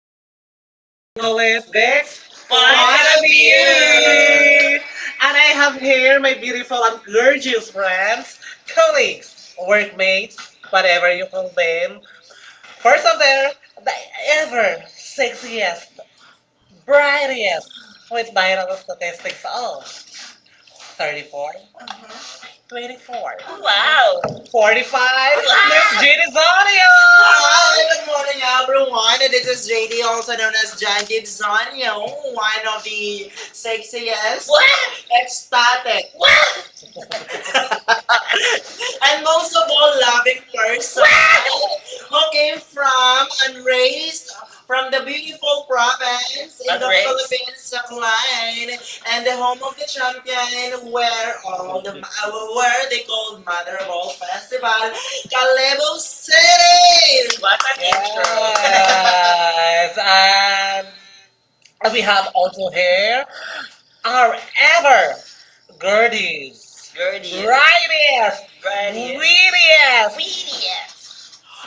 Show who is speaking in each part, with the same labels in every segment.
Speaker 1: podcast.
Speaker 2: podcast.
Speaker 1: And
Speaker 2: And
Speaker 1: we
Speaker 2: we go
Speaker 1: call it
Speaker 2: in.
Speaker 1: Bex
Speaker 2: Five
Speaker 1: Final
Speaker 2: Five years.
Speaker 1: Finally.
Speaker 2: years. And
Speaker 1: And I
Speaker 2: I have
Speaker 1: have
Speaker 2: here
Speaker 1: here
Speaker 2: my
Speaker 1: my beautiful
Speaker 2: beautiful and
Speaker 1: and
Speaker 2: gorgeous
Speaker 1: gorgeous
Speaker 2: friends,
Speaker 1: friends,
Speaker 2: colleagues,
Speaker 1: colleagues, workmates,
Speaker 2: workmates, whatever
Speaker 1: whatever
Speaker 2: you
Speaker 1: you call
Speaker 2: do.
Speaker 1: them. First
Speaker 2: First
Speaker 1: of
Speaker 2: of them,
Speaker 1: them, the
Speaker 2: ever
Speaker 1: ever
Speaker 2: 6 years.
Speaker 1: sexiest,
Speaker 2: Bridie,
Speaker 1: brightest, with
Speaker 2: with my
Speaker 1: viral
Speaker 2: 36
Speaker 1: statistics
Speaker 2: oh,
Speaker 1: of
Speaker 2: 34,
Speaker 1: 34,
Speaker 2: Mm-hmm. 24.
Speaker 1: 24,
Speaker 2: Oh,
Speaker 1: wow.
Speaker 2: wow.
Speaker 1: 45, Miss Wow. Jenny Zonio. Good
Speaker 2: Good
Speaker 1: morning,
Speaker 2: morning,
Speaker 1: out.
Speaker 2: everyone. This is JD, also known as John Gibsonio, one of the
Speaker 1: Say
Speaker 2: sexiest, ecstatic,
Speaker 1: what?
Speaker 2: and most
Speaker 1: Also
Speaker 2: of all,
Speaker 1: all
Speaker 2: loving
Speaker 1: loving.
Speaker 2: person
Speaker 1: What? Okay,
Speaker 2: came from
Speaker 1: from
Speaker 2: and raised from
Speaker 1: from
Speaker 2: the
Speaker 1: the
Speaker 2: beautiful province
Speaker 1: province.
Speaker 2: in the Unraised.
Speaker 1: Alright.
Speaker 2: Philippines, Tacloban, and the home of the
Speaker 1: Colombia,
Speaker 2: champion
Speaker 1: all
Speaker 2: where all the
Speaker 1: the our
Speaker 2: where
Speaker 1: world,
Speaker 2: they called
Speaker 1: mother
Speaker 2: Mother of
Speaker 1: of
Speaker 2: All
Speaker 1: all festival,
Speaker 2: Festival, Calebo
Speaker 1: Calabos.
Speaker 2: City.
Speaker 1: What an
Speaker 2: What
Speaker 1: intro. Yes,
Speaker 2: Um,
Speaker 1: and we
Speaker 2: We have
Speaker 1: have
Speaker 2: have
Speaker 1: also here
Speaker 2: our
Speaker 1: our
Speaker 2: ever
Speaker 1: ever
Speaker 2: Gertie,
Speaker 1: Gertie's
Speaker 2: Gertie.
Speaker 1: Gerties, rightest, right
Speaker 2: Ryan,
Speaker 1: here.
Speaker 2: Mimi,
Speaker 1: Weediest.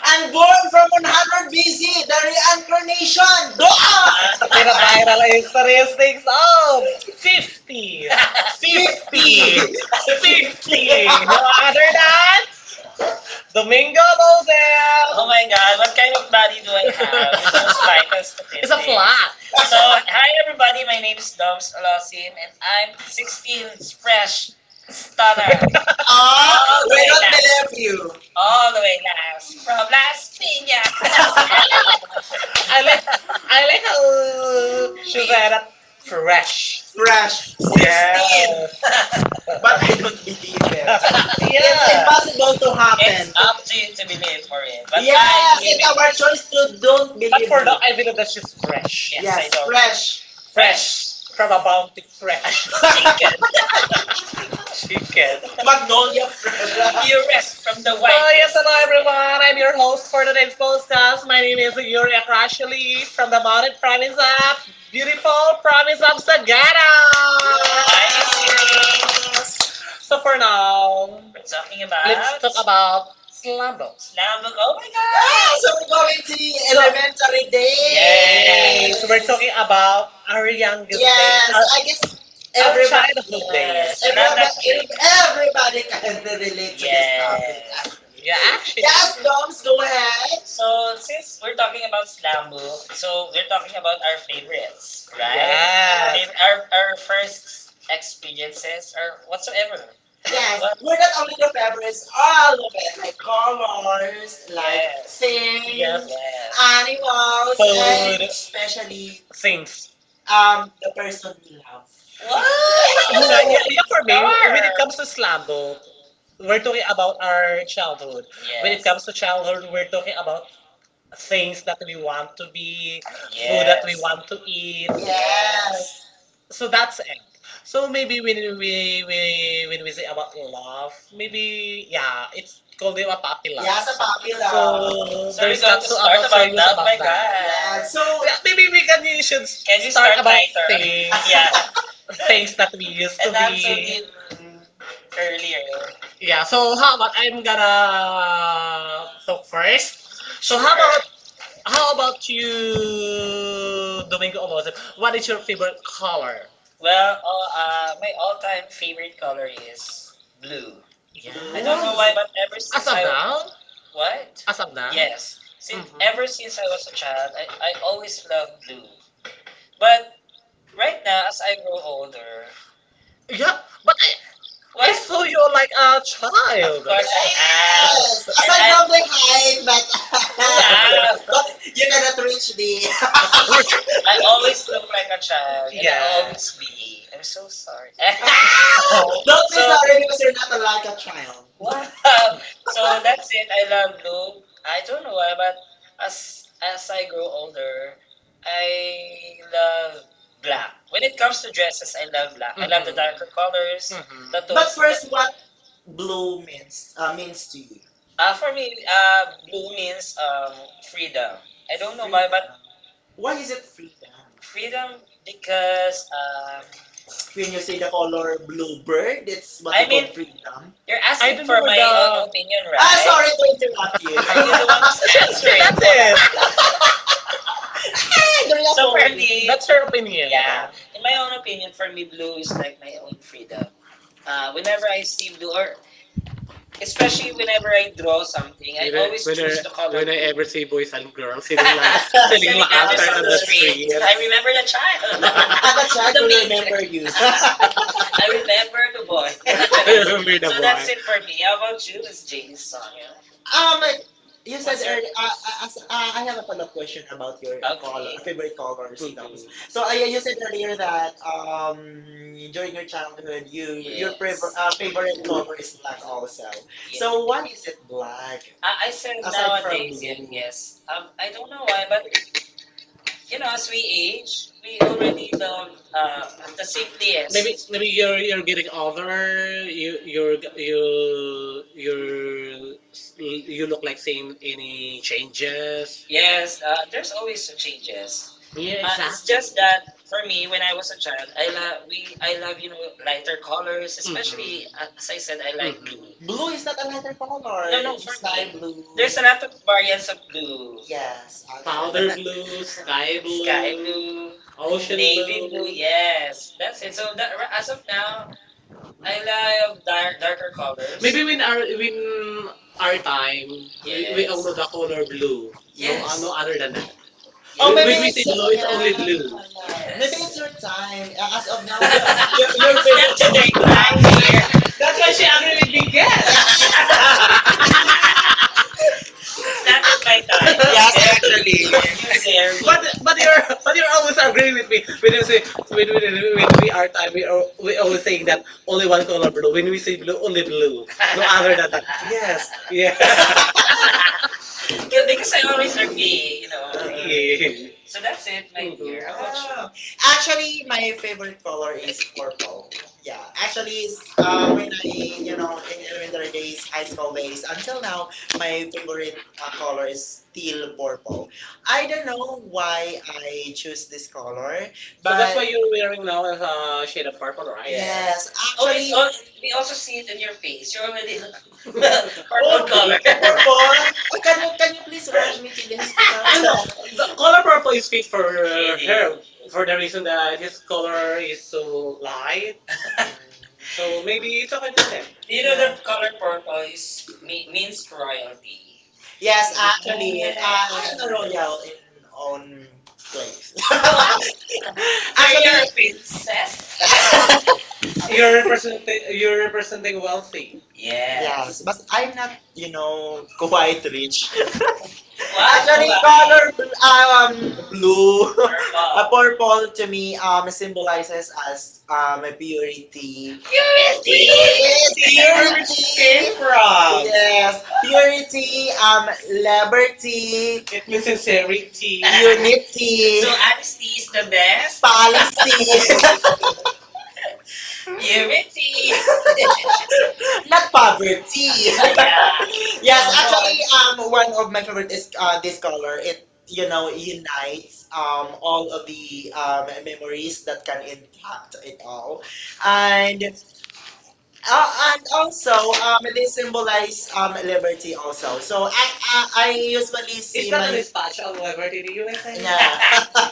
Speaker 2: and
Speaker 1: And
Speaker 2: born from 100 BC, the
Speaker 1: there
Speaker 2: reincarnation. God!
Speaker 1: Binabiral ang interest takes out.
Speaker 2: 50.
Speaker 1: 50.
Speaker 2: 50!
Speaker 1: 50.
Speaker 2: 50.
Speaker 1: 50. No other than Domingo
Speaker 2: Domingo
Speaker 1: Lozell. Oh
Speaker 2: Valdez.
Speaker 1: my
Speaker 2: Hang
Speaker 1: god, what
Speaker 2: on.
Speaker 1: kind of body do I have with those vital statistics? It's a flat. So,
Speaker 2: So,
Speaker 1: hi everybody, my name is Doms Alosim and I'm 16, fresh, stunner.
Speaker 2: uh, Ah,
Speaker 1: Oh, all
Speaker 2: we don't
Speaker 1: the
Speaker 2: believe you.
Speaker 1: all the
Speaker 2: Oh,
Speaker 1: way last from Las
Speaker 2: I
Speaker 1: Piñas. I like I
Speaker 2: like
Speaker 1: like how she's that
Speaker 2: a fresh.
Speaker 1: fresh.
Speaker 2: Fresh. 60! Yeah.
Speaker 1: Yes.
Speaker 2: But I don't believe it.
Speaker 1: Yeah.
Speaker 2: It's impossible to happen.
Speaker 1: It's
Speaker 2: It's up
Speaker 1: up to
Speaker 2: to
Speaker 1: you to
Speaker 2: individual.
Speaker 1: believe for it.
Speaker 2: But
Speaker 1: But yeah.
Speaker 2: yes,
Speaker 1: I,
Speaker 2: it's our choice to don't believe for
Speaker 1: for now, I believe that she's fresh.
Speaker 2: fresh.
Speaker 1: Yes, yes
Speaker 2: Yes,
Speaker 1: I know.
Speaker 2: fresh.
Speaker 1: Fresh fresh.
Speaker 2: Fresh.
Speaker 1: From
Speaker 2: From a
Speaker 1: a
Speaker 2: bounty,
Speaker 1: bounty
Speaker 2: fresh.
Speaker 1: fresh. Chicken. Chicken. Magnolia.
Speaker 2: Magnolia fresh. You
Speaker 1: Erect from
Speaker 2: risk
Speaker 1: the
Speaker 2: the white
Speaker 1: white. Oh yes,
Speaker 2: line,
Speaker 1: hello everyone. I'm
Speaker 2: you
Speaker 1: your host
Speaker 2: almost
Speaker 1: for
Speaker 2: for the
Speaker 1: today's
Speaker 2: full
Speaker 1: podcast.
Speaker 2: styles,
Speaker 1: My
Speaker 2: and you
Speaker 1: name
Speaker 2: live
Speaker 1: is
Speaker 2: in your
Speaker 1: Yuria
Speaker 2: fashion
Speaker 1: Crashly
Speaker 2: release, so
Speaker 1: from
Speaker 2: the
Speaker 1: the Mountain
Speaker 2: modern
Speaker 1: Province
Speaker 2: trend up.
Speaker 1: of
Speaker 2: Beautiful.
Speaker 1: beautiful province of Sagada.
Speaker 2: Hello.
Speaker 1: Hi,
Speaker 2: Yes.
Speaker 1: Sagara. So
Speaker 2: So for
Speaker 1: for
Speaker 2: now,
Speaker 1: now, we're talking
Speaker 2: I
Speaker 1: about. Let's talk about Slumdog.
Speaker 2: like,
Speaker 1: Slumdog. Oh
Speaker 2: oh Ah, so
Speaker 1: my god!
Speaker 2: we're going to
Speaker 1: So
Speaker 2: elementary
Speaker 1: yay! Yes,
Speaker 2: days.
Speaker 1: we're
Speaker 2: We're
Speaker 1: talking
Speaker 2: talking about
Speaker 1: about our
Speaker 2: really
Speaker 1: youngest days, yes,
Speaker 2: yes,
Speaker 1: our,
Speaker 2: I
Speaker 1: I can
Speaker 2: guess
Speaker 1: our everyone-
Speaker 2: everybody,
Speaker 1: childhood days. Yes,
Speaker 2: yes.
Speaker 1: days. Everyone another can
Speaker 2: Everybody,
Speaker 1: kid. Eat
Speaker 2: everybody
Speaker 1: think I
Speaker 2: can
Speaker 1: can relate to this
Speaker 2: relate
Speaker 1: topic.
Speaker 2: to yes. This yes. Topic.
Speaker 1: Yes. Yeah, actually. Yes,
Speaker 2: Yes,
Speaker 1: dogs,
Speaker 2: moms,
Speaker 1: go
Speaker 2: go ahead.
Speaker 1: ahead. So, since we're talking about slam book, so we're talking about our favorites, right?
Speaker 2: Right?
Speaker 1: Yes. Fav- our first experiences or whatsoever.
Speaker 2: Yes,
Speaker 1: Yes, what?
Speaker 2: we're
Speaker 1: We're
Speaker 2: not
Speaker 1: not
Speaker 2: only
Speaker 1: only
Speaker 2: the
Speaker 1: the favorites,
Speaker 2: members,
Speaker 1: all
Speaker 2: all of
Speaker 1: of it.
Speaker 2: it, like
Speaker 1: Like
Speaker 2: colors,
Speaker 1: colors, like
Speaker 2: like
Speaker 1: yes. Things,
Speaker 2: things,
Speaker 1: yep.
Speaker 2: yes.
Speaker 1: Yes. Animals, food.
Speaker 2: Animals, and
Speaker 1: And food.
Speaker 2: especially.
Speaker 1: Especially things. um,
Speaker 2: The person we love. What?
Speaker 1: Muna, what? Yeah, yeah, for me, when it darn. Comes to slam book,
Speaker 2: We're
Speaker 1: we're talking
Speaker 2: talking about
Speaker 1: about
Speaker 2: our
Speaker 1: our
Speaker 2: childhood.
Speaker 1: childhood. When
Speaker 2: When
Speaker 1: it yes.
Speaker 2: it
Speaker 1: Comes
Speaker 2: comes to
Speaker 1: to childhood, we're talking
Speaker 2: talking
Speaker 1: about
Speaker 2: about things
Speaker 1: things that
Speaker 2: that
Speaker 1: we
Speaker 2: we want
Speaker 1: want
Speaker 2: to
Speaker 1: to
Speaker 2: be,
Speaker 1: be,
Speaker 2: yeah. Food
Speaker 1: food
Speaker 2: yeah. That
Speaker 1: that we
Speaker 2: we
Speaker 1: yes.
Speaker 2: want
Speaker 1: Want to
Speaker 2: to eat.
Speaker 1: eat, yes.
Speaker 2: Yes.
Speaker 1: So
Speaker 2: So
Speaker 1: that's
Speaker 2: that's
Speaker 1: it. So
Speaker 2: so maybe
Speaker 1: maybe when
Speaker 2: maybe
Speaker 1: we when we say about love,
Speaker 2: maybe
Speaker 1: maybe
Speaker 2: yeah,
Speaker 1: yeah,
Speaker 2: it's
Speaker 1: it's called
Speaker 2: called
Speaker 1: it
Speaker 2: a
Speaker 1: a puppy
Speaker 2: puppy.
Speaker 1: love.
Speaker 2: Yeah,
Speaker 1: Yeah, sa
Speaker 2: sa
Speaker 1: puppy
Speaker 2: popular.
Speaker 1: love. So
Speaker 2: So
Speaker 1: So we're there's
Speaker 2: it's
Speaker 1: going not to so start about serious
Speaker 2: like
Speaker 1: love, about my god. That.
Speaker 2: so
Speaker 1: Yeah,
Speaker 2: so,
Speaker 1: so yeah,
Speaker 2: maybe
Speaker 1: maybe
Speaker 2: we
Speaker 1: we
Speaker 2: can
Speaker 1: can you should can you
Speaker 2: start
Speaker 1: start start about lighter?
Speaker 2: by
Speaker 1: Things yeah, things that we used to and that's what be. We did earlier. Yeah,
Speaker 2: yeah. So how
Speaker 1: so how about I'm
Speaker 2: about am
Speaker 1: gonna talk first? So how sure. About how
Speaker 2: how about
Speaker 1: about you, Domingo Olozip? What is your favorite
Speaker 2: power?
Speaker 1: color? Well, all, my all-time favorite color is blue. Yeah. I don't
Speaker 2: Wow.
Speaker 1: know why, but ever as since as of I now? What? As of now? Yes, since mhm. Ever since I was a child, I always loved blue. But right now, as I grow older, yeah,
Speaker 2: Now,
Speaker 1: but I well, saw
Speaker 2: so you
Speaker 1: you like a of child. Course I am. Yes, as and
Speaker 2: aside
Speaker 1: I-
Speaker 2: from
Speaker 1: love
Speaker 2: the
Speaker 1: it.
Speaker 2: height, but,
Speaker 1: Now. Wow.
Speaker 2: but
Speaker 1: But
Speaker 2: you
Speaker 1: you
Speaker 2: cannot
Speaker 1: cannot
Speaker 2: reach the
Speaker 1: I always look like a child. And yeah. I always be. I'm so sorry. Oh,
Speaker 2: Don't
Speaker 1: I'm so
Speaker 2: be
Speaker 1: so,
Speaker 2: sorry
Speaker 1: sorry
Speaker 2: because
Speaker 1: because
Speaker 2: you're
Speaker 1: you're not
Speaker 2: not like a
Speaker 1: allowed.
Speaker 2: child.
Speaker 1: Wow. So that's it. I love Lou. I don't know why, but as I grow older, I love black. When it comes to dresses, I love black. I love the mhm. Darker colors. Mhm. The but tones.
Speaker 2: But
Speaker 1: The, first,
Speaker 2: first, what
Speaker 1: what
Speaker 2: blue
Speaker 1: blue?
Speaker 2: means
Speaker 1: Um,
Speaker 2: means to you?
Speaker 1: For me, blue means freedom. I don't know why, but
Speaker 2: Why
Speaker 1: why
Speaker 2: is
Speaker 1: is
Speaker 2: it freedom?
Speaker 1: freedom because
Speaker 2: When you say the color blue bird, it's what you
Speaker 1: I
Speaker 2: call
Speaker 1: mean
Speaker 2: freedom.
Speaker 1: you're I asking don't for know my the. Own the. Opinion,
Speaker 2: Ah,
Speaker 1: ah,
Speaker 2: sorry
Speaker 1: right?
Speaker 2: to
Speaker 1: Sorry.
Speaker 2: interrupt
Speaker 1: I was answering. That's
Speaker 2: you. Yeah,
Speaker 1: what it.
Speaker 2: so they're not
Speaker 1: For
Speaker 2: following.
Speaker 1: me, that's her
Speaker 2: Right.
Speaker 1: opinion. Yeah, in my own opinion, for me, blue is like my own freedom. Whenever I see blue, or especially whenever I draw something, I whether always whether choose the color when I blue. Ever see boys and girls sitting like sitting selling like apples after on the street.
Speaker 2: your
Speaker 1: Street. I remember the child.
Speaker 2: And that's why
Speaker 1: I
Speaker 2: I
Speaker 1: the
Speaker 2: could remember you.
Speaker 1: child.
Speaker 2: I
Speaker 1: I remember the boy. Remember the so that's boy. It for me. How about you, Miss Jane Sonia?
Speaker 2: Um,
Speaker 1: Um,
Speaker 2: you said
Speaker 1: What's your-
Speaker 2: earlier, I have a follow-up question about your col okay? Favorite
Speaker 1: okay.
Speaker 2: colors. You know?
Speaker 1: Mhm.
Speaker 2: So yeah, you said earlier that
Speaker 1: um,
Speaker 2: during your childhood, you your
Speaker 1: Yeah.
Speaker 2: yes. Prefer, yes. Favorite color
Speaker 1: Yeah.
Speaker 2: is black also.
Speaker 1: So
Speaker 2: So why
Speaker 1: what?
Speaker 2: is it black
Speaker 1: I said
Speaker 2: aside
Speaker 1: aside from-
Speaker 2: from
Speaker 1: nowadays, yeah,
Speaker 2: blue? Yes.
Speaker 1: yes. I don't know why, but you know, as we age, we already love the simplest. Maybe you're getting
Speaker 2: You're
Speaker 1: older. You're you you're
Speaker 2: you,
Speaker 1: you
Speaker 2: you
Speaker 1: look like seeing any
Speaker 2: have
Speaker 1: changes. Yes, there's always changes. Yeah, it's exactly. Just exactly. That for me, when I was a child, I love we I love you know lighter colors, especially mhm. As I said, I like blue.
Speaker 2: Blue
Speaker 1: Mhm.
Speaker 2: is not an
Speaker 1: No, no,
Speaker 2: intercolor.
Speaker 1: for
Speaker 2: Sky
Speaker 1: me,
Speaker 2: blue. There's
Speaker 1: there's a
Speaker 2: another
Speaker 1: lot
Speaker 2: variant
Speaker 1: of
Speaker 2: of
Speaker 1: variants
Speaker 2: variants of
Speaker 1: of
Speaker 2: blue.
Speaker 1: blue.
Speaker 2: Yes. Actually.
Speaker 1: Powder blue, sky sky blue, blue,
Speaker 2: Ocean
Speaker 1: ocean
Speaker 2: blue.
Speaker 1: navy blue, blue.
Speaker 2: Yes.
Speaker 1: Yes. That's it.
Speaker 2: It's
Speaker 1: So
Speaker 2: so
Speaker 1: that,
Speaker 2: dark.
Speaker 1: r- as
Speaker 2: As of
Speaker 1: of now, I love
Speaker 2: now,
Speaker 1: darker colors. Maybe when our time, we all yes. Know yes. The color blue. No, yes. No yes. Other than that. Yes.
Speaker 2: oh
Speaker 1: When,
Speaker 2: maybe
Speaker 1: when we yes. Say
Speaker 2: it's.
Speaker 1: blue, it's only
Speaker 2: Yes.
Speaker 1: blue.
Speaker 2: Maybe
Speaker 1: Yes.
Speaker 2: it's your time. As of now,
Speaker 1: Like
Speaker 2: your favorite
Speaker 1: blind
Speaker 2: color.
Speaker 1: here. That's why she agrees. That was my thought.
Speaker 2: Yes.
Speaker 1: So
Speaker 2: Yes,
Speaker 1: there,
Speaker 2: actually.
Speaker 1: and you there. Me. But
Speaker 2: But
Speaker 1: but
Speaker 2: but there
Speaker 1: you're
Speaker 2: are
Speaker 1: but you're always
Speaker 2: also
Speaker 1: agreeing
Speaker 2: games
Speaker 1: with me when
Speaker 2: with
Speaker 1: you say
Speaker 2: music. Or
Speaker 1: when we are
Speaker 2: time,
Speaker 1: time we
Speaker 2: or
Speaker 1: are we always saying
Speaker 2: music.
Speaker 1: that only one color blue when we say blue only blue no other than that yes yeah Yeah, because I always agree, you know.
Speaker 2: Oh.
Speaker 1: Yeah, so that's it, my dear. How about you?
Speaker 2: Actually, my favorite color is purple. Yeah. Actually, it's, when
Speaker 1: With
Speaker 2: I,
Speaker 1: me,
Speaker 2: you
Speaker 1: you know,
Speaker 2: know, in
Speaker 1: in
Speaker 2: elementary
Speaker 1: elementary
Speaker 2: days,
Speaker 1: days, high
Speaker 2: high school
Speaker 1: school
Speaker 2: days,
Speaker 1: days,
Speaker 2: until
Speaker 1: until
Speaker 2: now,
Speaker 1: now, my
Speaker 2: my
Speaker 1: favorite
Speaker 2: favorite color
Speaker 1: color is
Speaker 2: is
Speaker 1: still
Speaker 2: still purple.
Speaker 1: purple.
Speaker 2: I
Speaker 1: I don't
Speaker 2: don't know
Speaker 1: know
Speaker 2: why
Speaker 1: why
Speaker 2: I
Speaker 1: I
Speaker 2: choose this color,
Speaker 1: so that's why
Speaker 2: but
Speaker 1: you're wearing now a shade of purple, right? Yeah.
Speaker 2: yes,
Speaker 1: Yes. Oh, it's
Speaker 2: actually,
Speaker 1: oh, we also see it in your face. You're already purple color.
Speaker 2: purple.
Speaker 1: Purple.
Speaker 2: Oh, can you please rush me to the hospital?
Speaker 1: I know. The color
Speaker 2: Color
Speaker 1: purple
Speaker 2: purple
Speaker 1: is
Speaker 2: is
Speaker 1: fit
Speaker 2: used
Speaker 1: for her for
Speaker 2: for the
Speaker 1: the
Speaker 2: reason
Speaker 1: reason
Speaker 2: that
Speaker 1: that his
Speaker 2: this
Speaker 1: color
Speaker 2: color
Speaker 1: is
Speaker 2: is
Speaker 1: so
Speaker 2: so
Speaker 1: light.
Speaker 2: light.
Speaker 1: So maybe it's okay for them. Do you know
Speaker 2: Yeah.
Speaker 1: that color purple is me- means royalty?
Speaker 2: Yes,
Speaker 1: Yeah.
Speaker 2: actually, I am
Speaker 1: I'm royal in
Speaker 2: a royal in
Speaker 1: all.
Speaker 2: own place.
Speaker 1: Are you a
Speaker 2: Actually,
Speaker 1: princess? You're
Speaker 2: you're
Speaker 1: representing
Speaker 2: representing, you're
Speaker 1: you're representing
Speaker 2: representing wealthy.
Speaker 1: wealthy.
Speaker 2: Yes, yes.
Speaker 1: Yes.
Speaker 2: But I'm not, you know, quite rich. Actually,
Speaker 1: Wow.
Speaker 2: color blue, a
Speaker 1: Wow.
Speaker 2: purple to me symbolizes as purity.
Speaker 1: Purity!
Speaker 2: Yes,
Speaker 1: See where which
Speaker 2: purity.
Speaker 1: you came from.
Speaker 2: Yes, purity. Liberty,
Speaker 1: It
Speaker 2: it
Speaker 1: means
Speaker 2: means
Speaker 1: sincerity.
Speaker 2: sincerity. Unity,
Speaker 1: So honesty
Speaker 2: so
Speaker 1: is the best.
Speaker 2: policy.
Speaker 1: Purity.
Speaker 2: Not poverty.
Speaker 1: Yeah.
Speaker 2: Yes, mhm. Actually, one of my favorite is this color. It you know unites all of the memories that can impact it all, and and also they symbolize liberty also. So I usually
Speaker 1: It's
Speaker 2: see
Speaker 1: not
Speaker 2: my
Speaker 1: a
Speaker 2: really.
Speaker 1: dispatch of liberty in the USA.
Speaker 2: Nah.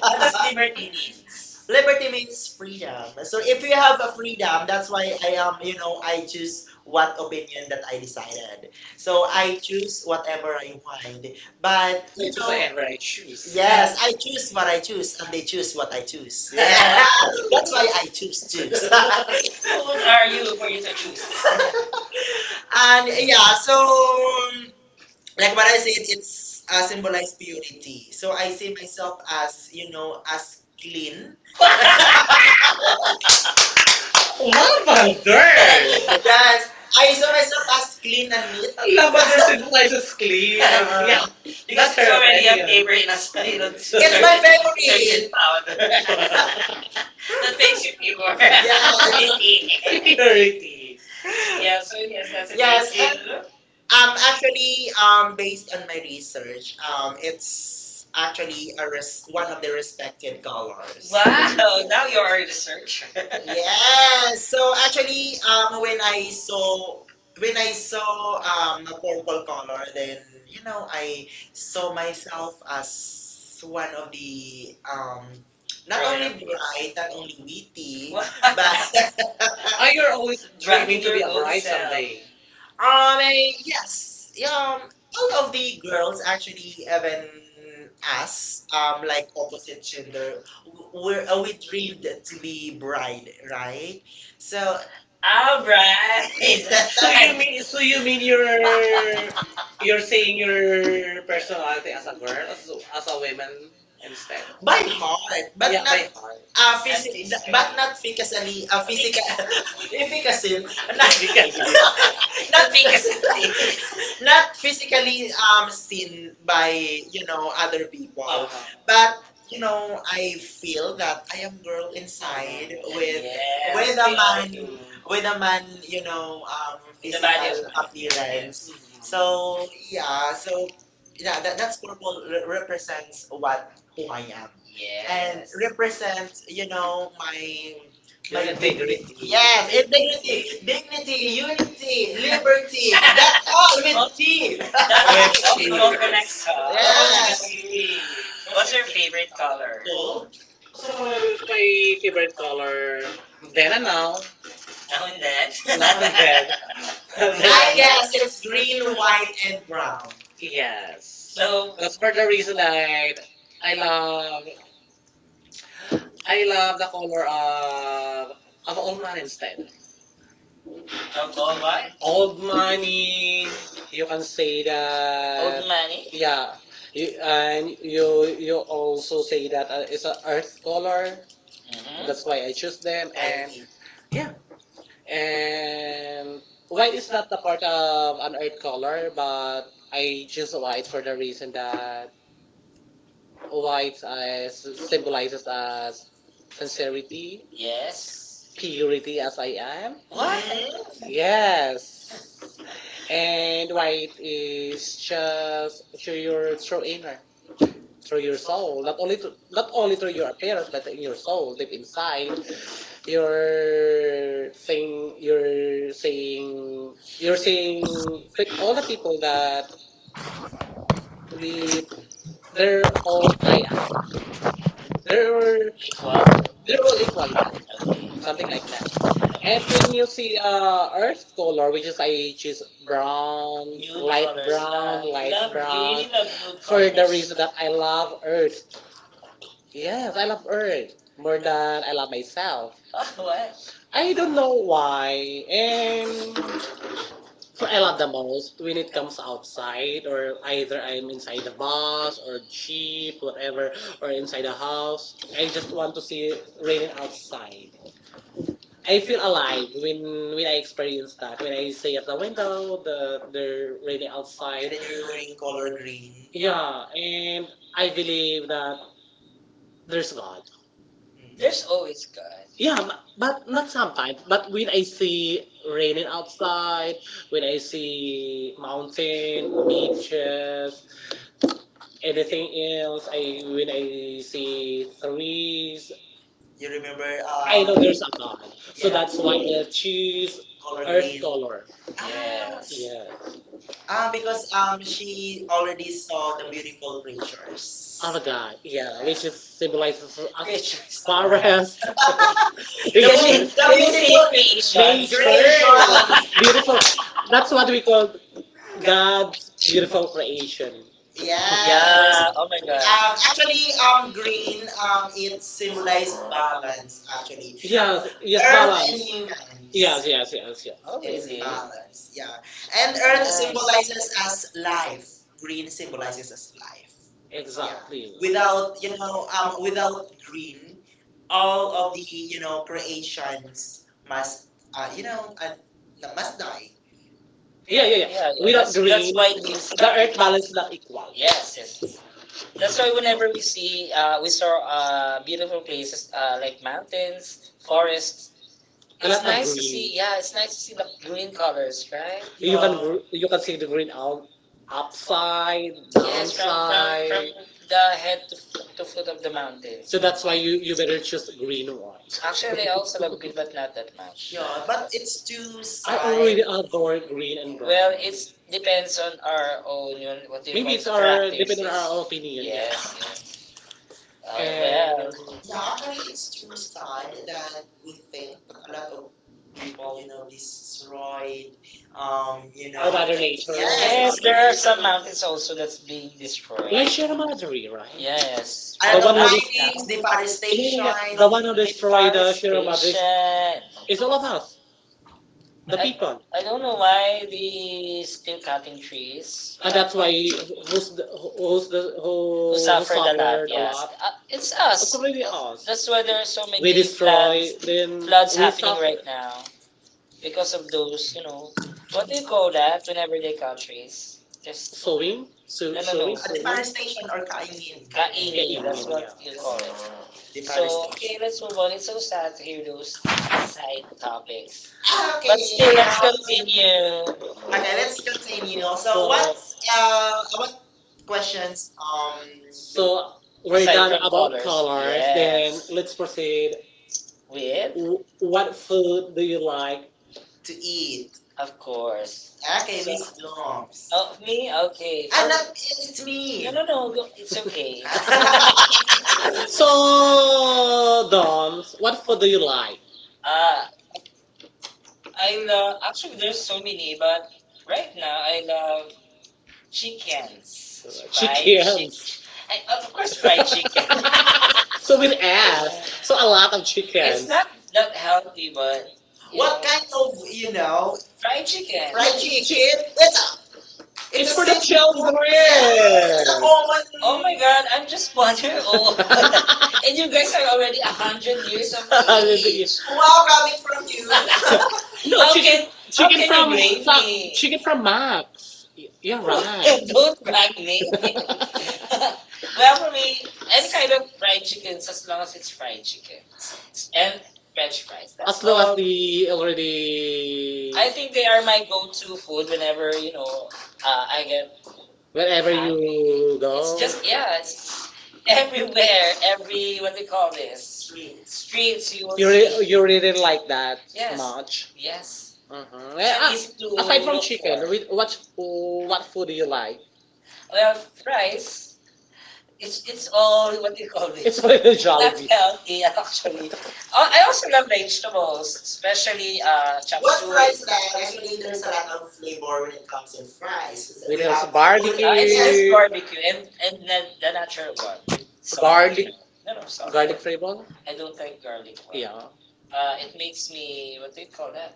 Speaker 1: What does liberty mean? Just
Speaker 2: Liberty means freedom. So if you have a freedom, that's why I am, you know, I choose what opinion that I decided. So I choose whatever I want. But you know,
Speaker 1: whatever I choose.
Speaker 2: yes, I choose what I choose and they choose what I choose. Yeah. That's why I choose
Speaker 1: Who
Speaker 2: choose.
Speaker 1: are you for you to choose?
Speaker 2: And yeah, so like what I said, it's
Speaker 1: as
Speaker 2: symbolized purity. So I see myself as,
Speaker 1: as you
Speaker 2: you know, as
Speaker 1: as clean.
Speaker 2: clean.
Speaker 1: Lavender! Yeah,
Speaker 2: Yes.
Speaker 1: as
Speaker 2: I saw myself as clean
Speaker 1: clean
Speaker 2: and
Speaker 1: and
Speaker 2: neat.
Speaker 1: neat. Lavender symbolizes clean.
Speaker 2: Uh,
Speaker 1: Yeah. Because that's her so many of opinion. Have neighbor in a you
Speaker 2: It's
Speaker 1: know,
Speaker 2: my favorite.
Speaker 1: detergent powder. That makes you
Speaker 2: Yes.
Speaker 1: pure. Pretty. Purity. Yeah, so yes, that's it.
Speaker 2: Yes.
Speaker 1: Yes. Thank
Speaker 2: And
Speaker 1: you.
Speaker 2: actually,
Speaker 1: Um,
Speaker 2: based on my research,
Speaker 1: um, it's
Speaker 2: it's actually a res- one
Speaker 1: one
Speaker 2: of
Speaker 1: of
Speaker 2: the
Speaker 1: the
Speaker 2: respected
Speaker 1: dollars.
Speaker 2: colors.
Speaker 1: Wow, now you're a researcher. Yeah.
Speaker 2: Yes. So actually,
Speaker 1: When I
Speaker 2: when
Speaker 1: when
Speaker 2: I
Speaker 1: I
Speaker 2: saw a purple color, then you know I saw myself as one of the
Speaker 1: um not
Speaker 2: not
Speaker 1: Ryan
Speaker 2: only
Speaker 1: only
Speaker 2: bright,
Speaker 1: bride,
Speaker 2: not
Speaker 1: not
Speaker 2: only
Speaker 1: only pretty,
Speaker 2: witty,
Speaker 1: but
Speaker 2: but
Speaker 1: oh, you're always dreaming to be a your bride someday.
Speaker 2: I mean, yes.
Speaker 1: Yes, yeah,
Speaker 2: Yeah, all of the girls actually, even us, like opposite gender, w- we're we dreamed to be bride, right? So, all
Speaker 1: all right. So you
Speaker 2: right.
Speaker 1: mean
Speaker 2: You mean
Speaker 1: you're
Speaker 2: your saying
Speaker 1: seeing your personality as a girl as a woman instead?
Speaker 2: by
Speaker 1: By
Speaker 2: heart,
Speaker 1: heart, but
Speaker 2: but yeah,
Speaker 1: yeah, not,
Speaker 2: not
Speaker 1: by
Speaker 2: by-
Speaker 1: heart. Yes,
Speaker 2: physi- but not physically, physical, efficacy,
Speaker 1: please. You
Speaker 2: not,
Speaker 1: can be.
Speaker 2: not
Speaker 1: Kasi
Speaker 2: not
Speaker 1: nothing,
Speaker 2: physically
Speaker 1: um,
Speaker 2: seen by you
Speaker 1: you
Speaker 2: know
Speaker 1: know,
Speaker 2: other people
Speaker 1: uh-huh.
Speaker 2: but
Speaker 1: But
Speaker 2: you know I feel that I am girl
Speaker 1: inside
Speaker 2: inside
Speaker 1: uh-huh. With,
Speaker 2: with
Speaker 1: yes,
Speaker 2: with
Speaker 1: with the
Speaker 2: a
Speaker 1: all
Speaker 2: man
Speaker 1: body,
Speaker 2: with a man you
Speaker 1: you know,
Speaker 2: know
Speaker 1: with the body of
Speaker 2: physical
Speaker 1: inside Christ, outside.
Speaker 2: appearance
Speaker 1: Yes. Mm-hmm. So,
Speaker 2: so yeah
Speaker 1: uh,
Speaker 2: so yeah that, that's purple re- represents what who I am
Speaker 1: yes.
Speaker 2: and
Speaker 1: And,
Speaker 2: represents you
Speaker 1: you
Speaker 2: know
Speaker 1: know,
Speaker 2: my my
Speaker 1: your integrity. Yeah,
Speaker 2: yes, integrity, dignity,
Speaker 1: dignity, unity,
Speaker 2: unity,
Speaker 1: liberty,
Speaker 2: liberty. That's
Speaker 1: that's
Speaker 2: all
Speaker 1: all. We-
Speaker 2: with
Speaker 1: oh,
Speaker 2: T.
Speaker 1: that with it all in all connects. Huh? How
Speaker 2: Yes.
Speaker 1: about you, yeah. What's your favorite color? Bold. So for my favorite color, then and now, now and then. Now and then.
Speaker 2: I
Speaker 1: I
Speaker 2: guess
Speaker 1: guess
Speaker 2: it's
Speaker 1: it's
Speaker 2: green,
Speaker 1: green,
Speaker 2: white,
Speaker 1: white, and
Speaker 2: and brown.
Speaker 1: brown. Yes. So, because for the reason that I love, I love the color of old money instead. Of old what? Old money, you can say that. Old money? Yeah, you, and you you also say that it's an earth color. Mhm. That's
Speaker 2: Mhm.
Speaker 1: why I choose them, and yeah, and white is not the part of an earth color, but I choose white for the reason that white s- symbolizes as sincerity, yes. Purity as I am. What? Yes. And white is just through your true inner, through your soul. Not only to, not only through your appearance, but in your soul, deep inside you're saying you're saying you're saying but all the people that we they're all they're equal. They're all equal yeah okay. Something like that and okay. When you see earth color, which is I choose brown. Nude light colors, brown, light love brown, green, and blue for the colors. Reason that I love earth. Yes, I love earth more than I love myself. What? I don't know why. And for a lot the most, when it comes outside, or either I'm inside the bus or jeep, whatever, or inside the house, I just want to see raining outside. I feel alive when I experience that. When I see at the window, the raining
Speaker 2: And
Speaker 1: outside.
Speaker 2: then you're wearing color green.
Speaker 1: Yeah, and I believe that there's God. There's always God. Yeah, but not sometimes. But when I see raining outside, when I see mountain, beaches, anything else, I when I
Speaker 2: Mm.
Speaker 1: see trees,
Speaker 2: You remember?
Speaker 1: I
Speaker 2: I
Speaker 1: know
Speaker 2: Know.
Speaker 1: There's a God.
Speaker 2: So yeah,
Speaker 1: So that's
Speaker 2: that's
Speaker 1: why I choose
Speaker 2: color or
Speaker 1: earth
Speaker 2: green. Yeah.
Speaker 1: color.
Speaker 2: Ah,
Speaker 1: Yes. Yes,
Speaker 2: ah, because she already
Speaker 1: yes.
Speaker 2: saw the beautiful creatures. Oh
Speaker 1: Other
Speaker 2: God.
Speaker 1: guy. Yeah,
Speaker 2: Yeah. Which
Speaker 1: which is symbolizes us
Speaker 2: fish
Speaker 1: creatures. Forest. Can you,
Speaker 2: the,
Speaker 1: we-
Speaker 2: bu-
Speaker 1: creation.
Speaker 2: the
Speaker 1: Can you
Speaker 2: beautiful
Speaker 1: see creation? Nature.
Speaker 2: creation.
Speaker 1: Creation. Beautiful. That's what we call God's beautiful creation. Yes.
Speaker 2: Yes.
Speaker 1: Yeah, oh my god.
Speaker 2: Actually,
Speaker 1: Uh, um,
Speaker 2: green,
Speaker 1: um,
Speaker 2: it symbolized
Speaker 1: symbolize balance
Speaker 2: balance. Actually,
Speaker 1: actually.
Speaker 2: yeah.
Speaker 1: Yes, yes, earth and
Speaker 2: Earth
Speaker 1: balance.
Speaker 2: and
Speaker 1: Human.
Speaker 2: humans.
Speaker 1: Yes,
Speaker 2: Yes, yes.
Speaker 1: yes, yes, yes. Oh,
Speaker 2: It's
Speaker 1: really?
Speaker 2: balance,
Speaker 1: Balance.
Speaker 2: yeah. And earth
Speaker 1: Earth right.
Speaker 2: symbolizes
Speaker 1: Is
Speaker 2: as
Speaker 1: life.
Speaker 2: life. Green symbolizes as
Speaker 1: Symbolizes life.
Speaker 2: life.
Speaker 1: Yeah.
Speaker 2: Yeah.
Speaker 1: Exactly.
Speaker 2: Without,
Speaker 1: Without
Speaker 2: you know,
Speaker 1: with
Speaker 2: without green, all
Speaker 1: all
Speaker 2: of the,
Speaker 1: of
Speaker 2: you know, creations
Speaker 1: these
Speaker 2: must,
Speaker 1: uh,
Speaker 2: you
Speaker 1: you know,
Speaker 2: know, must die.
Speaker 1: yeah,
Speaker 2: Yeah,
Speaker 1: yeah, yeah. Yeah, yeah, we that's green. Why you see- the earth balance is not equal. Yes,
Speaker 2: yeah.
Speaker 1: yes. Yes. That's why whenever we see, we saw beautiful places like mountains, forests. A it's lot of nice to green. See. Yeah, it's nice to see the green colors, right? You can oh. Gr- you can see the green out upside, yes, from downside. The head to, f- to foot of the mountain. So that's why you better choose green one. Actually, I also love green, but not that much. No,
Speaker 2: But it's too
Speaker 1: I
Speaker 2: sad.
Speaker 1: already adore green and brown. Well, it's depends on our own yun, what do you maybe call it's it, our depending on characteristics. Our opinion. Yeah. Yes, yeah. Oh, and well,
Speaker 2: Yeah,
Speaker 1: yeah,
Speaker 2: actually,
Speaker 1: actually,
Speaker 2: it's
Speaker 1: it's
Speaker 2: too
Speaker 1: true style
Speaker 2: sad that
Speaker 1: that
Speaker 2: we
Speaker 1: they
Speaker 2: think that a lot of people,
Speaker 1: people,
Speaker 2: you
Speaker 1: you know,
Speaker 2: know, destroyed,
Speaker 1: destroy,
Speaker 2: you
Speaker 1: you know,
Speaker 2: know,
Speaker 1: our mother
Speaker 2: the-
Speaker 1: nature. Yeah.
Speaker 2: yes,
Speaker 1: Yes, there are some mountains also that's being destroyed. Like Sierra Madre, right? Yes,
Speaker 2: a
Speaker 1: the right
Speaker 2: lot of
Speaker 1: one who now, is-
Speaker 2: minings,
Speaker 1: yeah, yeah,
Speaker 2: deforestation,
Speaker 1: yeah. By- the one who destroyed the Sierra Madre. Deforestation. It's all of us. The I- people. I don't know why they still cutting trees. And that's why who's the who suffered a lot. Suffered. Yes, it's us. It's really us. That's why there are so many we destroy floods, then floods we happening suffer. Right now because of those. You know, what do you call that? Whenever they cut trees,
Speaker 2: yes,
Speaker 1: just.
Speaker 2: so
Speaker 1: Sowing, so, no, no, sowing, no. Sowing.
Speaker 2: deforestation or kaingin.
Speaker 1: That's what yeah you call it. So okay, let's move on. It's
Speaker 2: Deforestation.
Speaker 1: so sad to hear those side topics.
Speaker 2: Ah,
Speaker 1: Okay, but still, let's
Speaker 2: okay.
Speaker 1: now, continue.
Speaker 2: Okay,
Speaker 1: Okay,
Speaker 2: let's
Speaker 1: let's
Speaker 2: continue.
Speaker 1: continue. So,
Speaker 2: So
Speaker 1: so-
Speaker 2: what?
Speaker 1: um
Speaker 2: Uh what
Speaker 1: what
Speaker 2: questions
Speaker 1: questions so we're aside done from about colors, colors. Yes. Then yes, let's proceed. With, w- what food do you like?
Speaker 2: to eat?
Speaker 1: Of course.
Speaker 2: Okay,
Speaker 1: Okay, so, babies
Speaker 2: Miss
Speaker 1: do?
Speaker 2: Blooms.
Speaker 1: Oh, me? Okay.
Speaker 2: Ah,
Speaker 1: I
Speaker 2: not
Speaker 1: think
Speaker 2: it's
Speaker 1: it's me.
Speaker 2: me.
Speaker 1: No, no, no. Go. It's okay. So, Dons, what food do you like? uh, I love actually there's so many, but right now I love chickens, fried chicken. Chickens. I, of course, fried chicken. So with ass. So a lot of it's chickens. Not that healthy, but you
Speaker 2: What
Speaker 1: What
Speaker 2: kind
Speaker 1: know,
Speaker 2: of you know fried
Speaker 1: fried chicken.
Speaker 2: chicken? That's it's a
Speaker 1: It's for the
Speaker 2: simple word.
Speaker 1: children. Oh my God, I'm just 1 year old, and you guys are already 100 years of age.
Speaker 2: Wow, coming from
Speaker 1: Wow,
Speaker 2: you.
Speaker 1: no, how chicken, okay, chicken okay, from you blame some- me. Chicken from Max. Y- you're right. Don't brag, names. Well, for me, any kind of fried chicken, as long as it's fried chicken and French fries. That's as long as all. The already I already, think they are my go-to food whenever you know I get. Wherever hungry you go. It's go, just yeah, it's everywhere, every what they call this
Speaker 2: Me.
Speaker 1: street streets. You will you re- see. You really like that yes much. Yes, mm-hmm. So yeah, easy to aside from look chicken, for. With what food do you like? Well, fries. It's all what do you call it? It's all a little not jolly. Healthy actually. Oh, I also love vegetables, especially chop
Speaker 2: What
Speaker 1: what suey.
Speaker 2: fries
Speaker 1: Fries
Speaker 2: is
Speaker 1: do
Speaker 2: that?
Speaker 1: I have?
Speaker 2: Actually,
Speaker 1: Actually,
Speaker 2: there's
Speaker 1: there's
Speaker 2: a
Speaker 1: a
Speaker 2: lot
Speaker 1: lot
Speaker 2: of
Speaker 1: of
Speaker 2: flavor
Speaker 1: flavor
Speaker 2: when
Speaker 1: when
Speaker 2: it
Speaker 1: it
Speaker 2: comes
Speaker 1: comes
Speaker 2: in
Speaker 1: to fries.
Speaker 2: fries.
Speaker 1: It's a with
Speaker 2: We
Speaker 1: those
Speaker 2: have
Speaker 1: without-
Speaker 2: pur-
Speaker 1: barbecue. No, it's flavors.
Speaker 2: yes.
Speaker 1: Just barbecue barbecue and and the, the natural one with salt, you garlic. Know. No, no, salt. Garlic flavor? I don't like garlic. One. Yeah. It makes me what do you call that?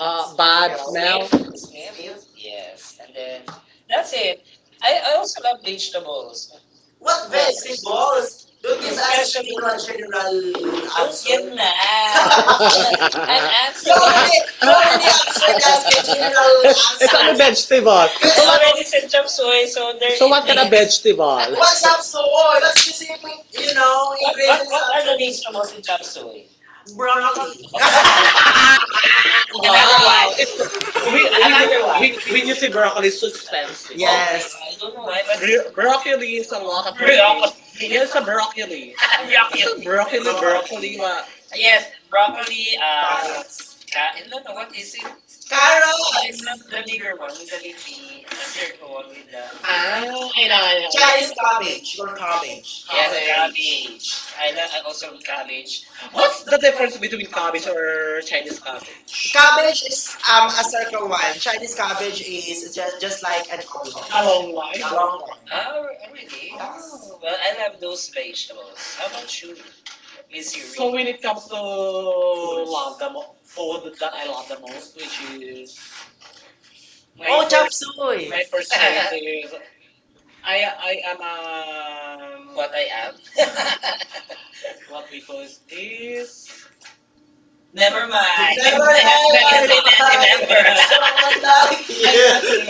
Speaker 1: Bad smell. Smell. Sniff.
Speaker 2: Sniff.
Speaker 1: Sniff. Yes, and then
Speaker 2: Then
Speaker 1: that's it. I also love vegetables.
Speaker 2: what vegetables?
Speaker 1: Vegetables.
Speaker 2: Don't
Speaker 1: Don't
Speaker 2: give
Speaker 1: especially-
Speaker 2: us
Speaker 1: such
Speaker 2: you know,
Speaker 1: a
Speaker 2: a
Speaker 1: general
Speaker 2: general
Speaker 1: don't
Speaker 2: answer.
Speaker 1: get mad. I'm
Speaker 2: You already,
Speaker 1: answering.
Speaker 2: you already answered us with
Speaker 1: Don't
Speaker 2: general
Speaker 1: it's on a answer.
Speaker 2: answers.
Speaker 1: Vegetable. So I already
Speaker 2: Vegetables.
Speaker 1: said chop suey, so there so what kind of vegetable? What's
Speaker 2: What's up, soy?
Speaker 1: soy?
Speaker 2: What specific, you
Speaker 1: You
Speaker 2: know,
Speaker 1: know, what, what are the are
Speaker 2: ingredients of
Speaker 1: vegetables in chop suey? Of
Speaker 2: broccoli?
Speaker 1: broccoli. Wow. Another wow. One. It's- another one. When you say broccoli, it's so expensive. Oh, yes.
Speaker 2: Yes.
Speaker 1: I don't know why, but bro- broccoli is a lot of protein. Broccoli. Yes, a broccoli. It's a broccoli. Broccoli, broccoli. What? Yes, broccoli.
Speaker 2: Carrots.
Speaker 1: Carrots. Ca- no, no, what is it? Carrot, it's not the bigger one with the leafy, the circle one with the. Ah, I know, I know. I
Speaker 2: Chinese
Speaker 1: Chinese know.
Speaker 2: cabbage. Your cabbage.
Speaker 1: Yes, okay cabbage. I also love cabbage.
Speaker 2: What's
Speaker 1: What's the difference between cabbage
Speaker 2: cabbage?
Speaker 1: or Chinese cabbage?
Speaker 2: Cabbage is a circle one. Chinese cabbage is just like an oblong. The
Speaker 1: The
Speaker 2: long
Speaker 1: long
Speaker 2: one.
Speaker 1: one.
Speaker 2: The
Speaker 1: The
Speaker 2: long
Speaker 1: long
Speaker 2: one.
Speaker 1: one. Ah,
Speaker 2: Oh,
Speaker 1: re-
Speaker 2: really?
Speaker 1: really?
Speaker 2: Yes.
Speaker 1: Oh.
Speaker 2: Well,
Speaker 1: Well,
Speaker 2: I
Speaker 1: I
Speaker 2: love
Speaker 1: love those
Speaker 2: most
Speaker 1: vegetables. How about
Speaker 2: vegetables.
Speaker 1: you, Miss Yuri?
Speaker 2: So
Speaker 1: So Yuri?
Speaker 2: when
Speaker 1: When
Speaker 2: it
Speaker 1: it comes
Speaker 2: comes
Speaker 1: to love the mo-
Speaker 2: forward,
Speaker 1: food
Speaker 2: the kind
Speaker 1: that I
Speaker 2: I love
Speaker 1: love the most, which is
Speaker 2: sushi. My oh,
Speaker 1: my
Speaker 2: chop first, suey. My
Speaker 1: first
Speaker 2: first time,
Speaker 1: choice is
Speaker 2: I,
Speaker 1: I am a what I am.
Speaker 2: what
Speaker 1: What
Speaker 2: we
Speaker 1: we call
Speaker 2: could
Speaker 1: is
Speaker 2: do.
Speaker 1: this
Speaker 2: Never
Speaker 1: never
Speaker 2: mind.
Speaker 1: mind.
Speaker 2: Never
Speaker 1: Never I
Speaker 2: lie
Speaker 1: never
Speaker 2: I
Speaker 1: seen
Speaker 2: find someone
Speaker 1: that
Speaker 2: like
Speaker 1: in
Speaker 2: you.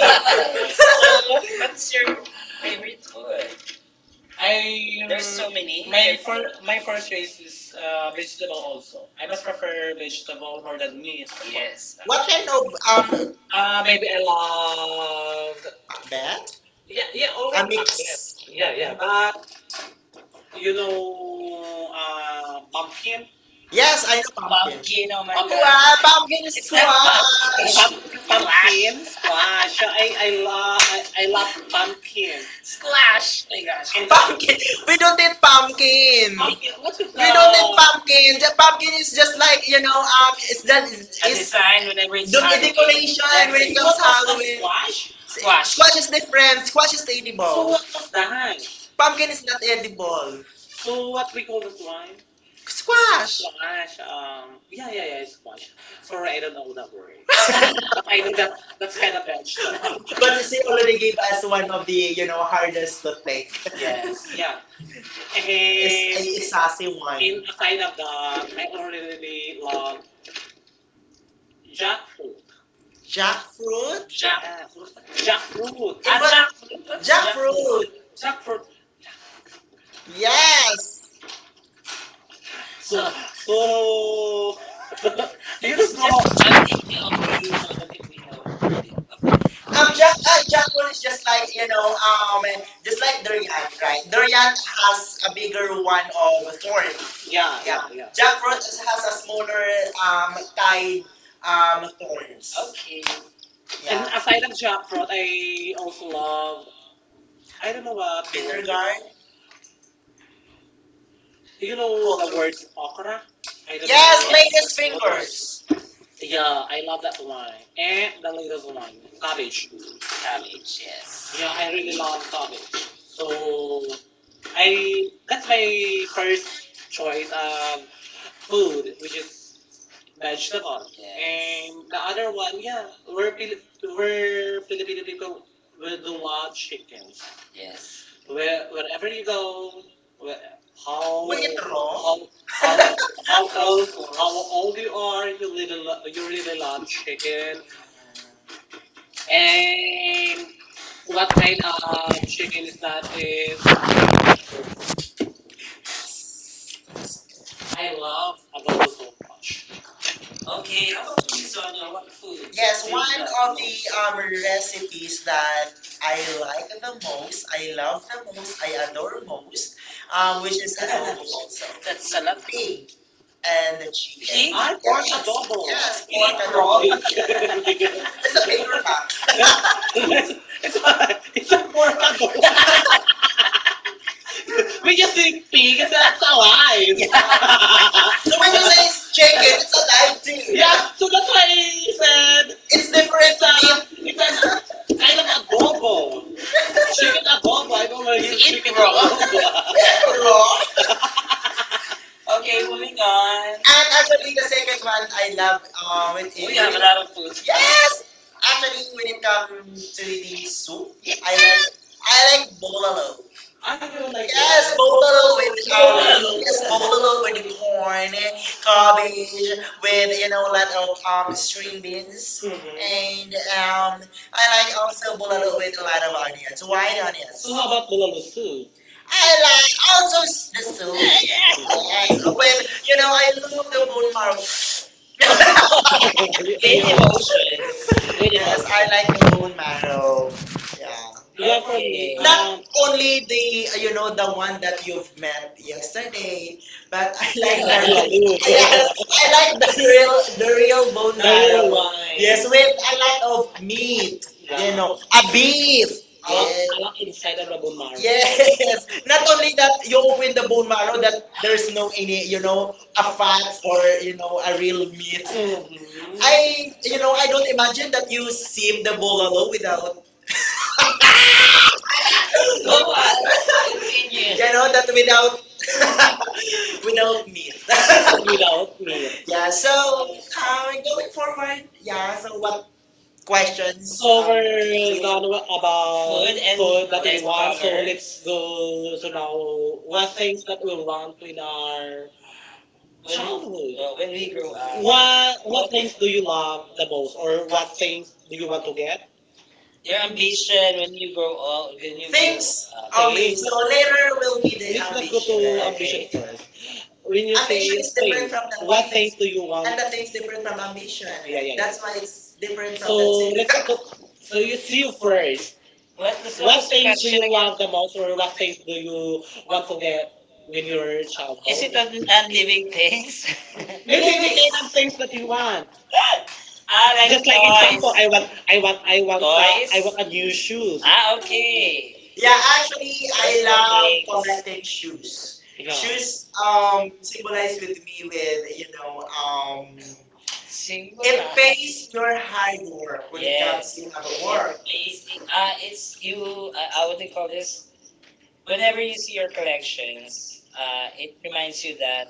Speaker 1: so, what's your favorite food?
Speaker 2: I
Speaker 1: I there's so many. My first choice
Speaker 2: purchases
Speaker 1: is
Speaker 2: vegetable
Speaker 1: vegetable
Speaker 2: also.
Speaker 1: also. I
Speaker 2: I must
Speaker 1: must
Speaker 2: prefer
Speaker 1: prefer
Speaker 2: vegetable
Speaker 1: vegetable
Speaker 2: more
Speaker 1: more
Speaker 2: than
Speaker 1: than meat.
Speaker 2: vegetables.
Speaker 1: Yes.
Speaker 2: What kind of um Maybe
Speaker 1: Maybe I love
Speaker 2: akbet?
Speaker 1: yeah
Speaker 2: Yeah, yeah,
Speaker 1: yeah
Speaker 2: also a
Speaker 1: already Macbeth. Yes.
Speaker 2: mix. Yeah,
Speaker 1: Yeah
Speaker 2: yeah.
Speaker 1: yeah
Speaker 2: But
Speaker 1: but
Speaker 2: you
Speaker 1: you
Speaker 2: know,
Speaker 1: know
Speaker 2: uh,
Speaker 1: pumpkin
Speaker 2: pumpkin, yes, I know
Speaker 1: pumpkin, oh my pumpkin
Speaker 2: wow, pumpkin is
Speaker 1: pump, splash. Pumpkin squash.
Speaker 2: ah,
Speaker 1: I
Speaker 2: ah,
Speaker 1: love pumpkin. Squash. Oh my gosh. And the
Speaker 2: pumpkin. We don't eat pumpkin.
Speaker 1: pumpkin.
Speaker 2: Pumpkin, what
Speaker 1: What
Speaker 2: is
Speaker 1: is
Speaker 2: we don't that? Eat
Speaker 1: the
Speaker 2: pumpkin. The pumpkin is just like you know it's that
Speaker 1: as a
Speaker 2: is
Speaker 1: sign whenever it's
Speaker 2: the
Speaker 1: Halloween.
Speaker 2: decoration when it comes Halloween. Squash
Speaker 1: Squash.
Speaker 2: squash.
Speaker 1: Splash.
Speaker 2: Squash is different. Squash is so edible.
Speaker 1: So
Speaker 2: What
Speaker 1: what
Speaker 2: was
Speaker 1: was
Speaker 2: that?
Speaker 1: that?
Speaker 2: Pumpkin is not edible.
Speaker 1: So
Speaker 2: So what?
Speaker 1: what we call this wine?
Speaker 2: Squash.
Speaker 1: Squash.
Speaker 2: Yeah,
Speaker 1: Yeah,
Speaker 2: yeah,
Speaker 1: yeah,
Speaker 2: yeah.
Speaker 1: yeah. Squash.
Speaker 2: For
Speaker 1: Sorry, I
Speaker 2: real.
Speaker 1: don't know that word.
Speaker 2: I don't
Speaker 1: But
Speaker 2: I
Speaker 1: I know that that's kind
Speaker 2: don't
Speaker 1: of
Speaker 2: bet.
Speaker 1: bad stuff.
Speaker 2: But
Speaker 1: But
Speaker 2: she
Speaker 1: it's
Speaker 2: already gave
Speaker 1: already
Speaker 2: us one of the you know hardest to think.
Speaker 1: yes.
Speaker 2: Yes, yeah.
Speaker 1: Yeah.
Speaker 2: Eh,
Speaker 1: And
Speaker 2: it's a one.
Speaker 1: inside of that, I already
Speaker 2: uh,
Speaker 1: love jackfruit.
Speaker 2: Jackfruit?
Speaker 1: Jack.
Speaker 2: Jack, Jack,
Speaker 1: Jackfruit. Ah, jackfruit. Jackfruit?
Speaker 2: Jackfruit!
Speaker 1: Jackfruit.
Speaker 2: Yes! so,
Speaker 1: So,
Speaker 2: so,
Speaker 1: so,
Speaker 2: you
Speaker 1: you just so- know.
Speaker 2: know,
Speaker 1: You know,
Speaker 2: Jack, jackfruit is just like, you know,
Speaker 1: um,
Speaker 2: just
Speaker 1: it's
Speaker 2: like
Speaker 1: like durian.
Speaker 2: durian, right?
Speaker 1: It
Speaker 2: Durian has
Speaker 1: has
Speaker 2: a bigger one of thorn.
Speaker 1: thorns. Yeah,
Speaker 2: Yeah, yeah.
Speaker 1: yeah, yeah.
Speaker 2: Jackfruit
Speaker 1: Jackfruit
Speaker 2: has a smaller tied
Speaker 1: inside thorns.
Speaker 2: thorns.
Speaker 1: Okay. And
Speaker 2: Yeah.
Speaker 1: aside of jackfruit, I also love. I don't know what the
Speaker 2: Bitter
Speaker 1: word.
Speaker 2: gourd.
Speaker 1: You know the words okra. I don't know.
Speaker 2: Yes, latest fingers.
Speaker 1: Yes, yeah, I love that wine. And the latest one, cabbage. Cabbage, yes. Yeah, I really love cabbage. So I that's my first choice of food, which is vegetable. Yes. And the other one, yeah, we're Pil- we're Filipino people. We do love chickens. Yes. Where wherever you go, where-
Speaker 2: We
Speaker 1: how
Speaker 2: eat raw.
Speaker 1: how, how old you are, you really lo- you really love chicken. And what kind of chicken is that? Is I love adobo. Much. Okay, how about you, Sonia? What food?
Speaker 2: Yes,
Speaker 1: Yes, do you one
Speaker 2: one of
Speaker 1: love?
Speaker 2: the recipes that I
Speaker 1: I
Speaker 2: like
Speaker 1: love
Speaker 2: the most,
Speaker 1: most,
Speaker 2: I love the most,
Speaker 1: most
Speaker 2: I
Speaker 1: I
Speaker 2: adore
Speaker 1: adore
Speaker 2: most,
Speaker 1: most,
Speaker 2: which
Speaker 1: which is
Speaker 2: is
Speaker 1: the
Speaker 2: adobo also.
Speaker 1: adobo. That's a lot.
Speaker 2: Pig
Speaker 1: Pig.
Speaker 2: and the
Speaker 1: Pig?
Speaker 2: chicken.
Speaker 1: I pork
Speaker 2: Yes,
Speaker 1: adobo.
Speaker 2: yes,
Speaker 1: Yes. You
Speaker 2: pork
Speaker 1: eat pork raw?
Speaker 2: adobo. Yes. It's a
Speaker 1: There's a
Speaker 2: bigger
Speaker 1: big one
Speaker 2: one.
Speaker 1: it's, it's a pork adobo. We just say pig. It's alive.
Speaker 2: Um,
Speaker 1: Yeah.
Speaker 2: so when
Speaker 1: When
Speaker 2: you
Speaker 1: you
Speaker 2: say
Speaker 1: say
Speaker 2: chicken, it's alive
Speaker 1: yeah,
Speaker 2: too.
Speaker 1: so that's why I said
Speaker 2: It's different
Speaker 1: it's
Speaker 2: meat.
Speaker 1: a it's a kind of adobo. Chicken adobo. I don't know if it's eat chicken raw. Adobo.
Speaker 2: Raw.
Speaker 1: Okay, moving on.
Speaker 2: And actually, the second one I love
Speaker 1: We
Speaker 2: when
Speaker 1: have
Speaker 2: it
Speaker 1: a lot of food.
Speaker 2: yes, actually
Speaker 1: Actually,
Speaker 2: when
Speaker 1: when
Speaker 2: it
Speaker 1: to
Speaker 2: comes to the
Speaker 1: the
Speaker 2: soup,
Speaker 1: soup, yeah. I
Speaker 2: I like
Speaker 1: like
Speaker 2: I like bololo.
Speaker 1: are you like
Speaker 2: Yes,
Speaker 1: yes
Speaker 2: bololo
Speaker 1: bololo
Speaker 2: with
Speaker 1: with bololo. Yes,
Speaker 2: bololo
Speaker 1: bololo
Speaker 2: with the
Speaker 1: with corn,
Speaker 2: corn, cabbage
Speaker 1: cabbage,
Speaker 2: with a lot of
Speaker 1: string
Speaker 2: string beans,
Speaker 1: beans. Hmm.
Speaker 2: and I like also bololo with a lot of onions, white onions.
Speaker 1: So how about bololo soup?
Speaker 2: I like also the soup.
Speaker 1: Yes.
Speaker 2: Yes, or whether
Speaker 1: Well,
Speaker 2: I love the
Speaker 1: the
Speaker 2: bone marrow.
Speaker 1: bone with yeah emotion. With
Speaker 2: Yes,
Speaker 1: emotion.
Speaker 2: I like the bone marrow. Yeah,
Speaker 1: Yeah, for me. Okay.
Speaker 2: not only the the one that you've met
Speaker 1: Yes, sir,
Speaker 2: yesterday, but
Speaker 1: but
Speaker 2: I
Speaker 1: I
Speaker 2: like
Speaker 1: like the
Speaker 2: the yes,
Speaker 1: little-
Speaker 2: I like the real bone
Speaker 1: the
Speaker 2: marrow.
Speaker 1: little
Speaker 2: Yes,
Speaker 1: wine.
Speaker 2: with a lot
Speaker 1: Oh,
Speaker 2: of meat.
Speaker 1: yeah,
Speaker 2: You know, a beef. Yes.
Speaker 1: I like inside of the Bomaro.
Speaker 2: Yes. Not only that, you
Speaker 1: You
Speaker 2: open
Speaker 1: always
Speaker 2: the bone marrow that there's no any, a fat
Speaker 1: ask
Speaker 2: or,
Speaker 1: or
Speaker 2: a
Speaker 1: you
Speaker 2: real meat.
Speaker 1: know you- mhm. I
Speaker 2: I don't imagine that you sip the bolalo without,
Speaker 1: go know go on. Continue. Yeah,
Speaker 2: that without, without
Speaker 1: without
Speaker 2: meat.
Speaker 1: me. Without me.
Speaker 2: Yeah. Going forward, yeah. So, what questions?
Speaker 1: So
Speaker 2: So,
Speaker 1: we're done to about food and- food that we want. So let's go. So now, what things that we want in our when we, childhood. When we grow up, what
Speaker 2: um,
Speaker 1: things do you love the most, or
Speaker 2: one
Speaker 1: what
Speaker 2: thing
Speaker 1: things do
Speaker 2: you
Speaker 1: you
Speaker 2: want
Speaker 1: want
Speaker 2: to
Speaker 1: to
Speaker 2: do.
Speaker 1: get? Your ambition when you grow old, when you grow
Speaker 2: Things
Speaker 1: thanks up.
Speaker 2: only.
Speaker 1: Okay, things,
Speaker 2: So
Speaker 1: so later
Speaker 2: later will
Speaker 1: we'll
Speaker 2: be
Speaker 1: read
Speaker 2: the
Speaker 1: it. Let's not go ambition to ambition
Speaker 2: ambition.
Speaker 1: okay first. When you say
Speaker 2: Ambition
Speaker 1: ambition
Speaker 2: is
Speaker 1: is the things,
Speaker 2: different
Speaker 1: first
Speaker 2: from
Speaker 1: of
Speaker 2: the what
Speaker 1: what
Speaker 2: things
Speaker 1: things
Speaker 2: do
Speaker 1: do
Speaker 2: you
Speaker 1: you
Speaker 2: want?
Speaker 1: want?
Speaker 2: And the
Speaker 1: That's
Speaker 2: thing is different
Speaker 1: from
Speaker 2: from ambition.
Speaker 1: ambition. Yeah, yeah, yeah.
Speaker 2: That's
Speaker 1: That's
Speaker 2: why
Speaker 1: why
Speaker 2: it's
Speaker 1: it's
Speaker 2: different from the
Speaker 1: so let's talk.
Speaker 2: two.
Speaker 1: So
Speaker 2: So you
Speaker 1: you see
Speaker 2: see
Speaker 1: you
Speaker 2: first.
Speaker 1: first.
Speaker 2: What,
Speaker 1: What's the
Speaker 2: what
Speaker 1: what surface things do
Speaker 2: things
Speaker 1: question
Speaker 2: you
Speaker 1: you again love
Speaker 2: want
Speaker 1: the most, or what things do
Speaker 2: that you
Speaker 1: you
Speaker 2: want
Speaker 1: want
Speaker 2: to
Speaker 1: to
Speaker 2: get
Speaker 1: get with
Speaker 2: with your
Speaker 1: your is
Speaker 2: child?
Speaker 1: childhood it a non-living things? Maybe
Speaker 2: Believe
Speaker 1: we
Speaker 2: me,
Speaker 1: kind of things that you
Speaker 2: one.
Speaker 1: want.
Speaker 2: Ah,
Speaker 1: Ah, like
Speaker 2: like,
Speaker 1: just like
Speaker 2: okay,
Speaker 1: example, toys. I want, I want, I want, I toys, want a new shoes. Ah, okay.
Speaker 2: yeah,
Speaker 1: Yeah,
Speaker 2: actually,
Speaker 1: actually, I
Speaker 2: I
Speaker 1: personal love things
Speaker 2: love collecting
Speaker 1: collecting.
Speaker 2: shoes.
Speaker 1: Yeah.
Speaker 2: Shoes
Speaker 1: Um,
Speaker 2: symbolize
Speaker 1: symbolizes
Speaker 2: with
Speaker 1: with,
Speaker 2: me
Speaker 1: you
Speaker 2: with
Speaker 1: know, symbol
Speaker 2: it
Speaker 1: it ah.
Speaker 2: pays your
Speaker 1: You're high
Speaker 2: hard work
Speaker 1: more
Speaker 2: when
Speaker 1: when
Speaker 2: it
Speaker 1: yes it
Speaker 2: comes
Speaker 1: comes
Speaker 2: to have a
Speaker 1: to how
Speaker 2: work.
Speaker 1: work basic. It's you. How would call this? Whenever you see your collections, it reminds you that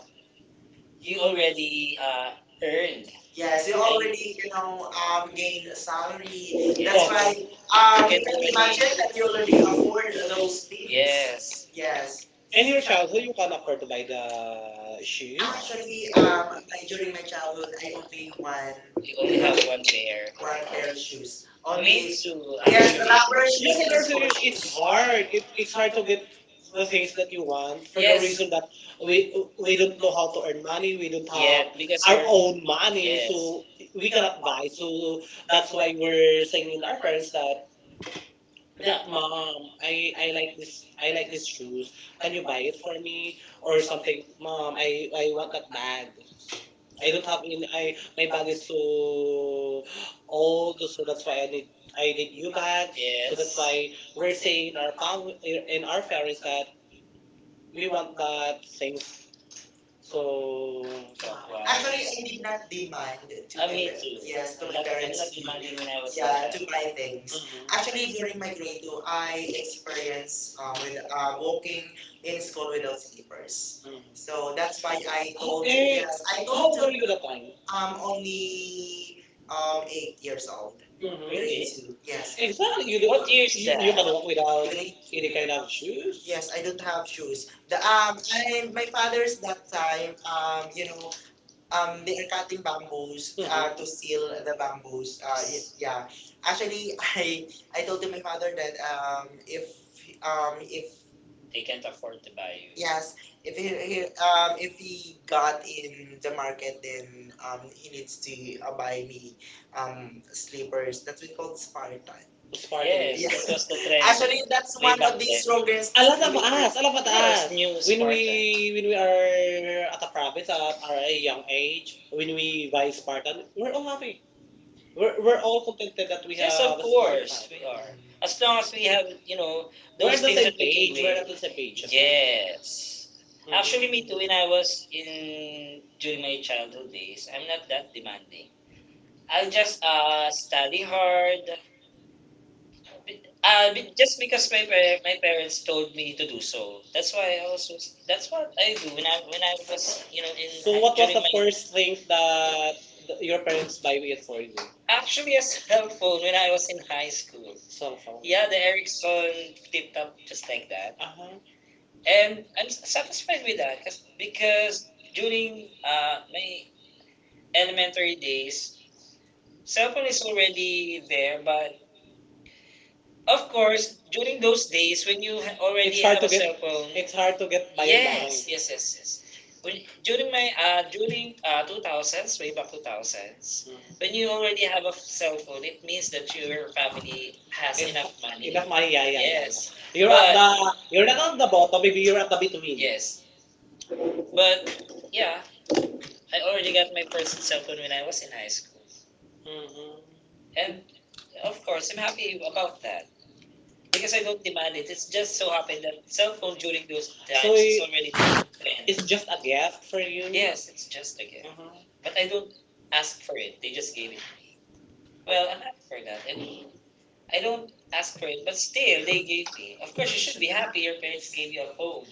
Speaker 1: you already earned.
Speaker 2: Yes,
Speaker 1: Yes,
Speaker 2: you
Speaker 1: you
Speaker 2: already
Speaker 1: already know
Speaker 2: gain
Speaker 1: gain
Speaker 2: a
Speaker 1: a
Speaker 2: salary.
Speaker 1: salary.
Speaker 2: That's
Speaker 1: Yes. That's
Speaker 2: why
Speaker 1: why you
Speaker 2: you
Speaker 1: can
Speaker 2: can
Speaker 1: already-
Speaker 2: imagine
Speaker 1: imagine
Speaker 2: that
Speaker 1: that
Speaker 2: you
Speaker 1: you
Speaker 2: already
Speaker 1: already
Speaker 2: afford
Speaker 1: afford
Speaker 2: those
Speaker 1: those things.
Speaker 2: things.
Speaker 1: Yes.
Speaker 2: Yes.
Speaker 1: Yes. In your childhood, you can afford to buy the shoes.
Speaker 2: Actually,
Speaker 1: Actually, my,
Speaker 2: during
Speaker 1: during
Speaker 2: my
Speaker 1: my
Speaker 2: childhood,
Speaker 1: childhood,
Speaker 2: I
Speaker 1: I
Speaker 2: only
Speaker 1: only
Speaker 2: one
Speaker 1: one. You only
Speaker 2: uh,
Speaker 1: have one pair,
Speaker 2: one
Speaker 1: one
Speaker 2: pair
Speaker 1: pair
Speaker 2: of
Speaker 1: of
Speaker 2: shoes. Only
Speaker 1: me too, yeah, actually, the rubber shoes.
Speaker 2: collaboration
Speaker 1: Yes, shoes is there's good, it's
Speaker 2: hard.
Speaker 1: hard. It,
Speaker 2: It's
Speaker 1: it's
Speaker 2: hard
Speaker 1: hard
Speaker 2: to
Speaker 1: to
Speaker 2: get
Speaker 1: get
Speaker 2: the
Speaker 1: the
Speaker 2: things
Speaker 1: things
Speaker 2: that
Speaker 1: that
Speaker 2: you
Speaker 1: you
Speaker 2: want.
Speaker 1: want for yes the yes reason that we
Speaker 2: We, we
Speaker 1: we don't
Speaker 2: don't
Speaker 1: know
Speaker 2: have
Speaker 1: how to earn
Speaker 2: money.
Speaker 1: money.
Speaker 2: We
Speaker 1: We don't yeah
Speaker 2: don't
Speaker 1: have yeah because our we're-
Speaker 2: have
Speaker 1: own money,
Speaker 2: money.
Speaker 1: yes, so
Speaker 2: We
Speaker 1: we
Speaker 2: cannot
Speaker 1: cannot
Speaker 2: buy.
Speaker 1: buy. So
Speaker 2: That's
Speaker 1: that's
Speaker 2: why
Speaker 1: why
Speaker 2: we're,
Speaker 1: we're saying in our parents that that
Speaker 2: Mom,
Speaker 1: mom,
Speaker 2: I,
Speaker 1: I like this,
Speaker 2: I, I
Speaker 1: I
Speaker 2: like
Speaker 1: like these
Speaker 2: this.
Speaker 1: shoes.
Speaker 2: Can
Speaker 1: Can
Speaker 2: you
Speaker 1: you buy
Speaker 2: buy it
Speaker 1: it
Speaker 2: for
Speaker 1: for
Speaker 2: me?
Speaker 1: me
Speaker 2: Or
Speaker 1: or
Speaker 2: some,
Speaker 1: something?
Speaker 2: mom,
Speaker 1: Mom, I want that bag.
Speaker 2: I
Speaker 1: I
Speaker 2: don't
Speaker 1: don't have
Speaker 2: have,
Speaker 1: any. I
Speaker 2: my
Speaker 1: my
Speaker 2: bag
Speaker 1: bag is
Speaker 2: is
Speaker 1: so
Speaker 2: old.
Speaker 1: old,
Speaker 2: So
Speaker 1: so
Speaker 2: that's
Speaker 1: that's
Speaker 2: why
Speaker 1: why I need,
Speaker 2: I
Speaker 1: I
Speaker 2: need
Speaker 1: need
Speaker 2: new
Speaker 1: new
Speaker 2: bag.
Speaker 1: bag. So
Speaker 2: That's
Speaker 1: that's yes
Speaker 2: why
Speaker 1: why
Speaker 2: we're
Speaker 1: we're
Speaker 2: saying
Speaker 1: saying in our
Speaker 2: that mom
Speaker 1: in our
Speaker 2: our parents,
Speaker 1: parents that
Speaker 2: we
Speaker 1: we
Speaker 2: want
Speaker 1: want
Speaker 2: that
Speaker 1: that
Speaker 2: thing.
Speaker 1: things.
Speaker 2: So
Speaker 1: So to acquire.
Speaker 2: actually,
Speaker 1: Actually,
Speaker 2: I
Speaker 1: I
Speaker 2: did
Speaker 1: did
Speaker 2: not
Speaker 1: not
Speaker 2: demand
Speaker 1: demand.
Speaker 2: to my
Speaker 1: Me
Speaker 2: pa-
Speaker 1: too.
Speaker 2: yes
Speaker 1: Yes,
Speaker 2: to
Speaker 1: to I'm
Speaker 2: my
Speaker 1: my not, I'm not
Speaker 2: parents
Speaker 1: parents
Speaker 2: to
Speaker 1: demanding when I was a yeah
Speaker 2: yeah
Speaker 1: child
Speaker 2: to
Speaker 1: to
Speaker 2: buy
Speaker 1: buy things.
Speaker 2: things. Actually, during my grade two, I
Speaker 1: I
Speaker 2: experienced
Speaker 1: experience
Speaker 2: with
Speaker 1: with moving
Speaker 2: walking in
Speaker 1: in
Speaker 2: school
Speaker 1: school
Speaker 2: without
Speaker 1: without
Speaker 2: slippers.
Speaker 1: papers. Mhm.
Speaker 2: So
Speaker 1: So
Speaker 2: that's
Speaker 1: that's
Speaker 2: why
Speaker 1: why I
Speaker 2: I
Speaker 1: told
Speaker 2: told you
Speaker 1: okay
Speaker 2: yes.
Speaker 1: yes,
Speaker 2: I
Speaker 1: I how
Speaker 2: told
Speaker 1: told old are
Speaker 2: you
Speaker 1: you that time?
Speaker 2: I'm only
Speaker 1: Only in
Speaker 2: 8 years old.
Speaker 1: mhm grade
Speaker 2: Grade
Speaker 1: really
Speaker 2: two.
Speaker 1: two.
Speaker 2: Yes.
Speaker 1: Yes.
Speaker 2: Yeah.
Speaker 1: Exactly. You do, what year is you, that? You that can walk without
Speaker 2: Grade
Speaker 1: grade two any kind
Speaker 2: two.
Speaker 1: of shoes.
Speaker 2: Yes,
Speaker 1: Yes,
Speaker 2: I
Speaker 1: I
Speaker 2: don't
Speaker 1: don't
Speaker 2: have
Speaker 1: have
Speaker 2: shoes.
Speaker 1: shoes.
Speaker 2: The
Speaker 1: The, I,
Speaker 2: And my
Speaker 1: my father
Speaker 2: father's
Speaker 1: is
Speaker 2: that
Speaker 1: that
Speaker 2: time
Speaker 1: time,
Speaker 2: um you
Speaker 1: you
Speaker 2: know
Speaker 1: know,
Speaker 2: they
Speaker 1: the
Speaker 2: are cutting
Speaker 1: empathic
Speaker 2: bamboos
Speaker 1: bamboos
Speaker 2: to
Speaker 1: to
Speaker 2: seal
Speaker 1: seal
Speaker 2: the
Speaker 1: the
Speaker 2: bamboos.
Speaker 1: bamboos. Yeah,
Speaker 2: Yeah.
Speaker 1: actually,
Speaker 2: Actually, I
Speaker 1: I
Speaker 2: told
Speaker 1: told
Speaker 2: to
Speaker 1: to my
Speaker 2: my father
Speaker 1: father
Speaker 2: that
Speaker 1: that
Speaker 2: um, if um, if
Speaker 1: if they can't afford to buy you. Yes,
Speaker 2: yes,
Speaker 1: if
Speaker 2: if he,
Speaker 1: he, he
Speaker 2: he
Speaker 1: um,
Speaker 2: if he
Speaker 1: got
Speaker 2: got in the market, then he
Speaker 1: he used
Speaker 2: needs to
Speaker 1: to buy
Speaker 2: buy me
Speaker 1: um,
Speaker 2: slippers. That's what called
Speaker 1: smart.
Speaker 2: Spartan.
Speaker 1: Spartan.
Speaker 2: Spartan.
Speaker 1: Yes, yeah.
Speaker 2: Yeah.
Speaker 1: That was the trend.
Speaker 2: Actually,
Speaker 1: Actually, it's
Speaker 2: that's
Speaker 1: way one
Speaker 2: one
Speaker 1: back of
Speaker 2: of
Speaker 1: the
Speaker 2: the
Speaker 1: then
Speaker 2: strongest.
Speaker 1: strongest. A lot of us, a lot of yes us, yes new when Spartan
Speaker 2: When we
Speaker 1: we when we
Speaker 2: are
Speaker 1: are at a province at our young age, when
Speaker 2: when we
Speaker 1: we
Speaker 2: buy
Speaker 1: buy Spartan,
Speaker 2: Spartan,
Speaker 1: we're all happy. We're,
Speaker 2: we're
Speaker 1: we're
Speaker 2: buy
Speaker 1: all
Speaker 2: all.
Speaker 1: contented that we yes have. Yes, of course, we are. As long as we have, you know, those we're on those the things same page can we're wait the same page. Yes. Mhm. Actually, me too, when I was in during my childhood days, I'm not that demanding. I just study hard, just because my my parents told me to do so. That's why I also that's what I do when I was you know in so what was during the my first thing
Speaker 2: uh,
Speaker 1: that your
Speaker 2: your
Speaker 1: parents buy
Speaker 2: parents.
Speaker 1: it for you? Actually a cell phone when I was in high school. Cell phone. Yeah, the Ericsson flip top just like that. Uh-huh. And I'm satisfied with that because during my elementary days, cell phone is already there, but of course, during those days when you already it's hard have to a get cell phone, it's hard to get by yes, yes mind, yes, yes, yes. When, during my during 2000s, way back 2000s, when you already have a cell phone, it means that your family has it enough money. Enough money, yeah, yeah, yeah, yeah. Yes. Yeah. You're
Speaker 2: You're,
Speaker 1: at
Speaker 2: uh,
Speaker 1: The you're
Speaker 2: you're
Speaker 1: not on the
Speaker 2: not
Speaker 1: bottom, maybe
Speaker 2: familiar
Speaker 1: you're at the
Speaker 2: with
Speaker 1: between. Yes,
Speaker 2: Windows.
Speaker 1: but yeah, I already got my first cell phone when I was in high school. Mhm. And of course, I'm happy about that. Because I don't demand it. It's just so happened that cell phone during those times so it is already in plan. It's
Speaker 2: It's
Speaker 1: just
Speaker 2: just
Speaker 1: a
Speaker 2: a
Speaker 1: gift for you. Yes, it's just a gift. Mhm. But I don't ask for it. They just gave it. Well, I'm happy for that. And I don't ask for it, but still, they gave me. Of course, you should be happy your parents gave you a phone.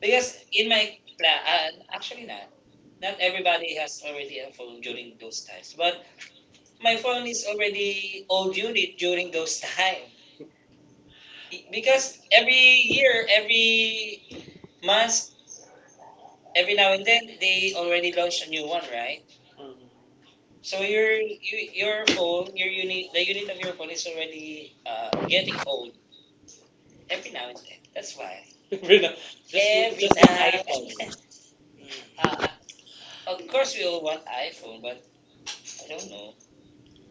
Speaker 1: Because in my plan, actually not. Not everybody has already a phone during those times. But my phone is already old unit during those time. Because every year, every mas every now and then they already launched a new one, right? Mm-hmm. So your you, your phone, your unit, the unit of your phone is already getting old every now and then. That's why every now-
Speaker 2: rhythm.
Speaker 1: just every just one now and iPhone then. Of course, we all want iPhone, but I don't know.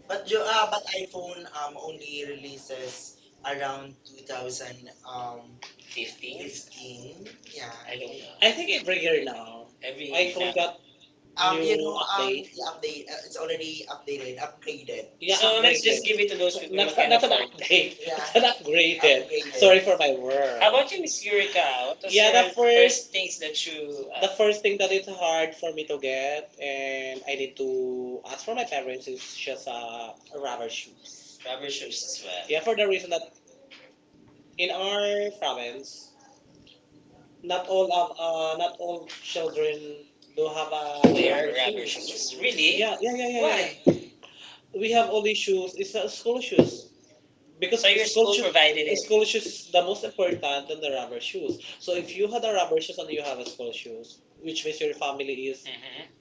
Speaker 1: But
Speaker 2: But
Speaker 1: you
Speaker 2: you but
Speaker 1: but
Speaker 2: iPhone
Speaker 1: iPhone
Speaker 2: only
Speaker 1: only says
Speaker 2: releases
Speaker 1: around
Speaker 2: around
Speaker 1: 2000
Speaker 2: 2000 um
Speaker 1: um 15s? 15.
Speaker 2: 15, yeah.
Speaker 1: Yeah. I don't
Speaker 2: iPhone.
Speaker 1: know. I
Speaker 2: I
Speaker 1: think
Speaker 2: think it
Speaker 1: every year now, every year iPhone now- got
Speaker 2: um
Speaker 1: new
Speaker 2: you
Speaker 1: you
Speaker 2: know
Speaker 1: know
Speaker 2: um
Speaker 1: update. The update.
Speaker 2: update.
Speaker 1: It's
Speaker 2: It's
Speaker 1: already
Speaker 2: already updated
Speaker 1: updated. Updated.
Speaker 2: upgraded.
Speaker 1: Yeah, so upgraded let's just give it to those people. Not, not an update.
Speaker 2: Really, yeah.
Speaker 1: Yeah. It's an
Speaker 2: I like bringing it
Speaker 1: upgraded. Upgraded. Sorry
Speaker 2: upgraded.
Speaker 1: for my word. How about you, Miss Eureka? What was yeah the first things that you the
Speaker 2: The
Speaker 1: first
Speaker 2: first
Speaker 1: thing
Speaker 2: thing
Speaker 1: that is hard
Speaker 2: hard
Speaker 1: for me to get and
Speaker 2: and
Speaker 1: I need to ask for my parents is
Speaker 2: it's
Speaker 1: just
Speaker 2: just a
Speaker 1: rubber
Speaker 2: rubbish.
Speaker 1: shoes. Rubber shoes as well? Yeah, for the reason that in
Speaker 2: In our
Speaker 1: our province, not
Speaker 2: not
Speaker 1: all of not all
Speaker 2: children sobre
Speaker 1: children do
Speaker 2: those
Speaker 1: have a
Speaker 2: habits.
Speaker 1: wear rubber rubber shoes shoes. Really? Yeah, yeah, yeah, yeah, yeah, yeah. Why? Yeah. We have only shoes. It's not
Speaker 2: School,
Speaker 1: school shoes because so your school school shoes provided it. School shoes is
Speaker 2: conscious is
Speaker 1: the most
Speaker 2: most
Speaker 1: important
Speaker 2: important.
Speaker 1: than the rubber shoes. So
Speaker 2: So
Speaker 1: if
Speaker 2: if
Speaker 1: you
Speaker 2: you
Speaker 1: had
Speaker 2: had
Speaker 1: a
Speaker 2: a
Speaker 1: rubber
Speaker 2: rock
Speaker 1: shoes and you
Speaker 2: you have
Speaker 1: have a school shoes,
Speaker 2: hands,
Speaker 1: which
Speaker 2: which
Speaker 1: means
Speaker 2: is
Speaker 1: your family is mm-hmm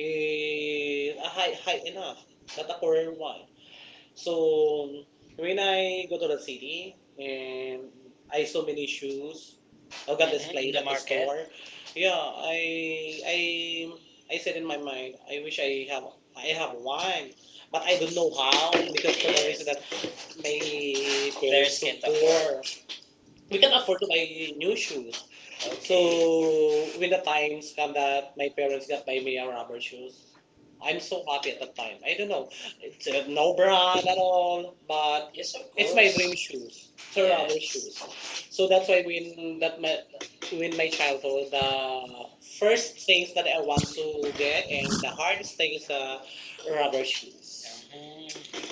Speaker 2: a
Speaker 1: a high high enough, not a
Speaker 2: not a problem.
Speaker 1: poor one. So when
Speaker 2: When
Speaker 1: I go to the city and I
Speaker 2: I
Speaker 1: saw
Speaker 2: saw it,
Speaker 1: many shoes, I
Speaker 2: I
Speaker 1: got hmm in
Speaker 2: got this.
Speaker 1: displayed the at the market store. Yeah,
Speaker 2: Yeah,
Speaker 1: I I I
Speaker 2: I
Speaker 1: said
Speaker 2: said
Speaker 1: in
Speaker 2: in
Speaker 1: my
Speaker 2: my
Speaker 1: mind, I
Speaker 2: head,
Speaker 1: wish
Speaker 2: wish
Speaker 1: I
Speaker 2: I
Speaker 1: have
Speaker 2: have mine,
Speaker 1: one, but
Speaker 2: but
Speaker 1: I
Speaker 2: I
Speaker 1: don't
Speaker 2: don't know
Speaker 1: know how
Speaker 2: how.
Speaker 1: because for the reason yes that my
Speaker 2: I
Speaker 1: parents parents so can't afford we
Speaker 2: We
Speaker 1: can
Speaker 2: can
Speaker 1: afford
Speaker 2: afford
Speaker 1: to buy
Speaker 2: my
Speaker 1: new shoes. So
Speaker 2: so
Speaker 1: okay when the times come
Speaker 2: that
Speaker 1: that my
Speaker 2: my
Speaker 1: parents
Speaker 2: parents.
Speaker 1: got buy me a rubber shoes, I'm
Speaker 2: I'm
Speaker 1: so
Speaker 2: so
Speaker 1: happy
Speaker 2: happy.
Speaker 1: at that time. I don't know, it's
Speaker 2: So no
Speaker 1: no brand at
Speaker 2: brand,
Speaker 1: all,
Speaker 2: uh,
Speaker 1: but yes of it's
Speaker 2: it's
Speaker 1: my
Speaker 2: my
Speaker 1: course dream shoes, the
Speaker 2: cultural.
Speaker 1: rubber yes shoes.
Speaker 2: The
Speaker 1: So that's why when that my when my childhood, the first
Speaker 2: first thing
Speaker 1: things that
Speaker 2: that
Speaker 1: I
Speaker 2: I want
Speaker 1: want
Speaker 2: to
Speaker 1: to get
Speaker 2: get
Speaker 1: and
Speaker 2: is
Speaker 1: the
Speaker 2: the
Speaker 1: hardest thing is
Speaker 2: art, the
Speaker 1: rubber
Speaker 2: rubber
Speaker 1: shoes.
Speaker 2: shoes.
Speaker 1: Mhm.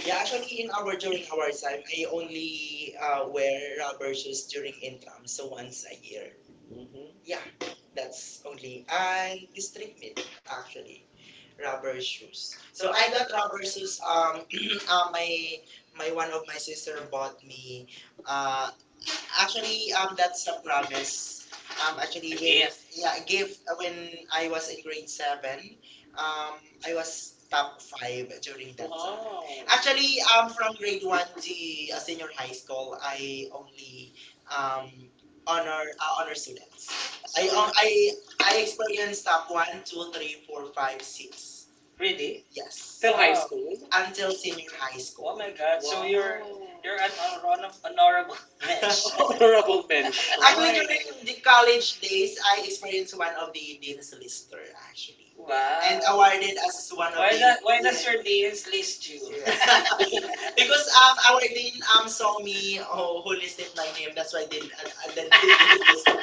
Speaker 2: Yeah,
Speaker 1: Yeah,
Speaker 2: actually,
Speaker 1: actually, in
Speaker 2: in
Speaker 1: our
Speaker 2: our
Speaker 1: during
Speaker 2: during
Speaker 1: our
Speaker 2: our
Speaker 1: exam,
Speaker 2: time,
Speaker 1: they
Speaker 2: I
Speaker 1: only
Speaker 2: only
Speaker 1: wear
Speaker 2: wear
Speaker 1: rubber
Speaker 2: rubber shoes
Speaker 1: shoes during
Speaker 2: during income,
Speaker 1: so
Speaker 2: so
Speaker 1: once
Speaker 2: once a year.
Speaker 1: mm-hmm
Speaker 2: Yeah,
Speaker 1: that's
Speaker 2: that's
Speaker 1: okay.
Speaker 2: only and
Speaker 1: And district
Speaker 2: district meet
Speaker 1: it actually
Speaker 2: actually
Speaker 1: rubber
Speaker 2: rubber shoes.
Speaker 1: shoes.
Speaker 2: So
Speaker 1: So I
Speaker 2: I
Speaker 1: got
Speaker 2: got
Speaker 1: rubber
Speaker 2: rubber shoes.
Speaker 1: shoes.
Speaker 2: Uh, my
Speaker 1: My
Speaker 2: my
Speaker 1: one
Speaker 2: one of
Speaker 1: of my
Speaker 2: my sister
Speaker 1: sister
Speaker 2: bought
Speaker 1: bought me.
Speaker 2: me. Uh,
Speaker 1: Uh,
Speaker 2: Actually,
Speaker 1: actually, that's
Speaker 2: that's a
Speaker 1: a promise.
Speaker 2: promise.
Speaker 1: Actually,
Speaker 2: Actually,
Speaker 1: a
Speaker 2: with
Speaker 1: gift.
Speaker 2: gift.
Speaker 1: Yeah,
Speaker 2: Yeah,
Speaker 1: a gift
Speaker 2: gift when
Speaker 1: when
Speaker 2: I
Speaker 1: I
Speaker 2: was
Speaker 1: was
Speaker 2: in
Speaker 1: in grade
Speaker 2: grade seven,
Speaker 1: seven.
Speaker 2: um,
Speaker 1: Um,
Speaker 2: I
Speaker 1: I was
Speaker 2: was
Speaker 1: top
Speaker 2: top
Speaker 1: five
Speaker 2: five
Speaker 1: actually.
Speaker 2: during that Wow. time.
Speaker 1: Wow.
Speaker 2: Actually,
Speaker 1: Actually,
Speaker 2: from
Speaker 1: from grade
Speaker 2: grade
Speaker 1: one
Speaker 2: one
Speaker 1: high
Speaker 2: to senior high school,
Speaker 1: school, I
Speaker 2: I only
Speaker 1: um,
Speaker 2: um
Speaker 1: honor
Speaker 2: honor
Speaker 1: honor students.
Speaker 2: students. I
Speaker 1: I experienced
Speaker 2: experienced top
Speaker 1: top one,
Speaker 2: one,
Speaker 1: two,
Speaker 2: two, three,
Speaker 1: three,
Speaker 2: four,
Speaker 1: four,
Speaker 2: five,
Speaker 1: five, six.
Speaker 2: six.
Speaker 1: Really? Yes,
Speaker 2: Yes,
Speaker 1: till high wow school? Until
Speaker 2: until
Speaker 1: senior
Speaker 2: senior high.
Speaker 1: high
Speaker 2: Oh
Speaker 1: school. Oh
Speaker 2: school.
Speaker 1: my God! So wow you're an honorable mensch. Honorable mention.
Speaker 2: Actually,
Speaker 1: Actually, mean,
Speaker 2: during
Speaker 1: the
Speaker 2: the college
Speaker 1: college
Speaker 2: days,
Speaker 1: days,
Speaker 2: I
Speaker 1: I experienced
Speaker 2: experienced
Speaker 1: one
Speaker 2: one of
Speaker 1: of
Speaker 2: the
Speaker 1: the
Speaker 2: dean's
Speaker 1: sister
Speaker 2: lister
Speaker 1: actually,
Speaker 2: actually,
Speaker 1: wow,
Speaker 2: and
Speaker 1: and wow
Speaker 2: awarded
Speaker 1: awarded as
Speaker 2: as
Speaker 1: one
Speaker 2: one
Speaker 1: of why
Speaker 2: of
Speaker 1: of the
Speaker 2: the
Speaker 1: that? Why does your deans list you?
Speaker 2: because
Speaker 1: Because our
Speaker 2: our
Speaker 1: dean
Speaker 2: dean saw
Speaker 1: saw me
Speaker 2: me oh,
Speaker 1: oh
Speaker 2: who
Speaker 1: holy,
Speaker 2: listed my name.
Speaker 1: that's
Speaker 2: That's
Speaker 1: why
Speaker 2: why the,
Speaker 1: that
Speaker 2: the
Speaker 1: did.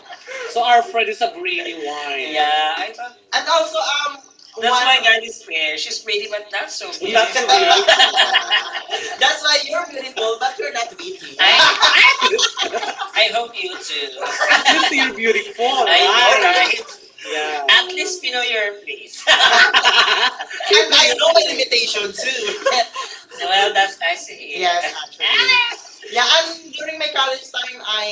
Speaker 1: So our friend is a brainy wine. Yeah, I thought
Speaker 2: And
Speaker 1: and
Speaker 2: also
Speaker 1: also, that's one-
Speaker 2: one.
Speaker 1: why one, God is fair. She's pretty but not so beautiful. Not so beautiful. That's
Speaker 2: That's why
Speaker 1: why
Speaker 2: you're
Speaker 1: you're
Speaker 2: beautiful,
Speaker 1: beautiful, but
Speaker 2: but you're
Speaker 1: you're
Speaker 2: not
Speaker 1: not greedy.
Speaker 2: witty.
Speaker 1: I, I hope you too. At least you're beautiful, I know, right? Right? Yeah. At least you know your place. And
Speaker 2: Yeah. And I
Speaker 1: I
Speaker 2: know
Speaker 1: know
Speaker 2: my limitation too.
Speaker 1: it. Well, that's I see. Yes,
Speaker 2: Yes,
Speaker 1: actually.
Speaker 2: actually. Yeah, and
Speaker 1: Ah! Yeah, and
Speaker 2: during my
Speaker 1: my college,
Speaker 2: college time, I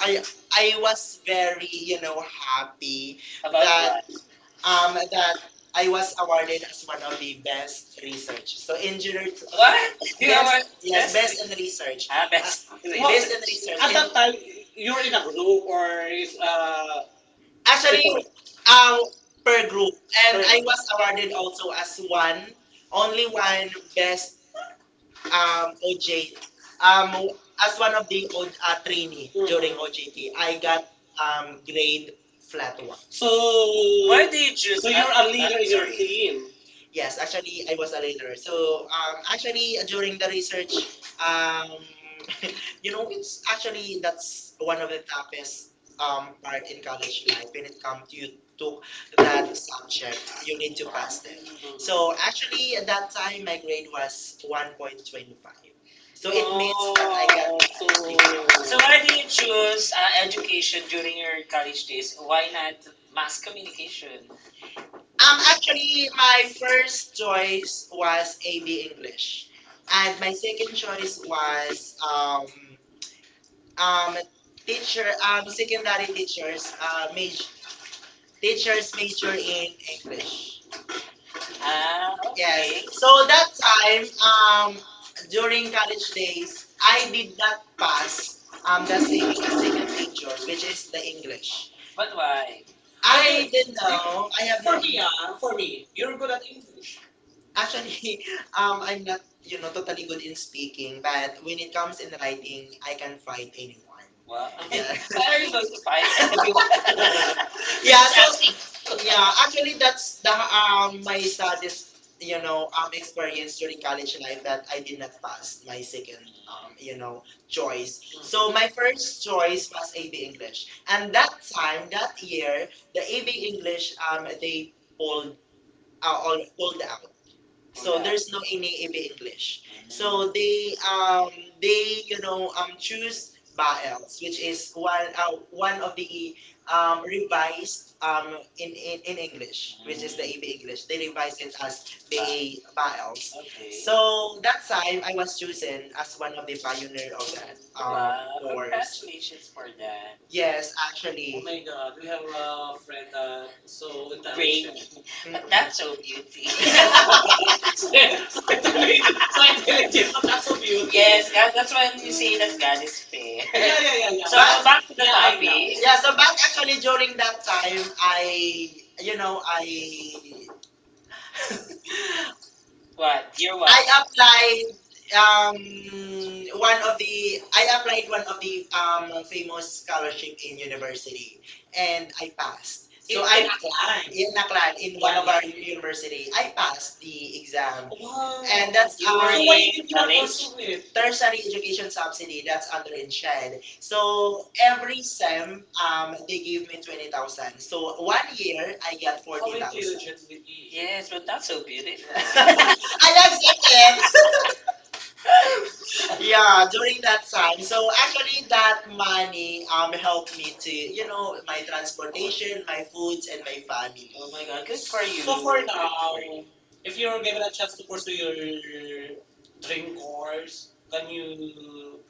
Speaker 2: I I
Speaker 1: I
Speaker 2: was
Speaker 1: was
Speaker 2: very,
Speaker 1: you know have
Speaker 2: happy
Speaker 1: about
Speaker 2: that
Speaker 1: that what?
Speaker 2: um that
Speaker 1: That
Speaker 2: I
Speaker 1: I
Speaker 2: was
Speaker 1: was awarded
Speaker 2: awarded as one of the best
Speaker 1: research.
Speaker 2: research. So engineer. What?
Speaker 1: What? You yes,
Speaker 2: Yes,
Speaker 1: yes,
Speaker 2: best
Speaker 1: in
Speaker 2: in
Speaker 1: the research.
Speaker 2: research.
Speaker 1: Best. Based
Speaker 2: Best
Speaker 1: on the
Speaker 2: in
Speaker 1: research.
Speaker 2: research.
Speaker 1: At that time, you're in
Speaker 2: A
Speaker 1: a group or is as
Speaker 2: actually, um,
Speaker 1: um per
Speaker 2: per group,
Speaker 1: group,
Speaker 2: and
Speaker 1: and I
Speaker 2: I
Speaker 1: was
Speaker 2: was
Speaker 1: awarded
Speaker 2: awarded also
Speaker 1: also
Speaker 2: as
Speaker 1: as one,
Speaker 2: one, only
Speaker 1: only one
Speaker 2: one best
Speaker 1: um
Speaker 2: OJ,
Speaker 1: um
Speaker 2: um, as
Speaker 1: as
Speaker 2: one of the trainee
Speaker 1: one during
Speaker 2: during OJT,
Speaker 1: I
Speaker 2: I got
Speaker 1: um
Speaker 2: grade flat
Speaker 1: flat
Speaker 2: one.
Speaker 1: one. So Why did you choose? So you're a leader in your team.
Speaker 2: Yes,
Speaker 1: Yes, I,
Speaker 2: actually, I
Speaker 1: I
Speaker 2: was
Speaker 1: was
Speaker 2: a
Speaker 1: a leader.
Speaker 2: learner. So,
Speaker 1: So
Speaker 2: actually, during the research,
Speaker 1: um you know,
Speaker 2: it's actually that's
Speaker 1: one
Speaker 2: one
Speaker 1: of
Speaker 2: of the
Speaker 1: the
Speaker 2: toughest
Speaker 1: toughest part
Speaker 2: part in
Speaker 1: in college
Speaker 2: college
Speaker 1: life
Speaker 2: life
Speaker 1: when
Speaker 2: when it
Speaker 1: it comes
Speaker 2: comes to you
Speaker 1: to
Speaker 2: took that
Speaker 1: that expansion,
Speaker 2: subject, you
Speaker 1: you
Speaker 2: need
Speaker 1: need
Speaker 2: to
Speaker 1: to
Speaker 2: pass
Speaker 1: pass it.
Speaker 2: it. So,
Speaker 1: So
Speaker 2: actually,
Speaker 1: actually
Speaker 2: at
Speaker 1: at
Speaker 2: that
Speaker 1: that
Speaker 2: time,
Speaker 1: time,
Speaker 2: my
Speaker 1: my grade
Speaker 2: grade was
Speaker 1: was one.
Speaker 2: 1.25.
Speaker 1: So
Speaker 2: So,
Speaker 1: it
Speaker 2: it means
Speaker 1: wow. So, why do you choose education during your college days? Why not mass communication?
Speaker 2: Actually, my
Speaker 1: My
Speaker 2: first
Speaker 1: first choice
Speaker 2: choice was
Speaker 1: was
Speaker 2: AB
Speaker 1: English.
Speaker 2: English, and my
Speaker 1: Second
Speaker 2: second
Speaker 1: choice
Speaker 2: choice
Speaker 1: was
Speaker 2: was um,
Speaker 1: um,
Speaker 2: teacher,
Speaker 1: teacher,
Speaker 2: secondary
Speaker 1: secondary teachers,
Speaker 2: teachers,
Speaker 1: major
Speaker 2: teachers major in
Speaker 1: English.
Speaker 2: English.
Speaker 1: Yes. Okay.
Speaker 2: Yes. So
Speaker 1: So
Speaker 2: that
Speaker 1: that
Speaker 2: time,
Speaker 1: time, um,
Speaker 2: um, during
Speaker 1: during college,
Speaker 2: college days,
Speaker 1: I
Speaker 2: I
Speaker 1: did
Speaker 2: did not
Speaker 1: not
Speaker 2: pass
Speaker 1: pass
Speaker 2: the
Speaker 1: the
Speaker 2: second major,
Speaker 1: senior
Speaker 2: which
Speaker 1: major.
Speaker 2: is the English.
Speaker 1: But why? I
Speaker 2: I didn't know.
Speaker 1: know.
Speaker 2: I have no.
Speaker 1: For me, for me, you're good at English. Actually,
Speaker 2: Actually,
Speaker 1: I'm
Speaker 2: I'm not,
Speaker 1: not, you know,
Speaker 2: totally good in
Speaker 1: talking
Speaker 2: speaking,
Speaker 1: bad.
Speaker 2: but when
Speaker 1: When
Speaker 2: it
Speaker 1: it comes
Speaker 2: comes
Speaker 1: to
Speaker 2: in
Speaker 1: me,
Speaker 2: writing, I
Speaker 1: I
Speaker 2: can fight anyone.
Speaker 1: one. Wow.
Speaker 2: Yeah.
Speaker 1: Why are you going to fight everyone? Yeah,
Speaker 2: Yeah,
Speaker 1: Just ask. So,
Speaker 2: so yeah,
Speaker 1: yeah. Actually,
Speaker 2: actually that's the
Speaker 1: my
Speaker 2: my saddest,
Speaker 1: studies, you know, um,
Speaker 2: experience during college life that
Speaker 1: that
Speaker 2: I
Speaker 1: I
Speaker 2: did
Speaker 1: did not
Speaker 2: not
Speaker 1: pass
Speaker 2: pass my
Speaker 1: my second,
Speaker 2: second
Speaker 1: um, you know,
Speaker 2: choice.
Speaker 1: choice.
Speaker 2: So
Speaker 1: So my
Speaker 2: my first choice
Speaker 1: stories
Speaker 2: was
Speaker 1: was,
Speaker 2: AB English. And
Speaker 1: and that
Speaker 2: that
Speaker 1: time
Speaker 2: time,
Speaker 1: that
Speaker 2: that
Speaker 1: year,
Speaker 2: year, the AB English
Speaker 1: English they
Speaker 2: they pulled
Speaker 1: are
Speaker 2: all
Speaker 1: all
Speaker 2: pulled out.
Speaker 1: so
Speaker 2: So
Speaker 1: oh, yeah.
Speaker 2: there's
Speaker 1: There's
Speaker 2: no NAAB English. So
Speaker 1: so they
Speaker 2: they um they
Speaker 1: you know um
Speaker 2: choose BAELS,
Speaker 1: Baels
Speaker 2: which is
Speaker 1: one
Speaker 2: one
Speaker 1: one
Speaker 2: of
Speaker 1: of the
Speaker 2: the
Speaker 1: revised
Speaker 2: revised in, in English, which is the AB English.
Speaker 1: English
Speaker 2: They revised it
Speaker 1: as
Speaker 2: as BA
Speaker 1: the Baels.
Speaker 2: BAELS.
Speaker 1: Okay.
Speaker 2: So
Speaker 1: So
Speaker 2: that time
Speaker 1: I
Speaker 2: I was
Speaker 1: was
Speaker 2: chosen
Speaker 1: chosen
Speaker 2: as one of the
Speaker 1: the
Speaker 2: pioneer
Speaker 1: pioneer
Speaker 2: of
Speaker 1: of that
Speaker 2: that um
Speaker 1: wow, course.
Speaker 2: course.
Speaker 1: Congratulations for that.
Speaker 2: Yes,
Speaker 1: Yes. Oh
Speaker 2: actually.
Speaker 1: my God, we have a friend that so rainy. But that's so beauty. Scientology, but not so beautiful.
Speaker 2: Mm-mm.
Speaker 1: Yes, yeah, that's when you say that God is fair. Yeah, yeah, yeah, yeah.
Speaker 2: But,
Speaker 1: So back to the yeah, I know, topic.
Speaker 2: yeah,
Speaker 1: Yeah,
Speaker 2: so
Speaker 1: so
Speaker 2: but
Speaker 1: back
Speaker 2: actually
Speaker 1: actually
Speaker 2: during
Speaker 1: during that
Speaker 2: that
Speaker 1: time,
Speaker 2: time,
Speaker 1: I,
Speaker 2: I, you
Speaker 1: you
Speaker 2: know,
Speaker 1: know, I
Speaker 2: I
Speaker 1: what? You're what?
Speaker 2: I
Speaker 1: I
Speaker 2: applied
Speaker 1: applied um,
Speaker 2: um one
Speaker 1: one
Speaker 2: of
Speaker 1: of the
Speaker 2: the I applied
Speaker 1: one
Speaker 2: one of
Speaker 1: of
Speaker 2: the
Speaker 1: the famous
Speaker 2: famous scholarship
Speaker 1: scholarships.
Speaker 2: in university and
Speaker 1: I
Speaker 2: I
Speaker 1: passed.
Speaker 2: passed.
Speaker 1: So
Speaker 2: So
Speaker 1: in
Speaker 2: I
Speaker 1: I it's a
Speaker 2: Aklan.
Speaker 1: crime in
Speaker 2: In Aklan
Speaker 1: Aklan
Speaker 2: in
Speaker 1: in one
Speaker 2: one
Speaker 1: of
Speaker 2: of
Speaker 1: yeah, our
Speaker 2: our university
Speaker 1: degree. I
Speaker 2: I
Speaker 1: passed.
Speaker 2: passed the exam
Speaker 1: Exactly.
Speaker 2: and Wow.
Speaker 1: Wow. And that's you
Speaker 2: that's our
Speaker 1: were
Speaker 2: So
Speaker 1: so why do in you not go college pursue it?
Speaker 2: it?
Speaker 1: There's
Speaker 2: Tertiary education
Speaker 1: education subsidy
Speaker 2: subsidy
Speaker 1: that's
Speaker 2: that's under
Speaker 1: under a child.
Speaker 2: InShed. So
Speaker 1: So every
Speaker 2: every
Speaker 1: SEM,
Speaker 2: sem they
Speaker 1: they
Speaker 2: gave
Speaker 1: gave
Speaker 2: me
Speaker 1: me
Speaker 2: twenty
Speaker 1: 20,000.
Speaker 2: thousand. So one
Speaker 1: One
Speaker 2: year
Speaker 1: year,
Speaker 2: I
Speaker 1: I
Speaker 2: got
Speaker 1: got how
Speaker 2: forty
Speaker 1: 40,000.
Speaker 2: thousand.
Speaker 1: Intelligent did you? Yes, but that's so beautiful.
Speaker 2: I
Speaker 1: I
Speaker 2: accept it.
Speaker 1: accepted,
Speaker 2: Yeah,
Speaker 1: yeah,
Speaker 2: during
Speaker 1: during that
Speaker 2: that time.
Speaker 1: time.
Speaker 2: So
Speaker 1: So
Speaker 2: actually,
Speaker 1: actually,
Speaker 2: that
Speaker 1: that
Speaker 2: money
Speaker 1: money
Speaker 2: helped
Speaker 1: helped
Speaker 2: me to
Speaker 1: me, you know,
Speaker 2: my
Speaker 1: my
Speaker 2: transportation,
Speaker 1: transportation,
Speaker 2: my
Speaker 1: my
Speaker 2: foods,
Speaker 1: foods,
Speaker 2: and
Speaker 1: and
Speaker 2: my
Speaker 1: my family.
Speaker 2: family.
Speaker 1: Oh my god, good for you.
Speaker 2: So
Speaker 1: So
Speaker 2: for
Speaker 1: for good for now,
Speaker 2: now.
Speaker 1: you.
Speaker 2: If
Speaker 1: If you're
Speaker 2: you're given
Speaker 1: given
Speaker 2: a
Speaker 1: a
Speaker 2: chance
Speaker 1: chance to
Speaker 2: to pursue
Speaker 1: pursue
Speaker 2: your
Speaker 1: your
Speaker 2: dream
Speaker 1: drink
Speaker 2: course,
Speaker 1: wars?
Speaker 2: can
Speaker 1: Can you
Speaker 2: you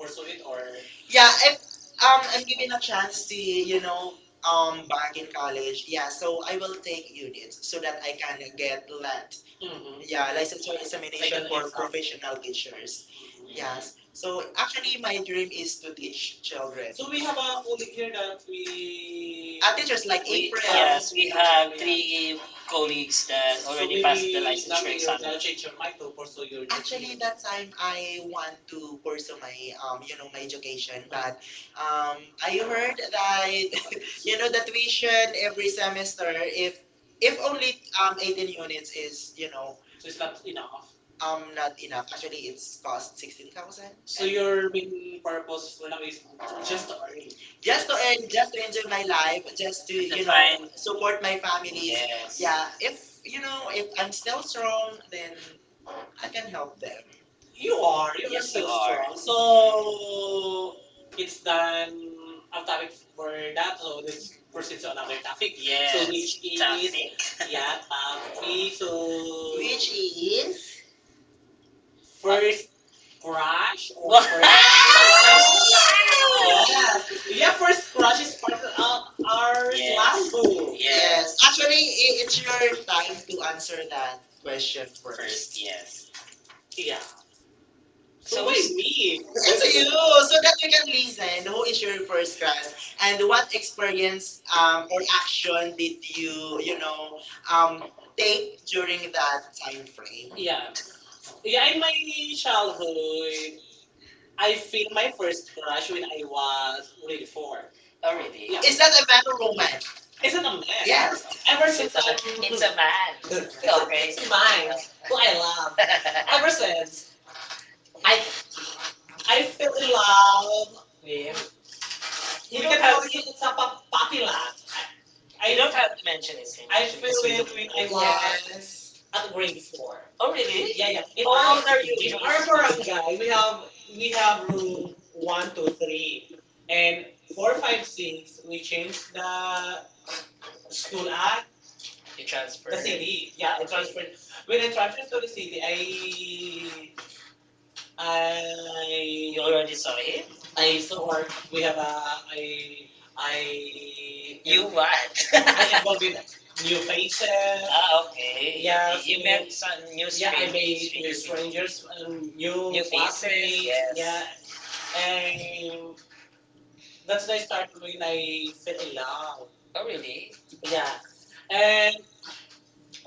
Speaker 2: pursue it
Speaker 1: it or?
Speaker 2: or? Yeah, if
Speaker 1: I had
Speaker 2: I'm given a
Speaker 1: a
Speaker 2: chance
Speaker 1: chance
Speaker 2: to,
Speaker 1: to, you know,
Speaker 2: back
Speaker 1: back
Speaker 2: in
Speaker 1: in
Speaker 2: college,
Speaker 1: college.
Speaker 2: yeah,
Speaker 1: Yeah,
Speaker 2: so
Speaker 1: so I
Speaker 2: I will
Speaker 1: will
Speaker 2: take
Speaker 1: do this
Speaker 2: units so
Speaker 1: so
Speaker 2: that
Speaker 1: that
Speaker 2: I
Speaker 1: I
Speaker 2: can get
Speaker 1: feel that.
Speaker 2: LAT. Mhm.
Speaker 1: Mhm. Yeah,
Speaker 2: Yeah,
Speaker 1: license
Speaker 2: licensure
Speaker 1: for examination
Speaker 2: examination
Speaker 1: like
Speaker 2: Final for
Speaker 1: for
Speaker 2: exam. Professional
Speaker 1: professional
Speaker 2: teachers.
Speaker 1: teachers.
Speaker 2: Mhm.
Speaker 1: Mhm.
Speaker 2: Yes.
Speaker 1: Yes.
Speaker 2: So
Speaker 1: So
Speaker 2: actually
Speaker 1: my
Speaker 2: my dream
Speaker 1: dream
Speaker 2: is
Speaker 1: is to
Speaker 2: to
Speaker 1: be.
Speaker 2: teach children. So
Speaker 1: So
Speaker 2: we
Speaker 1: we
Speaker 2: have
Speaker 1: have
Speaker 2: a
Speaker 1: a whole
Speaker 2: colleague here
Speaker 1: year
Speaker 2: that
Speaker 1: that
Speaker 2: we.
Speaker 1: we. I
Speaker 2: Teachers like
Speaker 1: think we,
Speaker 2: April.
Speaker 1: yes, we have three colleagues that so already maybe passed the licensure Gabriel exam.
Speaker 2: Gonna
Speaker 1: I'll change
Speaker 2: change your
Speaker 1: your
Speaker 2: mind
Speaker 1: mind to
Speaker 2: to pursue your
Speaker 1: your
Speaker 2: actually, education.
Speaker 1: that
Speaker 2: That
Speaker 1: time
Speaker 2: time I
Speaker 1: I
Speaker 2: want
Speaker 1: want
Speaker 2: to
Speaker 1: to
Speaker 2: pursue
Speaker 1: pursue
Speaker 2: my,
Speaker 1: my
Speaker 2: my
Speaker 1: my
Speaker 2: education,
Speaker 1: Japan
Speaker 2: but
Speaker 1: but
Speaker 2: um, I
Speaker 1: I
Speaker 2: heard
Speaker 1: heard
Speaker 2: that,
Speaker 1: that
Speaker 2: the tuition every
Speaker 1: this time
Speaker 2: semester,
Speaker 1: I've
Speaker 2: if
Speaker 1: only
Speaker 2: only 18
Speaker 1: 18 years
Speaker 2: units is,
Speaker 1: you know
Speaker 2: so
Speaker 1: so
Speaker 2: it's
Speaker 1: it's not
Speaker 2: not
Speaker 1: enough.
Speaker 2: enough. Not
Speaker 1: Not
Speaker 2: enough. Actually, it's
Speaker 1: this
Speaker 2: cost
Speaker 1: cost
Speaker 2: 16,000. So
Speaker 1: so
Speaker 2: and
Speaker 1: your
Speaker 2: your main
Speaker 1: main purpose
Speaker 2: purpose
Speaker 1: for
Speaker 2: now
Speaker 1: now
Speaker 2: is
Speaker 1: is
Speaker 2: just
Speaker 1: just
Speaker 2: to
Speaker 1: to
Speaker 2: earn
Speaker 1: earn.
Speaker 2: just
Speaker 1: Just
Speaker 2: to
Speaker 1: to end
Speaker 2: earn, just to
Speaker 1: expense in
Speaker 2: enjoy
Speaker 1: my
Speaker 2: my
Speaker 1: life
Speaker 2: life, just to
Speaker 1: you know, define,
Speaker 2: support
Speaker 1: support
Speaker 2: my
Speaker 1: my family.
Speaker 2: families. Yes.
Speaker 1: Yes. Yeah
Speaker 2: Yeah, if
Speaker 1: if, you know
Speaker 2: if
Speaker 1: if
Speaker 2: I'm
Speaker 1: I'm still
Speaker 2: still strong,
Speaker 1: strong
Speaker 2: then
Speaker 1: then
Speaker 2: I
Speaker 1: I
Speaker 2: can
Speaker 1: can
Speaker 2: help
Speaker 1: help them.
Speaker 2: them. You
Speaker 1: You
Speaker 2: are.
Speaker 1: are.
Speaker 2: You
Speaker 1: You're
Speaker 2: are
Speaker 1: yes, so you
Speaker 2: still
Speaker 1: are
Speaker 2: strong.
Speaker 1: strong.
Speaker 2: So,
Speaker 1: So, it's
Speaker 2: it's
Speaker 1: done.
Speaker 2: done. Ang
Speaker 1: Ang
Speaker 2: topic
Speaker 1: topic for
Speaker 2: for that
Speaker 1: that, so
Speaker 2: one is
Speaker 1: let's
Speaker 2: proceed
Speaker 1: proceed to
Speaker 2: to another
Speaker 1: another topic.
Speaker 2: topic. Yes.
Speaker 1: Yes. So,
Speaker 2: So, which,
Speaker 1: which is, traffic.
Speaker 2: yeah,
Speaker 1: Yeah,
Speaker 2: topic. Three.
Speaker 1: topic.
Speaker 2: So,
Speaker 1: So, which
Speaker 2: which
Speaker 1: is
Speaker 2: is first
Speaker 1: first crush
Speaker 2: crush.
Speaker 1: or first crush? Yes, yeah,
Speaker 2: Your
Speaker 1: first
Speaker 2: first
Speaker 1: crush
Speaker 2: crush
Speaker 1: is
Speaker 2: is part
Speaker 1: part of
Speaker 2: of our
Speaker 1: our yes, slang
Speaker 2: love.
Speaker 1: book.
Speaker 2: Yes.
Speaker 1: Yes.
Speaker 2: Actually, it's
Speaker 1: Time
Speaker 2: your time to
Speaker 1: to answer
Speaker 2: answer
Speaker 1: that
Speaker 2: that
Speaker 1: question
Speaker 2: question
Speaker 1: first. First,
Speaker 2: first.
Speaker 1: yes. Yeah.
Speaker 2: Yeah.
Speaker 1: So
Speaker 2: So
Speaker 1: so
Speaker 2: what
Speaker 1: it's
Speaker 2: is me?
Speaker 1: me. It's
Speaker 2: It's
Speaker 1: you
Speaker 2: you,
Speaker 1: know, so
Speaker 2: so that
Speaker 1: that
Speaker 2: we can
Speaker 1: means
Speaker 2: listen. Who
Speaker 1: who
Speaker 2: is
Speaker 1: is your
Speaker 2: your first
Speaker 1: first crush
Speaker 2: crush, and
Speaker 1: and
Speaker 2: what
Speaker 1: what experience
Speaker 2: experience or
Speaker 1: or
Speaker 2: action
Speaker 1: action did
Speaker 2: did you,
Speaker 1: you,
Speaker 2: you
Speaker 1: you know,
Speaker 2: know, um,
Speaker 1: um, take
Speaker 2: take
Speaker 1: that
Speaker 2: during that time frame?
Speaker 1: way? Yeah.
Speaker 2: Yeah. Yeah,
Speaker 1: Yeah, in
Speaker 2: in my
Speaker 1: my
Speaker 2: childhood,
Speaker 1: childhood, I
Speaker 2: I feel
Speaker 1: feel
Speaker 2: my
Speaker 1: my first
Speaker 2: first crush
Speaker 1: crush
Speaker 2: when
Speaker 1: when I
Speaker 2: I
Speaker 1: was
Speaker 2: was
Speaker 1: grade
Speaker 2: grade four.
Speaker 1: four. Already. Yeah. Is
Speaker 2: Is that
Speaker 1: that a
Speaker 2: a man
Speaker 1: man or
Speaker 2: or woman?
Speaker 1: woman?
Speaker 2: Is
Speaker 1: Is
Speaker 2: it
Speaker 1: not
Speaker 2: a
Speaker 1: a
Speaker 2: man?
Speaker 1: man. Yes.
Speaker 2: Yes.
Speaker 1: Ever
Speaker 2: Ever
Speaker 1: since
Speaker 2: since
Speaker 1: I'm
Speaker 2: I moved
Speaker 1: it's
Speaker 2: into
Speaker 1: a
Speaker 2: man,
Speaker 1: man. Okay. It's mine. Who I love. Ever
Speaker 2: ever
Speaker 1: since
Speaker 2: since,
Speaker 1: I
Speaker 2: I
Speaker 1: I fell
Speaker 2: fell in
Speaker 1: in love
Speaker 2: love.
Speaker 1: with you
Speaker 2: You can
Speaker 1: don't
Speaker 2: tell
Speaker 1: always
Speaker 2: it's a
Speaker 1: look a
Speaker 2: puppy
Speaker 1: puppy,
Speaker 2: love.
Speaker 1: I don't have to mention his name. I
Speaker 2: I fell
Speaker 1: actually, so
Speaker 2: in when
Speaker 1: feel do when
Speaker 2: I
Speaker 1: I
Speaker 2: was.
Speaker 1: was
Speaker 2: Yes. At
Speaker 1: at
Speaker 2: grade
Speaker 1: grade
Speaker 2: four.
Speaker 1: four. Oh, really? Yeah,
Speaker 2: In
Speaker 1: yeah. In how
Speaker 2: our,
Speaker 1: our, old you?
Speaker 2: in
Speaker 1: In
Speaker 2: our
Speaker 1: our
Speaker 2: barangay,
Speaker 1: barangay,
Speaker 2: we
Speaker 1: we
Speaker 2: have
Speaker 1: have
Speaker 2: group
Speaker 1: room
Speaker 2: one,
Speaker 1: one,
Speaker 2: two,
Speaker 1: two,
Speaker 2: three,
Speaker 1: three,
Speaker 2: and
Speaker 1: and
Speaker 2: four,
Speaker 1: four,
Speaker 2: five,
Speaker 1: five, six.
Speaker 2: six. We
Speaker 1: We changed
Speaker 2: changed
Speaker 1: the
Speaker 2: the
Speaker 1: school
Speaker 2: school at
Speaker 1: at you transferred the
Speaker 2: city.
Speaker 1: city.
Speaker 2: Yeah,
Speaker 1: Yeah,
Speaker 2: I
Speaker 1: okay. I
Speaker 2: transferred.
Speaker 1: transferred.
Speaker 2: When
Speaker 1: When
Speaker 2: I
Speaker 1: I
Speaker 2: transferred
Speaker 1: transferred to
Speaker 2: to
Speaker 1: the
Speaker 2: the city,
Speaker 1: city, I
Speaker 2: I
Speaker 1: you already saw him?
Speaker 2: I
Speaker 1: I
Speaker 2: so far we
Speaker 1: we
Speaker 2: have
Speaker 1: have
Speaker 2: a I
Speaker 1: a
Speaker 2: I
Speaker 1: I, you what?
Speaker 2: I
Speaker 1: I involved with
Speaker 2: new
Speaker 1: new faces.
Speaker 2: faces,
Speaker 1: Ah, okay. Yeah, you met some new yeah, I strangers made new really strangers,
Speaker 2: new
Speaker 1: new,
Speaker 2: new
Speaker 1: new faces, faces, yes. Yeah, yes. And
Speaker 2: and that's
Speaker 1: that's when
Speaker 2: the
Speaker 1: I
Speaker 2: start
Speaker 1: started
Speaker 2: when
Speaker 1: when
Speaker 2: I
Speaker 1: I fell
Speaker 2: fell
Speaker 1: in
Speaker 2: in love.
Speaker 1: love. Oh, really? Yeah,
Speaker 2: Yeah, and
Speaker 1: and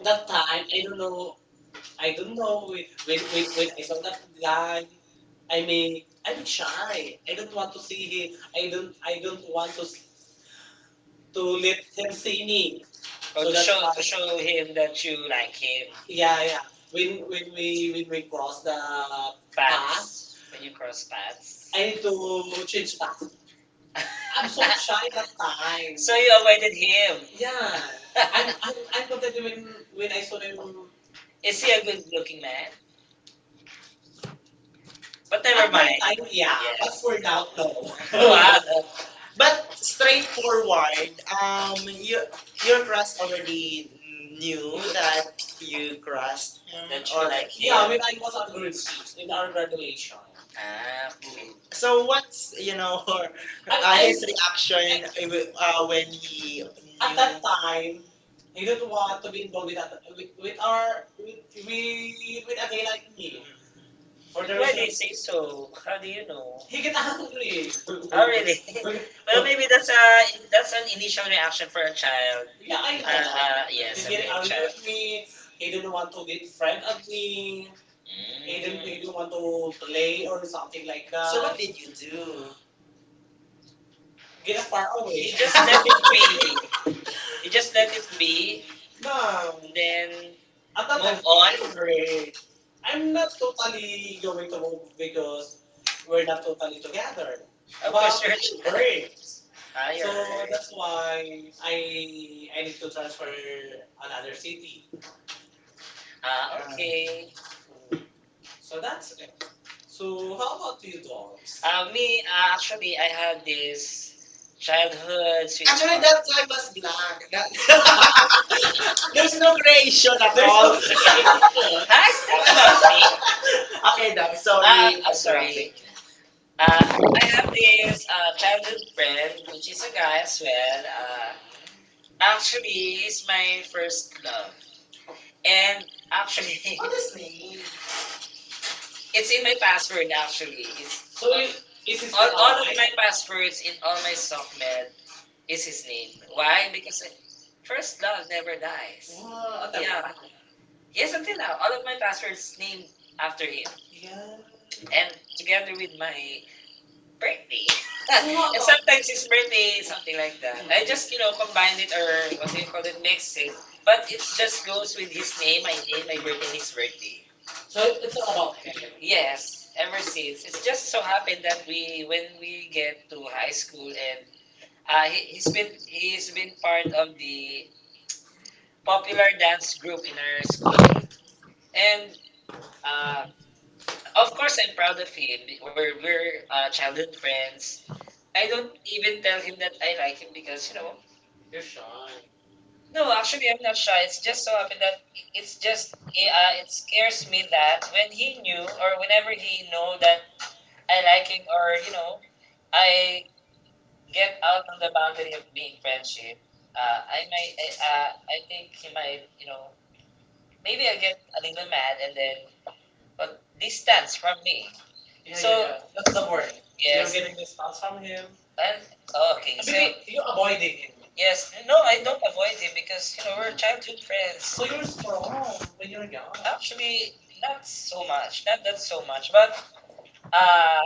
Speaker 2: that
Speaker 1: that time
Speaker 2: time I don't know
Speaker 1: I
Speaker 2: I don't
Speaker 1: don't
Speaker 2: know
Speaker 1: know
Speaker 2: when when when, when
Speaker 1: when
Speaker 2: I
Speaker 1: I
Speaker 2: saw
Speaker 1: saw
Speaker 2: that
Speaker 1: that
Speaker 2: guy.
Speaker 1: guy.
Speaker 2: I
Speaker 1: I
Speaker 2: mean
Speaker 1: mean,
Speaker 2: I'm
Speaker 1: I'm
Speaker 2: shy.
Speaker 1: shy.
Speaker 2: I
Speaker 1: I
Speaker 2: don't
Speaker 1: don't
Speaker 2: want
Speaker 1: want
Speaker 2: to
Speaker 1: to
Speaker 2: see
Speaker 1: see
Speaker 2: him.
Speaker 1: him.
Speaker 2: I
Speaker 1: I don't.
Speaker 2: don't I
Speaker 1: I don't
Speaker 2: don't want
Speaker 1: want
Speaker 2: to
Speaker 1: to
Speaker 2: let
Speaker 1: let
Speaker 2: him
Speaker 1: him
Speaker 2: see
Speaker 1: see
Speaker 2: me.
Speaker 1: me. Or so to that's show to show him that you like him. Yeah,
Speaker 2: Yeah,
Speaker 1: yeah.
Speaker 2: yeah. When
Speaker 1: When
Speaker 2: when we
Speaker 1: we when
Speaker 2: when we
Speaker 1: we cross
Speaker 2: cross the,
Speaker 1: the path, paths. When you cross paths.
Speaker 2: I
Speaker 1: I
Speaker 2: need
Speaker 1: need
Speaker 2: to
Speaker 1: to
Speaker 2: change
Speaker 1: change path.
Speaker 2: tax.
Speaker 1: I'm
Speaker 2: I'm
Speaker 1: so
Speaker 2: so shy
Speaker 1: shy
Speaker 2: that
Speaker 1: that time.
Speaker 2: time.
Speaker 1: So you avoided him.
Speaker 2: Yeah,
Speaker 1: Yeah,
Speaker 2: I'm
Speaker 1: I'm
Speaker 2: I'm, I'm
Speaker 1: I'm
Speaker 2: content
Speaker 1: protected
Speaker 2: when
Speaker 1: when
Speaker 2: I
Speaker 1: I
Speaker 2: saw
Speaker 1: saw him.
Speaker 2: him.
Speaker 1: Is he a good looking man? But never
Speaker 2: Never
Speaker 1: at that mind. That time,
Speaker 2: time, yeah,
Speaker 1: yeah, yes,
Speaker 2: but
Speaker 1: but
Speaker 2: for
Speaker 1: for
Speaker 2: now,
Speaker 1: now, no.
Speaker 2: no.
Speaker 1: Wow.
Speaker 2: But
Speaker 1: Straight.
Speaker 2: straightforward,
Speaker 1: Um,
Speaker 2: you, your crush already knew that you crushed him,
Speaker 1: do you
Speaker 2: or
Speaker 1: like him? Yeah,
Speaker 2: Yeah,
Speaker 1: we
Speaker 2: when I
Speaker 1: like
Speaker 2: was
Speaker 1: was
Speaker 2: at grade
Speaker 1: aggressive
Speaker 2: six in
Speaker 1: in our
Speaker 2: our graduation,
Speaker 1: graduation. Ah, okay.
Speaker 2: so what's you know her
Speaker 1: And
Speaker 2: I
Speaker 1: I,
Speaker 2: his reaction when he at
Speaker 1: at
Speaker 2: that
Speaker 1: that
Speaker 2: knew?
Speaker 1: time,
Speaker 2: Time, I don't
Speaker 1: didn't
Speaker 2: want
Speaker 1: want to
Speaker 2: to be
Speaker 1: be
Speaker 2: involved
Speaker 1: involved
Speaker 2: with, other-
Speaker 1: with
Speaker 2: with our
Speaker 1: our,
Speaker 2: with
Speaker 1: with
Speaker 2: a
Speaker 1: a
Speaker 2: guy
Speaker 1: guy
Speaker 2: like
Speaker 1: like
Speaker 2: me.
Speaker 1: me. For the why reason. Do you say so? How do you know?
Speaker 2: He
Speaker 1: He
Speaker 2: get
Speaker 1: get angry.
Speaker 2: angry.
Speaker 1: Oh, really? Well, maybe that's a that's an initial reaction for a child. Yeah,
Speaker 2: Yeah, I
Speaker 1: I know.
Speaker 2: know.
Speaker 1: Yes, he a get
Speaker 2: Get
Speaker 1: big angry
Speaker 2: angry
Speaker 1: child
Speaker 2: at
Speaker 1: with
Speaker 2: me.
Speaker 1: me.
Speaker 2: He
Speaker 1: He
Speaker 2: didn't
Speaker 1: didn't
Speaker 2: want
Speaker 1: want
Speaker 2: to
Speaker 1: to
Speaker 2: be
Speaker 1: get,
Speaker 2: friend at me.
Speaker 1: he
Speaker 2: He
Speaker 1: didn't,
Speaker 2: didn't,
Speaker 1: mm,
Speaker 2: he
Speaker 1: he
Speaker 2: didn't
Speaker 1: didn't
Speaker 2: want
Speaker 1: want
Speaker 2: to
Speaker 1: to
Speaker 2: play
Speaker 1: play
Speaker 2: or
Speaker 1: or
Speaker 2: something
Speaker 1: something like
Speaker 2: like
Speaker 1: that.
Speaker 2: so
Speaker 1: So
Speaker 2: that. What
Speaker 1: what
Speaker 2: did you do?
Speaker 1: you
Speaker 2: Get a far away.
Speaker 1: eh just let it be. You just let it be,
Speaker 2: No,
Speaker 1: and then
Speaker 2: at that time,
Speaker 1: move on. I'm
Speaker 2: I'm
Speaker 1: not
Speaker 2: not
Speaker 1: totally
Speaker 2: totally going
Speaker 1: going
Speaker 2: to
Speaker 1: to move
Speaker 2: move because
Speaker 1: because
Speaker 2: we're
Speaker 1: we're
Speaker 2: not
Speaker 1: not
Speaker 2: totally
Speaker 1: totally
Speaker 2: together.
Speaker 1: together. Of
Speaker 2: But
Speaker 1: course,
Speaker 2: we need a
Speaker 1: you're
Speaker 2: break.
Speaker 1: ah, you're so
Speaker 2: So
Speaker 1: right.
Speaker 2: that's
Speaker 1: That's
Speaker 2: why
Speaker 1: why I
Speaker 2: I I
Speaker 1: I need
Speaker 2: need
Speaker 1: to
Speaker 2: to
Speaker 1: transfer
Speaker 2: transfer
Speaker 1: another
Speaker 2: another
Speaker 1: city.
Speaker 2: city.
Speaker 1: Ah, okay.
Speaker 2: So
Speaker 1: So
Speaker 2: that's
Speaker 1: that's
Speaker 2: it.
Speaker 1: so
Speaker 2: So how
Speaker 1: how
Speaker 2: about
Speaker 1: about
Speaker 2: you
Speaker 1: you dogs?
Speaker 2: dogs?
Speaker 1: Me, actually, I had this childhood actually
Speaker 2: Time was
Speaker 1: sweetheart.
Speaker 2: black.
Speaker 1: Black. That,
Speaker 2: That-
Speaker 1: there's
Speaker 2: There's no creation at
Speaker 1: there's
Speaker 2: all.
Speaker 1: no- nice thing about me.
Speaker 2: Okay,
Speaker 1: Okay, guys. So
Speaker 2: I'm
Speaker 1: I'm
Speaker 2: interrupting
Speaker 1: sorry.
Speaker 2: you.
Speaker 1: I have this childhood friend, which is a guy as well. Actually, he's my first love. And actually, what is his name? It's in my password, actually. It's
Speaker 2: So,
Speaker 1: So i-
Speaker 2: it, it
Speaker 1: all of my passwords in all my supplement is his name. Why? Because first love never dies. Wow,
Speaker 2: uh,
Speaker 1: yeah. Yes, until now, all of my passwords named after him, yeah, and together with my birthday, wow, and sometimes his birthday, something like that. I just you know combined it or what do you call it, mixed it. But it just goes with his name, my birthday, and his birthday.
Speaker 2: so
Speaker 1: So it's
Speaker 2: it's about.
Speaker 1: all about him. Yes, ever since. It's just so happened that we when we get to high school and he's been part of the popular dance group in ours and uh, of course, I'm proud of him. We're childhood friends. I don't even tell him that I like him because you know. No, actually, I'm not shy. It's just so happened that it's just it scares me that when he knew or whenever he know that I like him or you know, I get out of the boundary of being friendship. I might. I think he might. You know, maybe I get a little mad and then uh, distance from me. Yeah, yeah, yeah,
Speaker 2: It's
Speaker 1: that's
Speaker 2: the
Speaker 1: the word.
Speaker 2: word?
Speaker 1: Yes.
Speaker 2: Can
Speaker 1: You're
Speaker 2: you
Speaker 1: getting distance from
Speaker 2: from
Speaker 1: him.
Speaker 2: him?
Speaker 1: And oh, okay, I mean, so you
Speaker 2: Avoid
Speaker 1: avoiding
Speaker 2: it.
Speaker 1: him. Yes, no, I don't avoid him because you know we're childhood friends. So you're strong when
Speaker 2: When
Speaker 1: you're
Speaker 2: you're young,
Speaker 1: young. Actually, not so much, not that so much, but uh,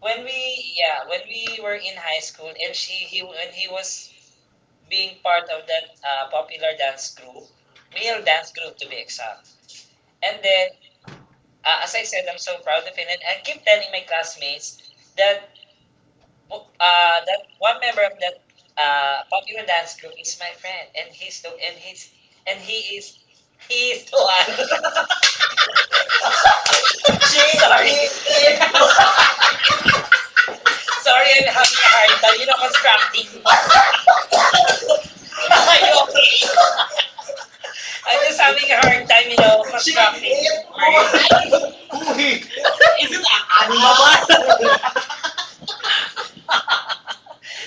Speaker 1: when we when we were in high school and she he when he was being part of that popular dance group, male dance group to be exact, and then as I said, I'm so proud of it, and I keep telling my classmates that uh, that one member of that popular dance group is my friend, and he is the one. sorry, sorry, I'm having a hard time. Constructing. Are you okay? I'm just having a hard time. Constructing words.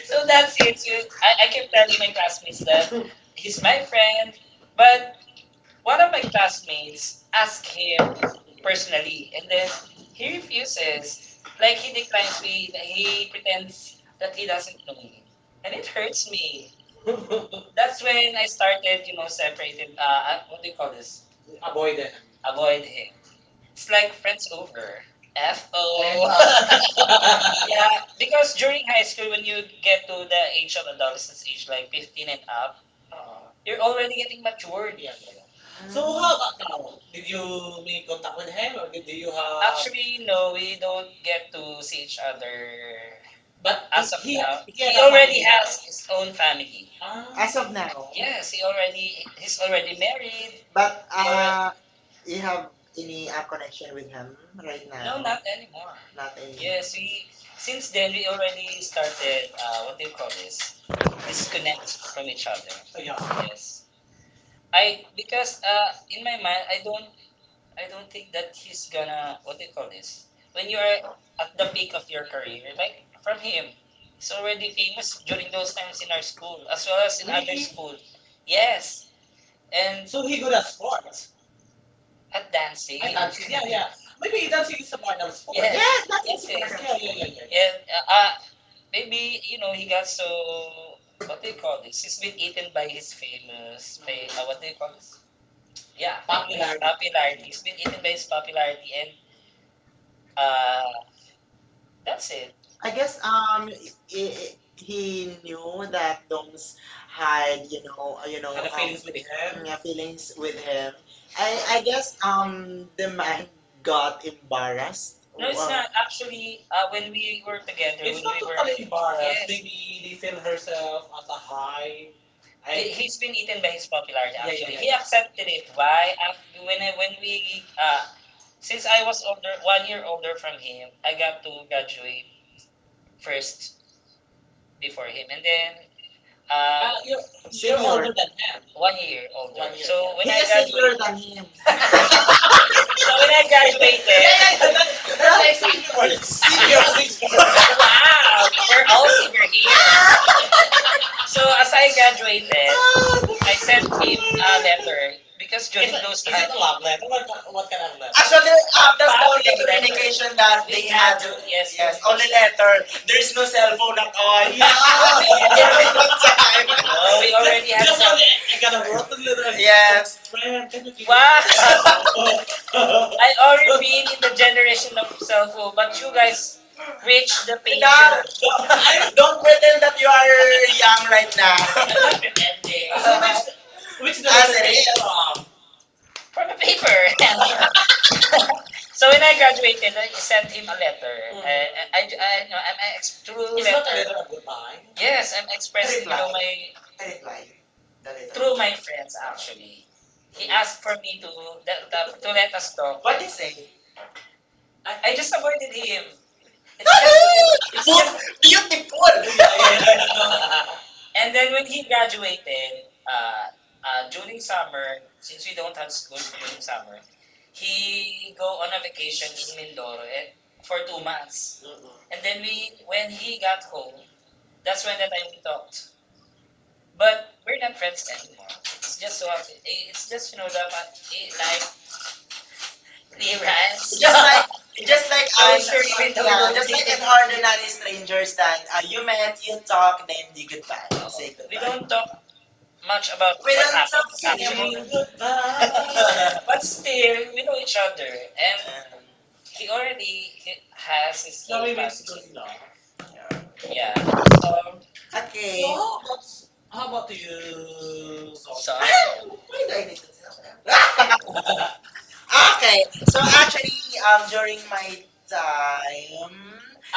Speaker 1: So that's it. So I keep telling my classmates that he's my friend, but one of my classmates asked him personally, and then he refuses. Like he declines me, he pretends that he doesn't know me. And it hurts me. That's when I started, separated, what do you call this? Avoid
Speaker 2: avoid it.
Speaker 1: it. Avoid him. It's like friends over. FO. Yeah, because during high school, when you get to the age of adolescence age, like 15 and up, you're already getting matured, actually.
Speaker 2: So
Speaker 1: So
Speaker 2: how
Speaker 1: how about
Speaker 2: about you?
Speaker 1: now? Did
Speaker 2: Did you
Speaker 1: you make
Speaker 2: make contact
Speaker 1: contact with
Speaker 2: with him?
Speaker 1: him
Speaker 2: Or
Speaker 1: or
Speaker 2: did
Speaker 1: did
Speaker 2: you
Speaker 1: you have?
Speaker 2: have?
Speaker 1: Actually, no, we don't get to see each other, but as of now. He, had He a already family now. Has his own family.
Speaker 2: Ah,
Speaker 1: Ah,
Speaker 2: as of now,
Speaker 1: yes, he's already married.
Speaker 2: but
Speaker 1: He already,
Speaker 2: you have any connection with him right.
Speaker 1: no, not anymore.
Speaker 2: Not anymore.
Speaker 1: Yes, we since then we already started what do you call this? Disconnect from each other. So yeah.
Speaker 2: Yeah.
Speaker 1: I because in my mind I don't think that he's gonna what do you call this? When you are at the peak of your career, like from him, he's already famous during those times in our school as well as in other. Really? School. Yes, and
Speaker 2: So
Speaker 1: so he
Speaker 2: he
Speaker 1: good
Speaker 2: good
Speaker 1: at
Speaker 2: at
Speaker 1: sports.
Speaker 2: sports.
Speaker 1: At dancing. I thought, she,
Speaker 2: Yeah,
Speaker 1: yeah,
Speaker 2: yeah.
Speaker 1: yeah. Maybe
Speaker 2: Maybe
Speaker 1: he
Speaker 2: that's
Speaker 1: does
Speaker 2: his
Speaker 1: more
Speaker 2: part
Speaker 1: than
Speaker 2: of
Speaker 1: sports.
Speaker 2: sports.
Speaker 1: Yes.
Speaker 2: Yes,
Speaker 1: Yes,
Speaker 2: that
Speaker 1: yes,
Speaker 2: is
Speaker 1: yes. That's yeah, yeah, yeah, yeah. And maybe you know he got so what do you call this? He's been eaten by his what do you call this? Yeah, popularity. Popularity. He's been eaten by his popularity, and Uh, that's it.
Speaker 2: I
Speaker 1: I
Speaker 2: guess
Speaker 1: guess
Speaker 2: um he, he knew that Doms had you know you had know had a feelings with him. Yeah, feelings with him. I guess
Speaker 1: um,
Speaker 2: the man got embarrassed.
Speaker 1: no,
Speaker 2: Well,
Speaker 1: it's wow, not. Actually, when we were together, it's when not we totally were, totally.
Speaker 2: embarrassing.
Speaker 1: Yes.
Speaker 2: They, they
Speaker 1: Maybe they
Speaker 2: feel
Speaker 1: herself
Speaker 2: herself as
Speaker 1: as a
Speaker 2: a
Speaker 1: high.
Speaker 2: high.
Speaker 1: I, he- has been eaten by his popularity. Actually. Yeah, actually, yeah, he accepted it. Why? When we since I was older, 1 year older from him, I got to graduate first before him, and then uh, uh, you're,
Speaker 2: You're
Speaker 1: you're
Speaker 2: senior,
Speaker 1: older
Speaker 2: older than
Speaker 1: than him.
Speaker 2: him.
Speaker 1: 1 year older. 1 year. So when yes. I yes.
Speaker 2: Older than him.
Speaker 1: graduated, so when that guy made
Speaker 2: Hey, but
Speaker 1: that,
Speaker 2: that's not like
Speaker 1: that's
Speaker 2: saying
Speaker 1: exactly what
Speaker 2: you
Speaker 1: it is.
Speaker 2: senior.
Speaker 1: Wow, we're all and here.
Speaker 2: Age.
Speaker 1: So as I graduated, I sent him a letter because during is those those is it times, a love letter? What kind of letter?
Speaker 2: Actually, that's the only
Speaker 1: Positive letter.
Speaker 2: communication that they had.
Speaker 1: That
Speaker 2: Yes,
Speaker 1: yes, yeah.
Speaker 2: yes, only letter. There's no cell phone at
Speaker 1: No,
Speaker 2: all. Yeah, during that time.
Speaker 1: we already had some.
Speaker 2: It. I got a rotten little. Yes. Brian, can you give
Speaker 1: Wow,
Speaker 2: Now,
Speaker 1: I already been in the generation of cell phone, but you guys reached the pager.
Speaker 2: don't, I don't
Speaker 1: Don't
Speaker 2: pretend that you are young right now. Which the as it is.
Speaker 1: from the paper. And so when I graduated, I sent him a letter. Mm. You know, I'm a through it's
Speaker 2: It's not
Speaker 1: letter.
Speaker 2: a,
Speaker 1: It's not a letter. Of goodbye. Yes,
Speaker 2: yes,
Speaker 1: I'm
Speaker 2: I
Speaker 1: expressing, you
Speaker 2: reply.
Speaker 1: know, my
Speaker 2: Reply. The letter. Through
Speaker 1: through
Speaker 2: my
Speaker 1: my friends
Speaker 2: friends actually.
Speaker 1: actually. He asked for me to the, the, to let us talk.
Speaker 2: What
Speaker 1: What
Speaker 2: they
Speaker 1: is
Speaker 2: say?
Speaker 1: it? I just avoided him. It's
Speaker 2: Food beautiful.
Speaker 1: and then when he graduated, during summer, since we don't have school during summer, he go on a vacation in Mindoro eh, for 2 months. Mm-mm. And then we, when he got home, that's when that time we talked. But we're not friends anymore. It's just you know the fact, eh, like clearance.
Speaker 2: Just like just like I
Speaker 1: I'm sure you we
Speaker 2: yeah,
Speaker 1: don't just
Speaker 2: just like
Speaker 1: get
Speaker 2: an
Speaker 1: harder.
Speaker 2: ordinary
Speaker 1: Enjoy
Speaker 2: strangers that you met, you talk,
Speaker 1: yourself.
Speaker 2: then you goodbye. Say
Speaker 1: We
Speaker 2: goodbye.
Speaker 1: don't talk much about what
Speaker 2: We
Speaker 1: without
Speaker 2: don't
Speaker 1: happened
Speaker 2: talk anymore,
Speaker 1: actually. Saying
Speaker 2: anymore.
Speaker 1: goodbye. But still, we know each other, and
Speaker 2: Um,
Speaker 1: he already he has his no, own it makes
Speaker 2: so
Speaker 1: family. Good now.
Speaker 2: long. Yeah.
Speaker 1: Yeah.
Speaker 2: Okay.
Speaker 1: So,
Speaker 2: So, how
Speaker 1: how
Speaker 2: about, how about
Speaker 1: about
Speaker 2: you,
Speaker 1: you, So,
Speaker 2: Zosa?
Speaker 1: Son?
Speaker 2: Why
Speaker 1: Why
Speaker 2: do
Speaker 1: do I
Speaker 2: I need
Speaker 1: need to
Speaker 2: to tell
Speaker 1: tell
Speaker 2: them?
Speaker 1: her?
Speaker 2: Okay, so actually,
Speaker 1: Answer.
Speaker 2: during my
Speaker 1: Ah,
Speaker 2: time,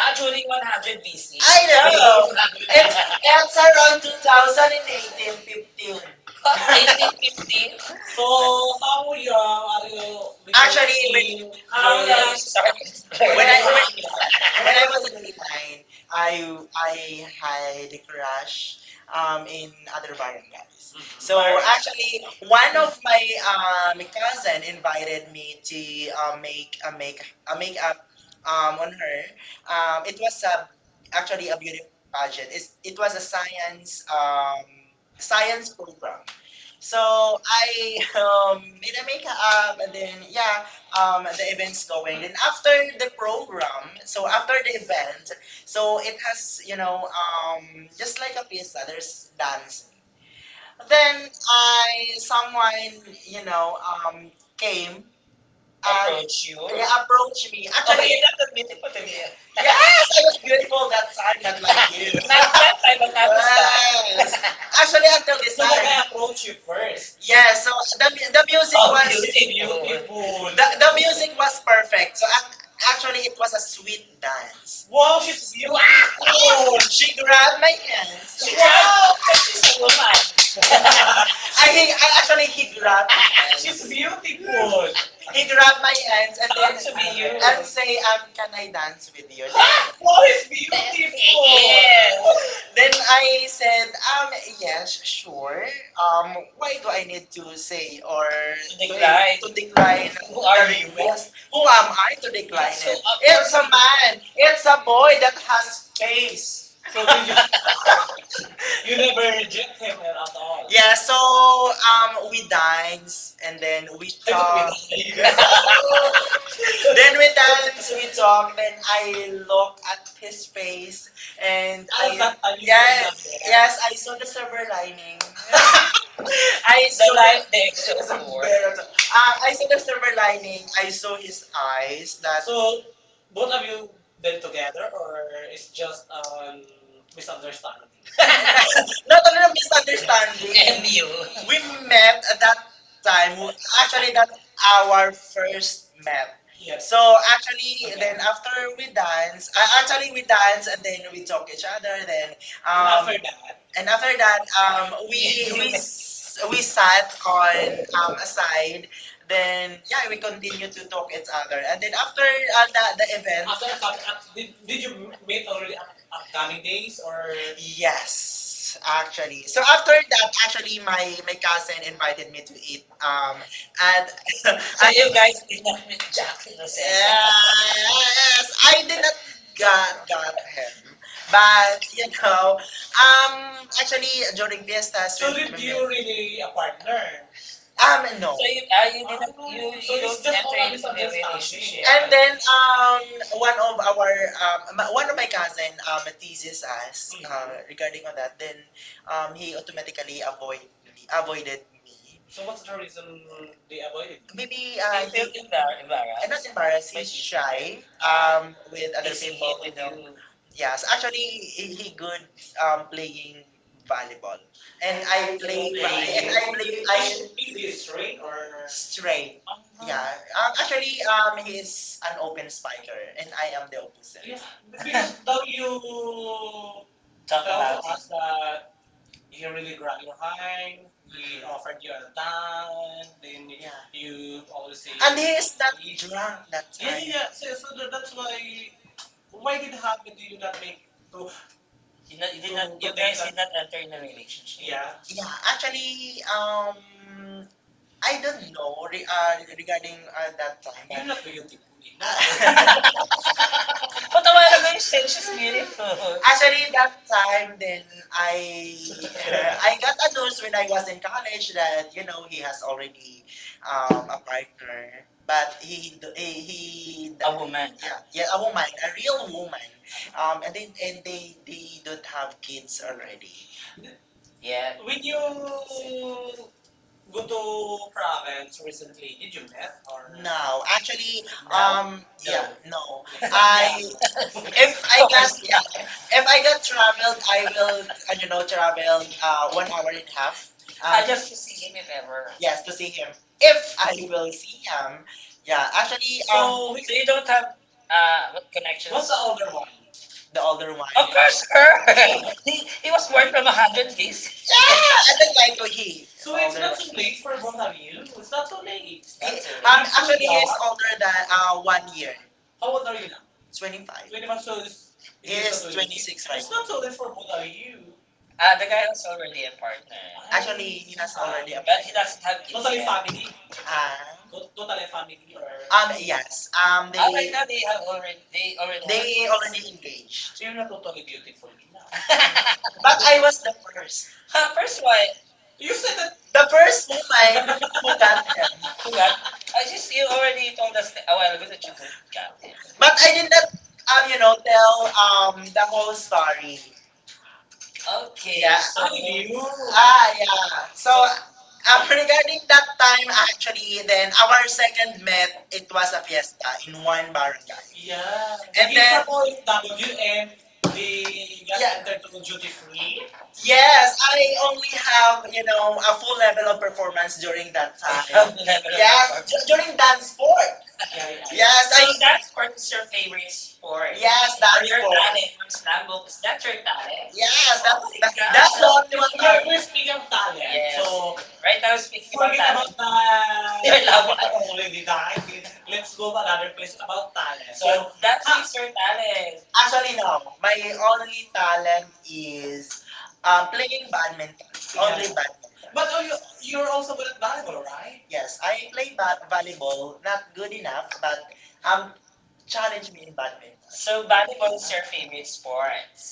Speaker 2: actually,
Speaker 1: during
Speaker 2: we have been
Speaker 1: 100
Speaker 2: busy.
Speaker 1: BC,
Speaker 2: I know
Speaker 1: and
Speaker 2: it's around 2018,
Speaker 1: 2015.
Speaker 2: 15.
Speaker 1: What?
Speaker 2: Okay.
Speaker 1: 1815?
Speaker 2: So,
Speaker 1: So
Speaker 2: how
Speaker 1: how young
Speaker 2: young are
Speaker 1: are you?
Speaker 2: you? Actually,
Speaker 1: Actually,
Speaker 2: when how
Speaker 1: how
Speaker 2: young
Speaker 1: young you
Speaker 2: is
Speaker 1: start when I,
Speaker 2: when I
Speaker 1: learning?
Speaker 2: when,
Speaker 1: Was, when
Speaker 2: when I
Speaker 1: I
Speaker 2: was
Speaker 1: was
Speaker 2: in
Speaker 1: in grade
Speaker 2: grade 9,
Speaker 1: 9, I,
Speaker 2: I
Speaker 1: I had a
Speaker 2: had a
Speaker 1: crush
Speaker 2: crush
Speaker 1: in
Speaker 2: in other
Speaker 1: other one.
Speaker 2: barangays. Mhm.
Speaker 1: So
Speaker 2: So
Speaker 1: Mark? I,
Speaker 2: actually, one
Speaker 1: one
Speaker 2: of my cousin invited me to
Speaker 1: day,
Speaker 2: make a makeup
Speaker 1: um,
Speaker 2: on her.
Speaker 1: um,
Speaker 2: It was a, actually a beautiful
Speaker 1: actually,
Speaker 2: pageant.
Speaker 1: it
Speaker 2: It was a
Speaker 1: was,
Speaker 2: science
Speaker 1: um,
Speaker 2: science program. So I made a makeup and then yeah, the event's going. Then after the program, so after the event, so it has you
Speaker 1: you know,
Speaker 2: know
Speaker 1: just
Speaker 2: just
Speaker 1: like
Speaker 2: like a pizza.
Speaker 1: others
Speaker 2: There's dance then I, someone, you know, came
Speaker 1: came and
Speaker 2: and
Speaker 1: approach and, you.
Speaker 2: they
Speaker 1: Reacted
Speaker 2: approached
Speaker 1: to
Speaker 2: me.
Speaker 1: me. Actually,
Speaker 2: Actually,
Speaker 1: okay, yeah,
Speaker 2: yes, I was beautiful
Speaker 1: grateful
Speaker 2: that
Speaker 1: that
Speaker 2: time,
Speaker 1: time
Speaker 2: not
Speaker 1: that was
Speaker 2: like you.
Speaker 1: you. Do. Not that I will not start.
Speaker 2: Yes.
Speaker 1: Yes.
Speaker 2: Actually,
Speaker 1: Actually,
Speaker 2: until this
Speaker 1: that's
Speaker 2: time.
Speaker 1: I approached you first.
Speaker 2: Yes, so the, mu- the music
Speaker 1: Oh,
Speaker 2: was.
Speaker 1: beautiful. Beautiful.
Speaker 2: The,
Speaker 1: That
Speaker 2: the music was perfect. So ac- actually,
Speaker 1: actually,
Speaker 2: it was a sweet dance. Wow,
Speaker 1: wow, she's
Speaker 2: she's
Speaker 1: beautiful. Wow.
Speaker 2: beautiful. She
Speaker 1: She
Speaker 2: grabbed
Speaker 1: grabbed.
Speaker 2: my hands.
Speaker 1: She grabbed the
Speaker 2: Wow,
Speaker 1: woman. Wow.
Speaker 2: I, he, I actually
Speaker 1: She
Speaker 2: he grabbed
Speaker 1: grabbed.
Speaker 2: my hands.
Speaker 1: She's
Speaker 2: She's beautiful.
Speaker 1: beautiful.
Speaker 2: He grabbed my hands and then
Speaker 1: Come to be you. I
Speaker 2: and say
Speaker 1: say, can
Speaker 2: can
Speaker 1: I
Speaker 2: I
Speaker 1: dance
Speaker 2: dance with
Speaker 1: with
Speaker 2: you?
Speaker 1: you?
Speaker 2: Then
Speaker 1: Huh?
Speaker 2: oh,
Speaker 1: Wow, it's
Speaker 2: it's
Speaker 1: beautiful.
Speaker 2: beautiful.
Speaker 1: Yes.
Speaker 2: Then I
Speaker 1: I
Speaker 2: said,
Speaker 1: said, I'm
Speaker 2: yes,
Speaker 1: sure.
Speaker 2: sure.
Speaker 1: Um, why
Speaker 2: Why do I
Speaker 1: don't
Speaker 2: need to
Speaker 1: you
Speaker 2: say
Speaker 1: say
Speaker 2: or to,
Speaker 1: Big
Speaker 2: to decline
Speaker 1: Bright. Who
Speaker 2: the
Speaker 1: are you?
Speaker 2: request? Who am I to decline
Speaker 1: So,
Speaker 2: it?
Speaker 1: if
Speaker 2: It's a man. It's a
Speaker 1: a boy
Speaker 2: boy that has face.
Speaker 1: case,
Speaker 2: So
Speaker 1: so did
Speaker 2: then
Speaker 1: you,
Speaker 2: you,
Speaker 1: you
Speaker 2: you never
Speaker 1: never reject
Speaker 2: reject him
Speaker 1: him
Speaker 2: at
Speaker 1: at
Speaker 2: all.
Speaker 1: all.
Speaker 2: Yeah,
Speaker 1: Yes.
Speaker 2: so we dined and then we I
Speaker 1: Wait, you
Speaker 2: talked. Then we dance, we
Speaker 1: I
Speaker 2: talk, then I look
Speaker 1: love.
Speaker 2: at his face and I love
Speaker 1: I'm
Speaker 2: that.
Speaker 1: I yeah, yeah.
Speaker 2: Yes,
Speaker 1: yeah,
Speaker 2: yes, I
Speaker 1: it's
Speaker 2: see
Speaker 1: not
Speaker 2: the
Speaker 1: just a
Speaker 2: silver
Speaker 1: verla-
Speaker 2: lining.
Speaker 1: the
Speaker 2: I saw
Speaker 1: life they
Speaker 2: lightning. It
Speaker 1: excel for. It's
Speaker 2: like ah, I
Speaker 1: just
Speaker 2: saw the
Speaker 1: a
Speaker 2: silver lining.
Speaker 1: verlying.
Speaker 2: I saw his eyes. That so,
Speaker 1: So both
Speaker 2: both of
Speaker 1: of
Speaker 2: you
Speaker 1: you
Speaker 2: been
Speaker 1: been
Speaker 2: together
Speaker 1: together or
Speaker 2: or
Speaker 1: it's
Speaker 2: it's just
Speaker 1: just
Speaker 2: misunderstanding?
Speaker 1: misunderstanding?
Speaker 2: Not only a misunderstanding.
Speaker 1: MU.
Speaker 2: We
Speaker 1: We
Speaker 2: met
Speaker 1: met
Speaker 2: at that time. Actually,
Speaker 1: actually that
Speaker 2: that's
Speaker 1: hour.
Speaker 2: our first met. Yeah.
Speaker 1: Yeah,
Speaker 2: So
Speaker 1: so
Speaker 2: actually, okay. Then after we dance, actually we dance and then we talk each other. Then um,
Speaker 1: Um,
Speaker 2: after that,
Speaker 1: we
Speaker 2: we sat on
Speaker 1: I didn't know
Speaker 2: a side. Then yeah, we continued to talk each
Speaker 1: it.
Speaker 2: other. And then after the event,
Speaker 1: After did you meet already Afghani days or?
Speaker 2: yes, actually. So
Speaker 1: So
Speaker 2: after that, actually, my cousin invited me to eat.
Speaker 1: I
Speaker 2: At
Speaker 1: so
Speaker 2: at
Speaker 1: you guys
Speaker 2: yes,
Speaker 1: did not meet Jackie Lucet. And
Speaker 2: I did not got him, but you know, actually, during fiestas, so
Speaker 1: so
Speaker 2: did remember,
Speaker 1: did
Speaker 2: you
Speaker 1: you
Speaker 2: really
Speaker 1: really a
Speaker 2: a partner?
Speaker 1: partner?
Speaker 2: Um,
Speaker 1: So
Speaker 2: no.
Speaker 1: you, you didn't, you, so you it's don't enter into the relationship.
Speaker 2: And then one of our ma- one of my cousin teases us regarding on that. Then he automatically avoided me. So
Speaker 1: So what's
Speaker 2: what's the
Speaker 1: the
Speaker 2: reason
Speaker 1: reason
Speaker 2: they
Speaker 1: they
Speaker 2: avoided?
Speaker 1: avoided? You
Speaker 2: Maybe he,
Speaker 1: feel
Speaker 2: and not
Speaker 1: embarrassed.
Speaker 2: embarrassed. He's shy
Speaker 1: Um, with
Speaker 2: with other
Speaker 1: assisting
Speaker 2: people,
Speaker 1: him
Speaker 2: you
Speaker 1: with
Speaker 2: know.
Speaker 1: you.
Speaker 2: Yes,
Speaker 1: Yes,
Speaker 2: actually,
Speaker 1: actually,
Speaker 2: he
Speaker 1: he
Speaker 2: good
Speaker 1: good playing
Speaker 2: playing volleyball,
Speaker 1: volleyball. And
Speaker 2: and I
Speaker 1: I and then
Speaker 2: play
Speaker 1: believe,
Speaker 2: va-
Speaker 1: playing I,
Speaker 2: and
Speaker 1: you.
Speaker 2: I
Speaker 1: I
Speaker 2: play
Speaker 1: believe
Speaker 2: I
Speaker 1: I is should is he straight or?
Speaker 2: straight.
Speaker 1: Train. Uh-huh.
Speaker 2: Yeah,
Speaker 1: Yeah, uh-huh.
Speaker 2: actually,
Speaker 1: Actually,
Speaker 2: he is
Speaker 1: he's
Speaker 2: an
Speaker 1: an
Speaker 2: open
Speaker 1: open
Speaker 2: spiker,
Speaker 1: spiker,
Speaker 2: and
Speaker 1: and I
Speaker 2: I am
Speaker 1: am
Speaker 2: the
Speaker 1: the opposite.
Speaker 2: opposite.
Speaker 1: Yeah,
Speaker 2: Yeah.
Speaker 1: because
Speaker 2: And
Speaker 1: W talk tells about it. Us that he really grabbed your hand, he offered you a town, then yeah. you always say, And-
Speaker 2: he is not drunk that
Speaker 1: yeah, yeah,
Speaker 2: time.
Speaker 1: yeah. So, so that's why did it happen? Did you not make to You, know, you, did to, not, you to guys did not enter in a relationship. Yeah.
Speaker 2: Yeah. Yeah,
Speaker 1: Yeah.
Speaker 2: actually, I
Speaker 1: I
Speaker 2: don't know re regarding that time, but you're
Speaker 1: Yun na
Speaker 2: not
Speaker 1: po yung
Speaker 2: beautiful.
Speaker 1: tipuli na. Patawalan ko yung said she's beautiful. I,
Speaker 2: Actually that time then I I got a news when I was in college that you know he has already a partner, but he
Speaker 1: a woman.
Speaker 2: yeah yeah a woman a real woman, and then and they don't have kids already.
Speaker 1: Yeah.
Speaker 2: When
Speaker 1: When you
Speaker 2: you
Speaker 1: go
Speaker 2: go to
Speaker 1: to
Speaker 2: province
Speaker 1: province
Speaker 2: recently?
Speaker 1: recently,
Speaker 2: Did
Speaker 1: did
Speaker 2: you
Speaker 1: you
Speaker 2: met
Speaker 1: met
Speaker 2: or
Speaker 1: or?
Speaker 2: no, no, actually, um,
Speaker 1: No.
Speaker 2: yeah, no.
Speaker 1: No.
Speaker 2: I if
Speaker 1: If
Speaker 2: I
Speaker 1: I of got,
Speaker 2: got yeah, if I got traveled,
Speaker 1: if I
Speaker 2: I will, you know, travel 1 hour and a half. Um,
Speaker 1: I just to see him if ever. Yeah,
Speaker 2: yes, to see him. If I
Speaker 1: I
Speaker 2: will
Speaker 1: felt
Speaker 2: see him, yeah. Actually,
Speaker 1: so, so you don't have what connections? What's the other one?
Speaker 2: the
Speaker 1: The
Speaker 2: older
Speaker 1: other
Speaker 2: one.
Speaker 1: one. Of course,
Speaker 2: Postcard.
Speaker 1: her. He was born from a hundred bees. Yeah.
Speaker 2: Yeah, I think mine go here. So
Speaker 1: So
Speaker 2: it's
Speaker 1: it's
Speaker 2: not
Speaker 1: not too
Speaker 2: too late
Speaker 1: late
Speaker 2: for
Speaker 1: for both
Speaker 2: both of
Speaker 1: of
Speaker 2: you.
Speaker 1: you.
Speaker 2: It's
Speaker 1: It's
Speaker 2: not
Speaker 1: not
Speaker 2: too
Speaker 1: too late.
Speaker 2: late.
Speaker 1: It's
Speaker 2: Eh,
Speaker 1: not
Speaker 2: um,
Speaker 1: too
Speaker 2: late.
Speaker 1: late.
Speaker 2: I'm actually,
Speaker 1: Actually,
Speaker 2: young. It's older than 1 year.
Speaker 1: how old are you now?
Speaker 2: 25.
Speaker 1: When
Speaker 2: Twenty
Speaker 1: it
Speaker 2: five
Speaker 1: comes
Speaker 2: so it's he it's is not too late. 26
Speaker 1: it's
Speaker 2: right it's now. Not
Speaker 1: not too
Speaker 2: too late
Speaker 1: late
Speaker 2: for
Speaker 1: for both
Speaker 2: both
Speaker 1: of
Speaker 2: of you.
Speaker 1: you. Ah, uh, the guy was already a partner,
Speaker 2: Actually, he has already
Speaker 1: but
Speaker 2: applied.
Speaker 1: he doesn't have kids totally yet.
Speaker 2: Family.
Speaker 1: Family. Not-
Speaker 2: Tot- totally
Speaker 1: totally
Speaker 2: family.
Speaker 1: family
Speaker 2: For
Speaker 1: or
Speaker 2: yes.
Speaker 1: oh,
Speaker 2: They
Speaker 1: right now they have already
Speaker 2: they
Speaker 1: They
Speaker 2: have
Speaker 1: kids.
Speaker 2: already
Speaker 1: Already engaged.
Speaker 2: engaged. You're
Speaker 1: You're
Speaker 2: not
Speaker 1: not
Speaker 2: totally
Speaker 1: totally
Speaker 2: beautiful.
Speaker 1: beautiful now.
Speaker 2: But I was the first.
Speaker 1: First one,
Speaker 2: You
Speaker 1: you
Speaker 2: said
Speaker 1: said
Speaker 2: that
Speaker 1: that
Speaker 2: the first woman who got
Speaker 1: Kugat,
Speaker 2: them.
Speaker 1: Kugat. I just you already told us a while ago that you don't got it.
Speaker 2: But I did not,
Speaker 1: Um,
Speaker 2: you
Speaker 1: yeah,
Speaker 2: know, tell
Speaker 1: um,
Speaker 2: the whole story.
Speaker 1: Okay,
Speaker 2: Yeah.
Speaker 1: yeah, so so
Speaker 2: You.
Speaker 1: you.
Speaker 2: Ah,
Speaker 1: Ah,
Speaker 2: yeah. So,
Speaker 1: so,
Speaker 2: regarding that time, actually, then our second met, it was a fiesta in one barangay. Yeah.
Speaker 1: yeah.
Speaker 2: And he's
Speaker 1: Yeah,
Speaker 2: then, from
Speaker 1: W
Speaker 2: OFW and
Speaker 1: and
Speaker 2: they
Speaker 1: we
Speaker 2: got
Speaker 1: got
Speaker 2: yeah,
Speaker 1: yeah.
Speaker 2: entered
Speaker 1: entered
Speaker 2: to
Speaker 1: to
Speaker 2: duty
Speaker 1: duty free.
Speaker 2: free. Yes, I
Speaker 1: They
Speaker 2: only
Speaker 1: only
Speaker 2: have, you know, a full level of performance
Speaker 1: during
Speaker 2: during
Speaker 1: that
Speaker 2: that
Speaker 1: time.
Speaker 2: time.
Speaker 1: I've never
Speaker 2: Yes,
Speaker 1: yeah. performed.
Speaker 2: d-
Speaker 1: Yeah,
Speaker 2: during dance sport.
Speaker 1: yeah, Yeah,
Speaker 2: Yes, I,
Speaker 1: So that's for your favorite sport. Yes,
Speaker 2: yes,
Speaker 1: that's
Speaker 2: dance
Speaker 1: you
Speaker 2: you
Speaker 1: cool. not in
Speaker 2: sport.
Speaker 1: personal that's your talent. Yes,
Speaker 2: Yes,
Speaker 1: yeah.
Speaker 2: that's
Speaker 1: That's
Speaker 2: the
Speaker 1: what
Speaker 2: only
Speaker 1: we
Speaker 2: one
Speaker 1: want
Speaker 2: pero talent.
Speaker 1: to we're
Speaker 2: Please, speaking
Speaker 1: speaking
Speaker 2: of
Speaker 1: of talent.
Speaker 2: talent,
Speaker 1: Yes. So right now, speaking about forget talent. About the I already behind it. Let's
Speaker 2: let's go
Speaker 1: go
Speaker 2: to
Speaker 1: to
Speaker 2: another
Speaker 1: another place
Speaker 2: place about
Speaker 1: about talent. So so,
Speaker 2: talent.
Speaker 1: that's is your talent.
Speaker 2: Actually,
Speaker 1: Actually, no,
Speaker 2: no. My
Speaker 1: my
Speaker 2: only
Speaker 1: only talent
Speaker 2: talent
Speaker 1: is
Speaker 2: is playing badminton. Yeah. Only badminton.
Speaker 1: but
Speaker 2: But oh,
Speaker 1: are
Speaker 2: you,
Speaker 1: you
Speaker 2: you're
Speaker 1: you're
Speaker 2: also
Speaker 1: also
Speaker 2: good
Speaker 1: good
Speaker 2: at
Speaker 1: at
Speaker 2: volleyball,
Speaker 1: volleyball,
Speaker 2: right?
Speaker 1: right?
Speaker 2: Yes, I play ba-
Speaker 1: No,
Speaker 2: volleyball.
Speaker 1: not
Speaker 2: Not good
Speaker 1: good enough.
Speaker 2: enough, but
Speaker 1: I'm
Speaker 2: um, challenge
Speaker 1: challenging
Speaker 2: me
Speaker 1: in
Speaker 2: in
Speaker 1: my
Speaker 2: badminton.
Speaker 1: so volleyball is your favorite sport.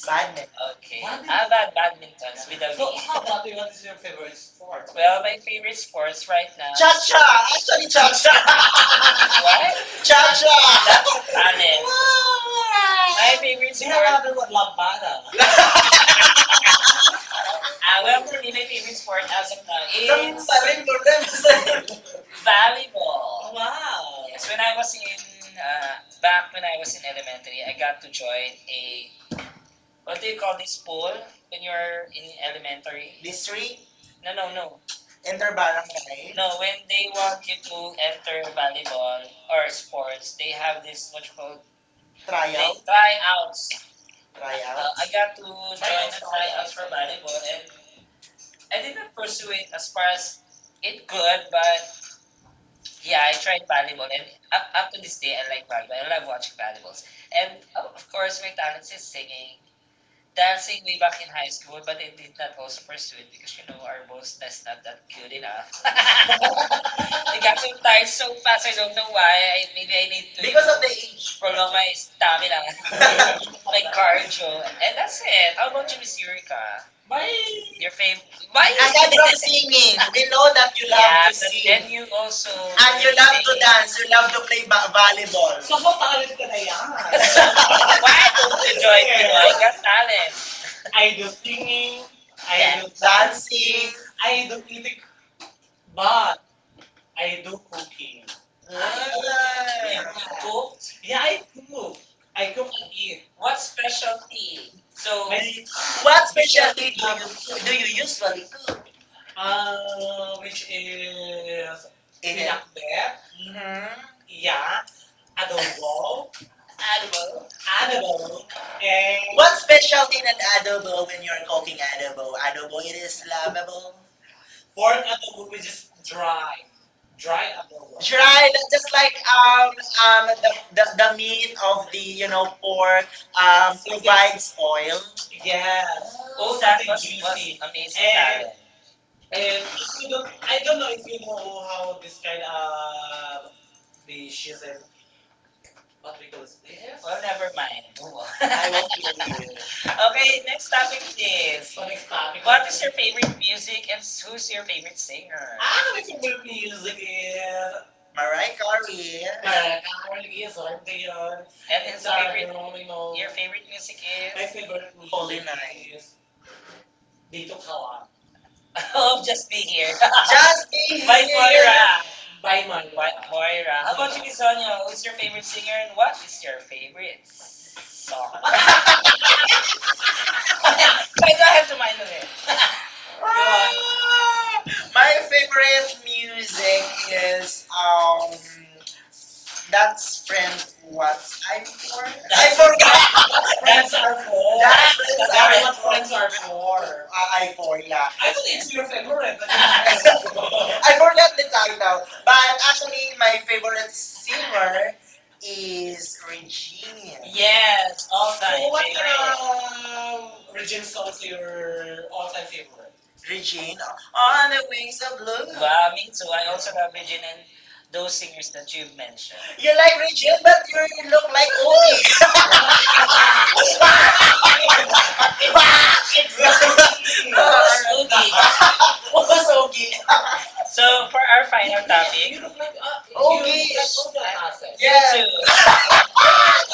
Speaker 2: Badminton.
Speaker 1: Okay. How about badminton with a so, V? How about you? What is your favorite sport? Well, my favorite sports right now. Cha is cha.
Speaker 2: Chacha! Actually,
Speaker 1: Actually,
Speaker 2: Chacha!
Speaker 1: cha cha. What? Cha
Speaker 2: Chacha!
Speaker 1: cha. That's talent. My cha!
Speaker 2: Ay,
Speaker 1: Favorite They have sport.
Speaker 2: ako
Speaker 1: Another
Speaker 2: ng
Speaker 1: one,
Speaker 2: lampara.
Speaker 1: lambada. Ah, well, for me, my favorite sport as of now is
Speaker 2: Enter ko
Speaker 1: volleyball. Wow. Yes, when I was in uh, back when I was in elementary, I got to join a what do you call this pool when you're in elementary? History? No, No. No, when they want you to enter volleyball or sports, they have this what you call they
Speaker 2: trial.
Speaker 1: tryout? Tryouts.
Speaker 2: Tryout.
Speaker 1: Tryout? I got to join a tryout for volleyball, and I did not pursue it as far as it could, but yeah, I tried volleyball, and up to this day, I like volleyball. I love watching volleyballs, and of course, my talent is singing. Dancing way back in high school, but I did not also pursue it because our boss that's not that good enough. I got so tired so fast. I don't know why. Maybe I need to you
Speaker 2: Because
Speaker 1: Because know
Speaker 2: of
Speaker 1: of
Speaker 2: the
Speaker 1: know the age.
Speaker 2: age.
Speaker 1: Prolong my stamina, my cardio, and that's it. How about you, Miss Eureka?
Speaker 2: Why?
Speaker 1: Bye. Your favorite? Bye. I
Speaker 2: Aside from singing, we know
Speaker 1: Yeah,
Speaker 2: that
Speaker 1: love
Speaker 2: you love yeah,
Speaker 1: To
Speaker 2: to
Speaker 1: but see.
Speaker 2: sing.
Speaker 1: Then you also
Speaker 2: And you
Speaker 1: Ako
Speaker 2: love to
Speaker 1: sing. Lang.
Speaker 2: dance, you love to play ba-
Speaker 1: Naku,
Speaker 2: volleyball. So what talent
Speaker 1: talent
Speaker 2: ko
Speaker 1: ka
Speaker 2: na
Speaker 1: na
Speaker 2: yan?
Speaker 1: yan. So why don't you join Pinoy Got Talent?
Speaker 2: I
Speaker 1: I do
Speaker 2: do singing,
Speaker 1: singing, I
Speaker 2: I
Speaker 1: Do
Speaker 2: do dancing. I
Speaker 1: I
Speaker 2: do
Speaker 1: do
Speaker 2: eating,
Speaker 1: eating,
Speaker 2: but
Speaker 1: but
Speaker 2: I
Speaker 1: I
Speaker 2: do
Speaker 1: do
Speaker 2: cooking.
Speaker 1: cooking.
Speaker 2: Ah.
Speaker 1: I
Speaker 2: I
Speaker 1: cook.
Speaker 2: yeah,
Speaker 1: Yeah,
Speaker 2: I
Speaker 1: I
Speaker 2: cook.
Speaker 1: cook.
Speaker 2: I
Speaker 1: I
Speaker 2: cook
Speaker 1: cook
Speaker 2: and
Speaker 1: and
Speaker 2: eat.
Speaker 1: eat. What specialty? So, And
Speaker 2: What
Speaker 1: what
Speaker 2: specialty
Speaker 1: we do, we
Speaker 2: do you
Speaker 1: cook,
Speaker 2: usually cook? Um,
Speaker 1: which
Speaker 2: which
Speaker 1: is
Speaker 2: is it
Speaker 1: pinakbet,
Speaker 2: pinakbet, hmm yeah,
Speaker 1: yeah,
Speaker 2: adobo,
Speaker 1: adobo,
Speaker 2: adobo,
Speaker 1: Adobo.
Speaker 2: adobo.
Speaker 1: Adobo,
Speaker 2: And
Speaker 1: and
Speaker 2: what specialty in an adobo when you're cooking adobo?
Speaker 1: Adobo.
Speaker 2: Adobo,
Speaker 1: Adobo
Speaker 2: it
Speaker 1: means
Speaker 2: is lovable. Pork
Speaker 1: pork
Speaker 2: adobo,
Speaker 1: adobo,
Speaker 2: which
Speaker 1: which
Speaker 2: is
Speaker 1: is
Speaker 2: dry,
Speaker 1: dry,
Speaker 2: dry
Speaker 1: dry
Speaker 2: adobo.
Speaker 1: adobo.
Speaker 2: Dry, that- just like
Speaker 1: um um
Speaker 2: the meat of the you know pork so, yeah, provides oil. Yes,
Speaker 1: Yes. Oh, that Something was juicy. Amazing, And- Karen.
Speaker 2: and
Speaker 1: And
Speaker 2: you
Speaker 1: you
Speaker 2: don't,
Speaker 1: don't,
Speaker 2: I
Speaker 1: I
Speaker 2: don't
Speaker 1: don't
Speaker 2: know
Speaker 1: know
Speaker 2: if
Speaker 1: if
Speaker 2: you
Speaker 1: you
Speaker 2: know
Speaker 1: know how
Speaker 2: how
Speaker 1: this
Speaker 2: this
Speaker 1: kind
Speaker 2: kind of
Speaker 1: of
Speaker 2: dish is
Speaker 1: dishes
Speaker 2: like
Speaker 1: and
Speaker 2: what
Speaker 1: what
Speaker 2: we
Speaker 1: we
Speaker 2: call
Speaker 1: call this.
Speaker 2: this.
Speaker 1: Well, this. Never mind. Move I
Speaker 2: Won't name
Speaker 1: on.
Speaker 2: you.
Speaker 1: don't know. Okay, next topic is So next topic. What is your favorite music and who's your favorite singer?
Speaker 2: I
Speaker 1: Ah,
Speaker 2: don't know
Speaker 1: my
Speaker 2: if you make
Speaker 1: favorite
Speaker 2: music
Speaker 1: music is
Speaker 2: is. Mariah Carey.
Speaker 1: Mariah Carey, Celine Dion. And is the favorite Sarah favorite Geronimo. Your favorite music My
Speaker 2: My
Speaker 1: is
Speaker 2: favorite
Speaker 1: favorite
Speaker 2: Holy
Speaker 1: music.
Speaker 2: Night. Is Dito
Speaker 1: Dito
Speaker 2: Kawa.
Speaker 1: Kawa. I love just be here. Just
Speaker 2: Justin
Speaker 1: being By here. Moira. By Moira. By Moira. How about you, Bisonyo? Who's your favorite singer and what is your favorite song? So I don't have to mind of it. Go on.
Speaker 2: ah, my favorite
Speaker 1: Favorite
Speaker 2: music is
Speaker 1: um that's
Speaker 2: that's friend
Speaker 1: one
Speaker 2: what I'm for. I
Speaker 1: That's I
Speaker 2: forgot.
Speaker 1: what
Speaker 2: Friends
Speaker 1: friends,
Speaker 2: are
Speaker 1: are
Speaker 2: for.
Speaker 1: for. What friends are for.
Speaker 2: I for, yeah.
Speaker 1: I thought it's your favorite, but it's I
Speaker 2: I forgot the title, but actually
Speaker 1: actually
Speaker 2: my favorite singer
Speaker 1: singer
Speaker 2: is
Speaker 1: is Rachel.
Speaker 2: Regine.
Speaker 1: Yes, all time So
Speaker 2: What,
Speaker 1: what
Speaker 2: What
Speaker 1: favorite. Ang
Speaker 2: Regine
Speaker 1: region
Speaker 2: song
Speaker 1: song
Speaker 2: is
Speaker 1: to
Speaker 2: your
Speaker 1: your
Speaker 2: all time
Speaker 1: all-time favorite?
Speaker 2: favorite? Regine on
Speaker 1: On
Speaker 2: the wings
Speaker 1: Lisa
Speaker 2: of
Speaker 1: Blue.
Speaker 2: blue.
Speaker 1: Wow, me too. I also love Regine and those singers that you've mentioned.
Speaker 2: You
Speaker 1: Yeah,
Speaker 2: like Regine, but you look like
Speaker 1: like,
Speaker 2: Ogie.
Speaker 1: oh,
Speaker 2: What's Ogie?
Speaker 1: so for our final topic, look like, ah, you look like Ozzy
Speaker 2: Ogie.
Speaker 1: Alcacel. You
Speaker 2: Yes.
Speaker 1: too.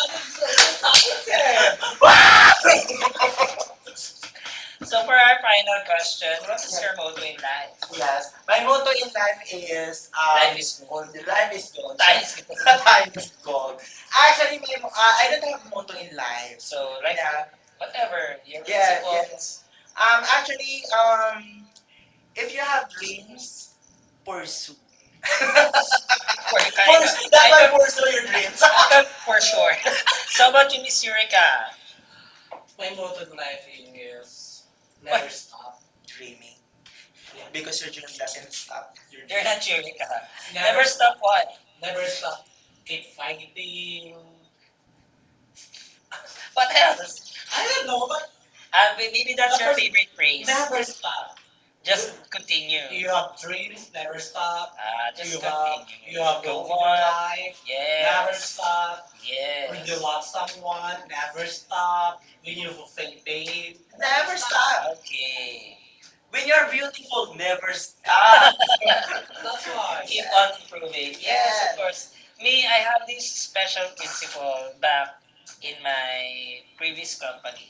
Speaker 1: You're talented. So for our final question, what is your motto in life? Yeah.
Speaker 2: Yes. My motto in is
Speaker 1: Is
Speaker 2: um,
Speaker 1: life
Speaker 2: life is
Speaker 1: is gold. So
Speaker 2: gold.
Speaker 1: life is
Speaker 2: Yes. Yes. Time is gold.
Speaker 1: gold. Actually
Speaker 2: Actually, my,
Speaker 1: may mo
Speaker 2: mo-
Speaker 1: ako
Speaker 2: I don't have motto
Speaker 1: to
Speaker 2: in
Speaker 1: in life.
Speaker 2: life.
Speaker 1: So right now,
Speaker 2: Yeah.
Speaker 1: whatever your
Speaker 2: Yeah,
Speaker 1: Principle.
Speaker 2: yes.
Speaker 1: Um,
Speaker 2: Actually,
Speaker 1: um,
Speaker 2: if
Speaker 1: if
Speaker 2: you
Speaker 1: you
Speaker 2: have
Speaker 1: have
Speaker 2: dreams,
Speaker 1: dreams,
Speaker 2: pursue.
Speaker 1: pursue. Pursue,
Speaker 2: Personal,
Speaker 1: dapat pursue
Speaker 2: personal
Speaker 1: your dreams.
Speaker 2: dreams.
Speaker 1: For sure. So about you, Miss Eureka? My
Speaker 2: My motto in
Speaker 1: motto in
Speaker 2: life
Speaker 1: life
Speaker 2: is
Speaker 1: is What? Never what?
Speaker 2: stop
Speaker 1: Stop.
Speaker 2: dreaming. Yeah.
Speaker 1: Dreaming.
Speaker 2: Because your dream doesn't stop. Your you're
Speaker 1: You're not Eureka. Never stop what? Never stop.
Speaker 2: keep
Speaker 1: Keep
Speaker 2: fighting.
Speaker 1: fighting. What else?
Speaker 2: I
Speaker 1: I
Speaker 2: don't
Speaker 1: don't
Speaker 2: know,
Speaker 1: know,
Speaker 2: but
Speaker 1: but I mean, maybe that's your favorite phrase. Never stop. Just continue. You have
Speaker 2: dreams
Speaker 1: dreams,
Speaker 2: never
Speaker 1: never
Speaker 2: stop.
Speaker 1: stop. Ah,
Speaker 2: The
Speaker 1: just you have continue. You have
Speaker 2: your
Speaker 1: Go goals in your on. Life,
Speaker 2: life
Speaker 1: never
Speaker 2: stop.
Speaker 1: stop. When you
Speaker 2: On
Speaker 1: love
Speaker 2: someone
Speaker 1: someone,
Speaker 2: never
Speaker 1: never
Speaker 2: stop.
Speaker 1: stop.
Speaker 2: When
Speaker 1: When
Speaker 2: you
Speaker 1: you
Speaker 2: feel
Speaker 1: fulfill
Speaker 2: pain,
Speaker 1: pain,
Speaker 2: never
Speaker 1: never stop.
Speaker 2: stop.
Speaker 1: Okay.
Speaker 2: When you're beautiful,
Speaker 1: Will
Speaker 2: never
Speaker 1: never
Speaker 2: stop.
Speaker 1: stop. That's why. Keep on improving. Yes, of course. Me, I have this special principle back in my previous company,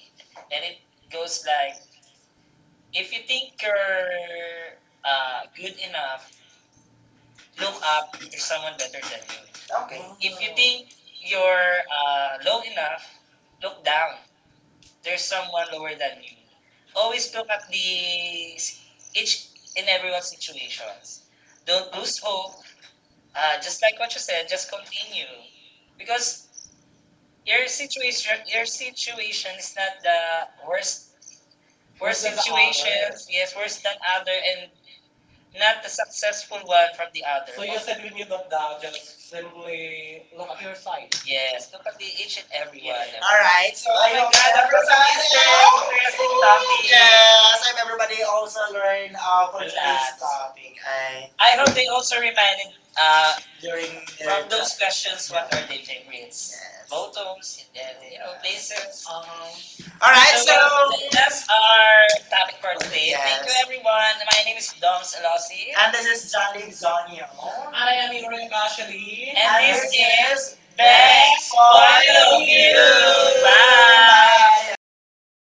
Speaker 1: and it goes like: if you think you're good enough, look up to someone better than you. Okay. If you think you're low enough, look down there's someone lower than you. Always look at the each and everyone's situations. Don't lose hope. Just like what you said, just continue because your situation is not the worst Worse than the situations. Others. Yes, worse than other and not the successful one from the other. So you said when you look down, just simply look at your side. Yes, look at the each and every one. Yeah.
Speaker 2: All right, so I
Speaker 1: Oh my
Speaker 2: everybody.
Speaker 1: God, that was an interesting topic.
Speaker 2: Yes, I hope everybody also learn
Speaker 1: Uh,
Speaker 2: for
Speaker 1: for today's
Speaker 2: topic
Speaker 1: topic.
Speaker 2: I
Speaker 1: I hope they also reminded uh, during
Speaker 2: during
Speaker 1: from those questions what are their favorites. Yes. Motoms and then, places.
Speaker 2: all right,
Speaker 1: That's our topic for today. Thank you, everyone. My name is Doms Elossi.
Speaker 2: and this is Jolly
Speaker 1: Jacqueline
Speaker 2: Zonio.
Speaker 1: Sonio. And
Speaker 2: I
Speaker 1: I am
Speaker 2: am Yuri
Speaker 1: Irene Ashley.
Speaker 2: Ashley.
Speaker 1: And
Speaker 2: And
Speaker 1: this
Speaker 2: this
Speaker 1: is
Speaker 2: May
Speaker 1: Best for You.
Speaker 2: you.
Speaker 1: Bye.
Speaker 2: Bye,
Speaker 1: Bye,
Speaker 2: everyone.
Speaker 1: everyone.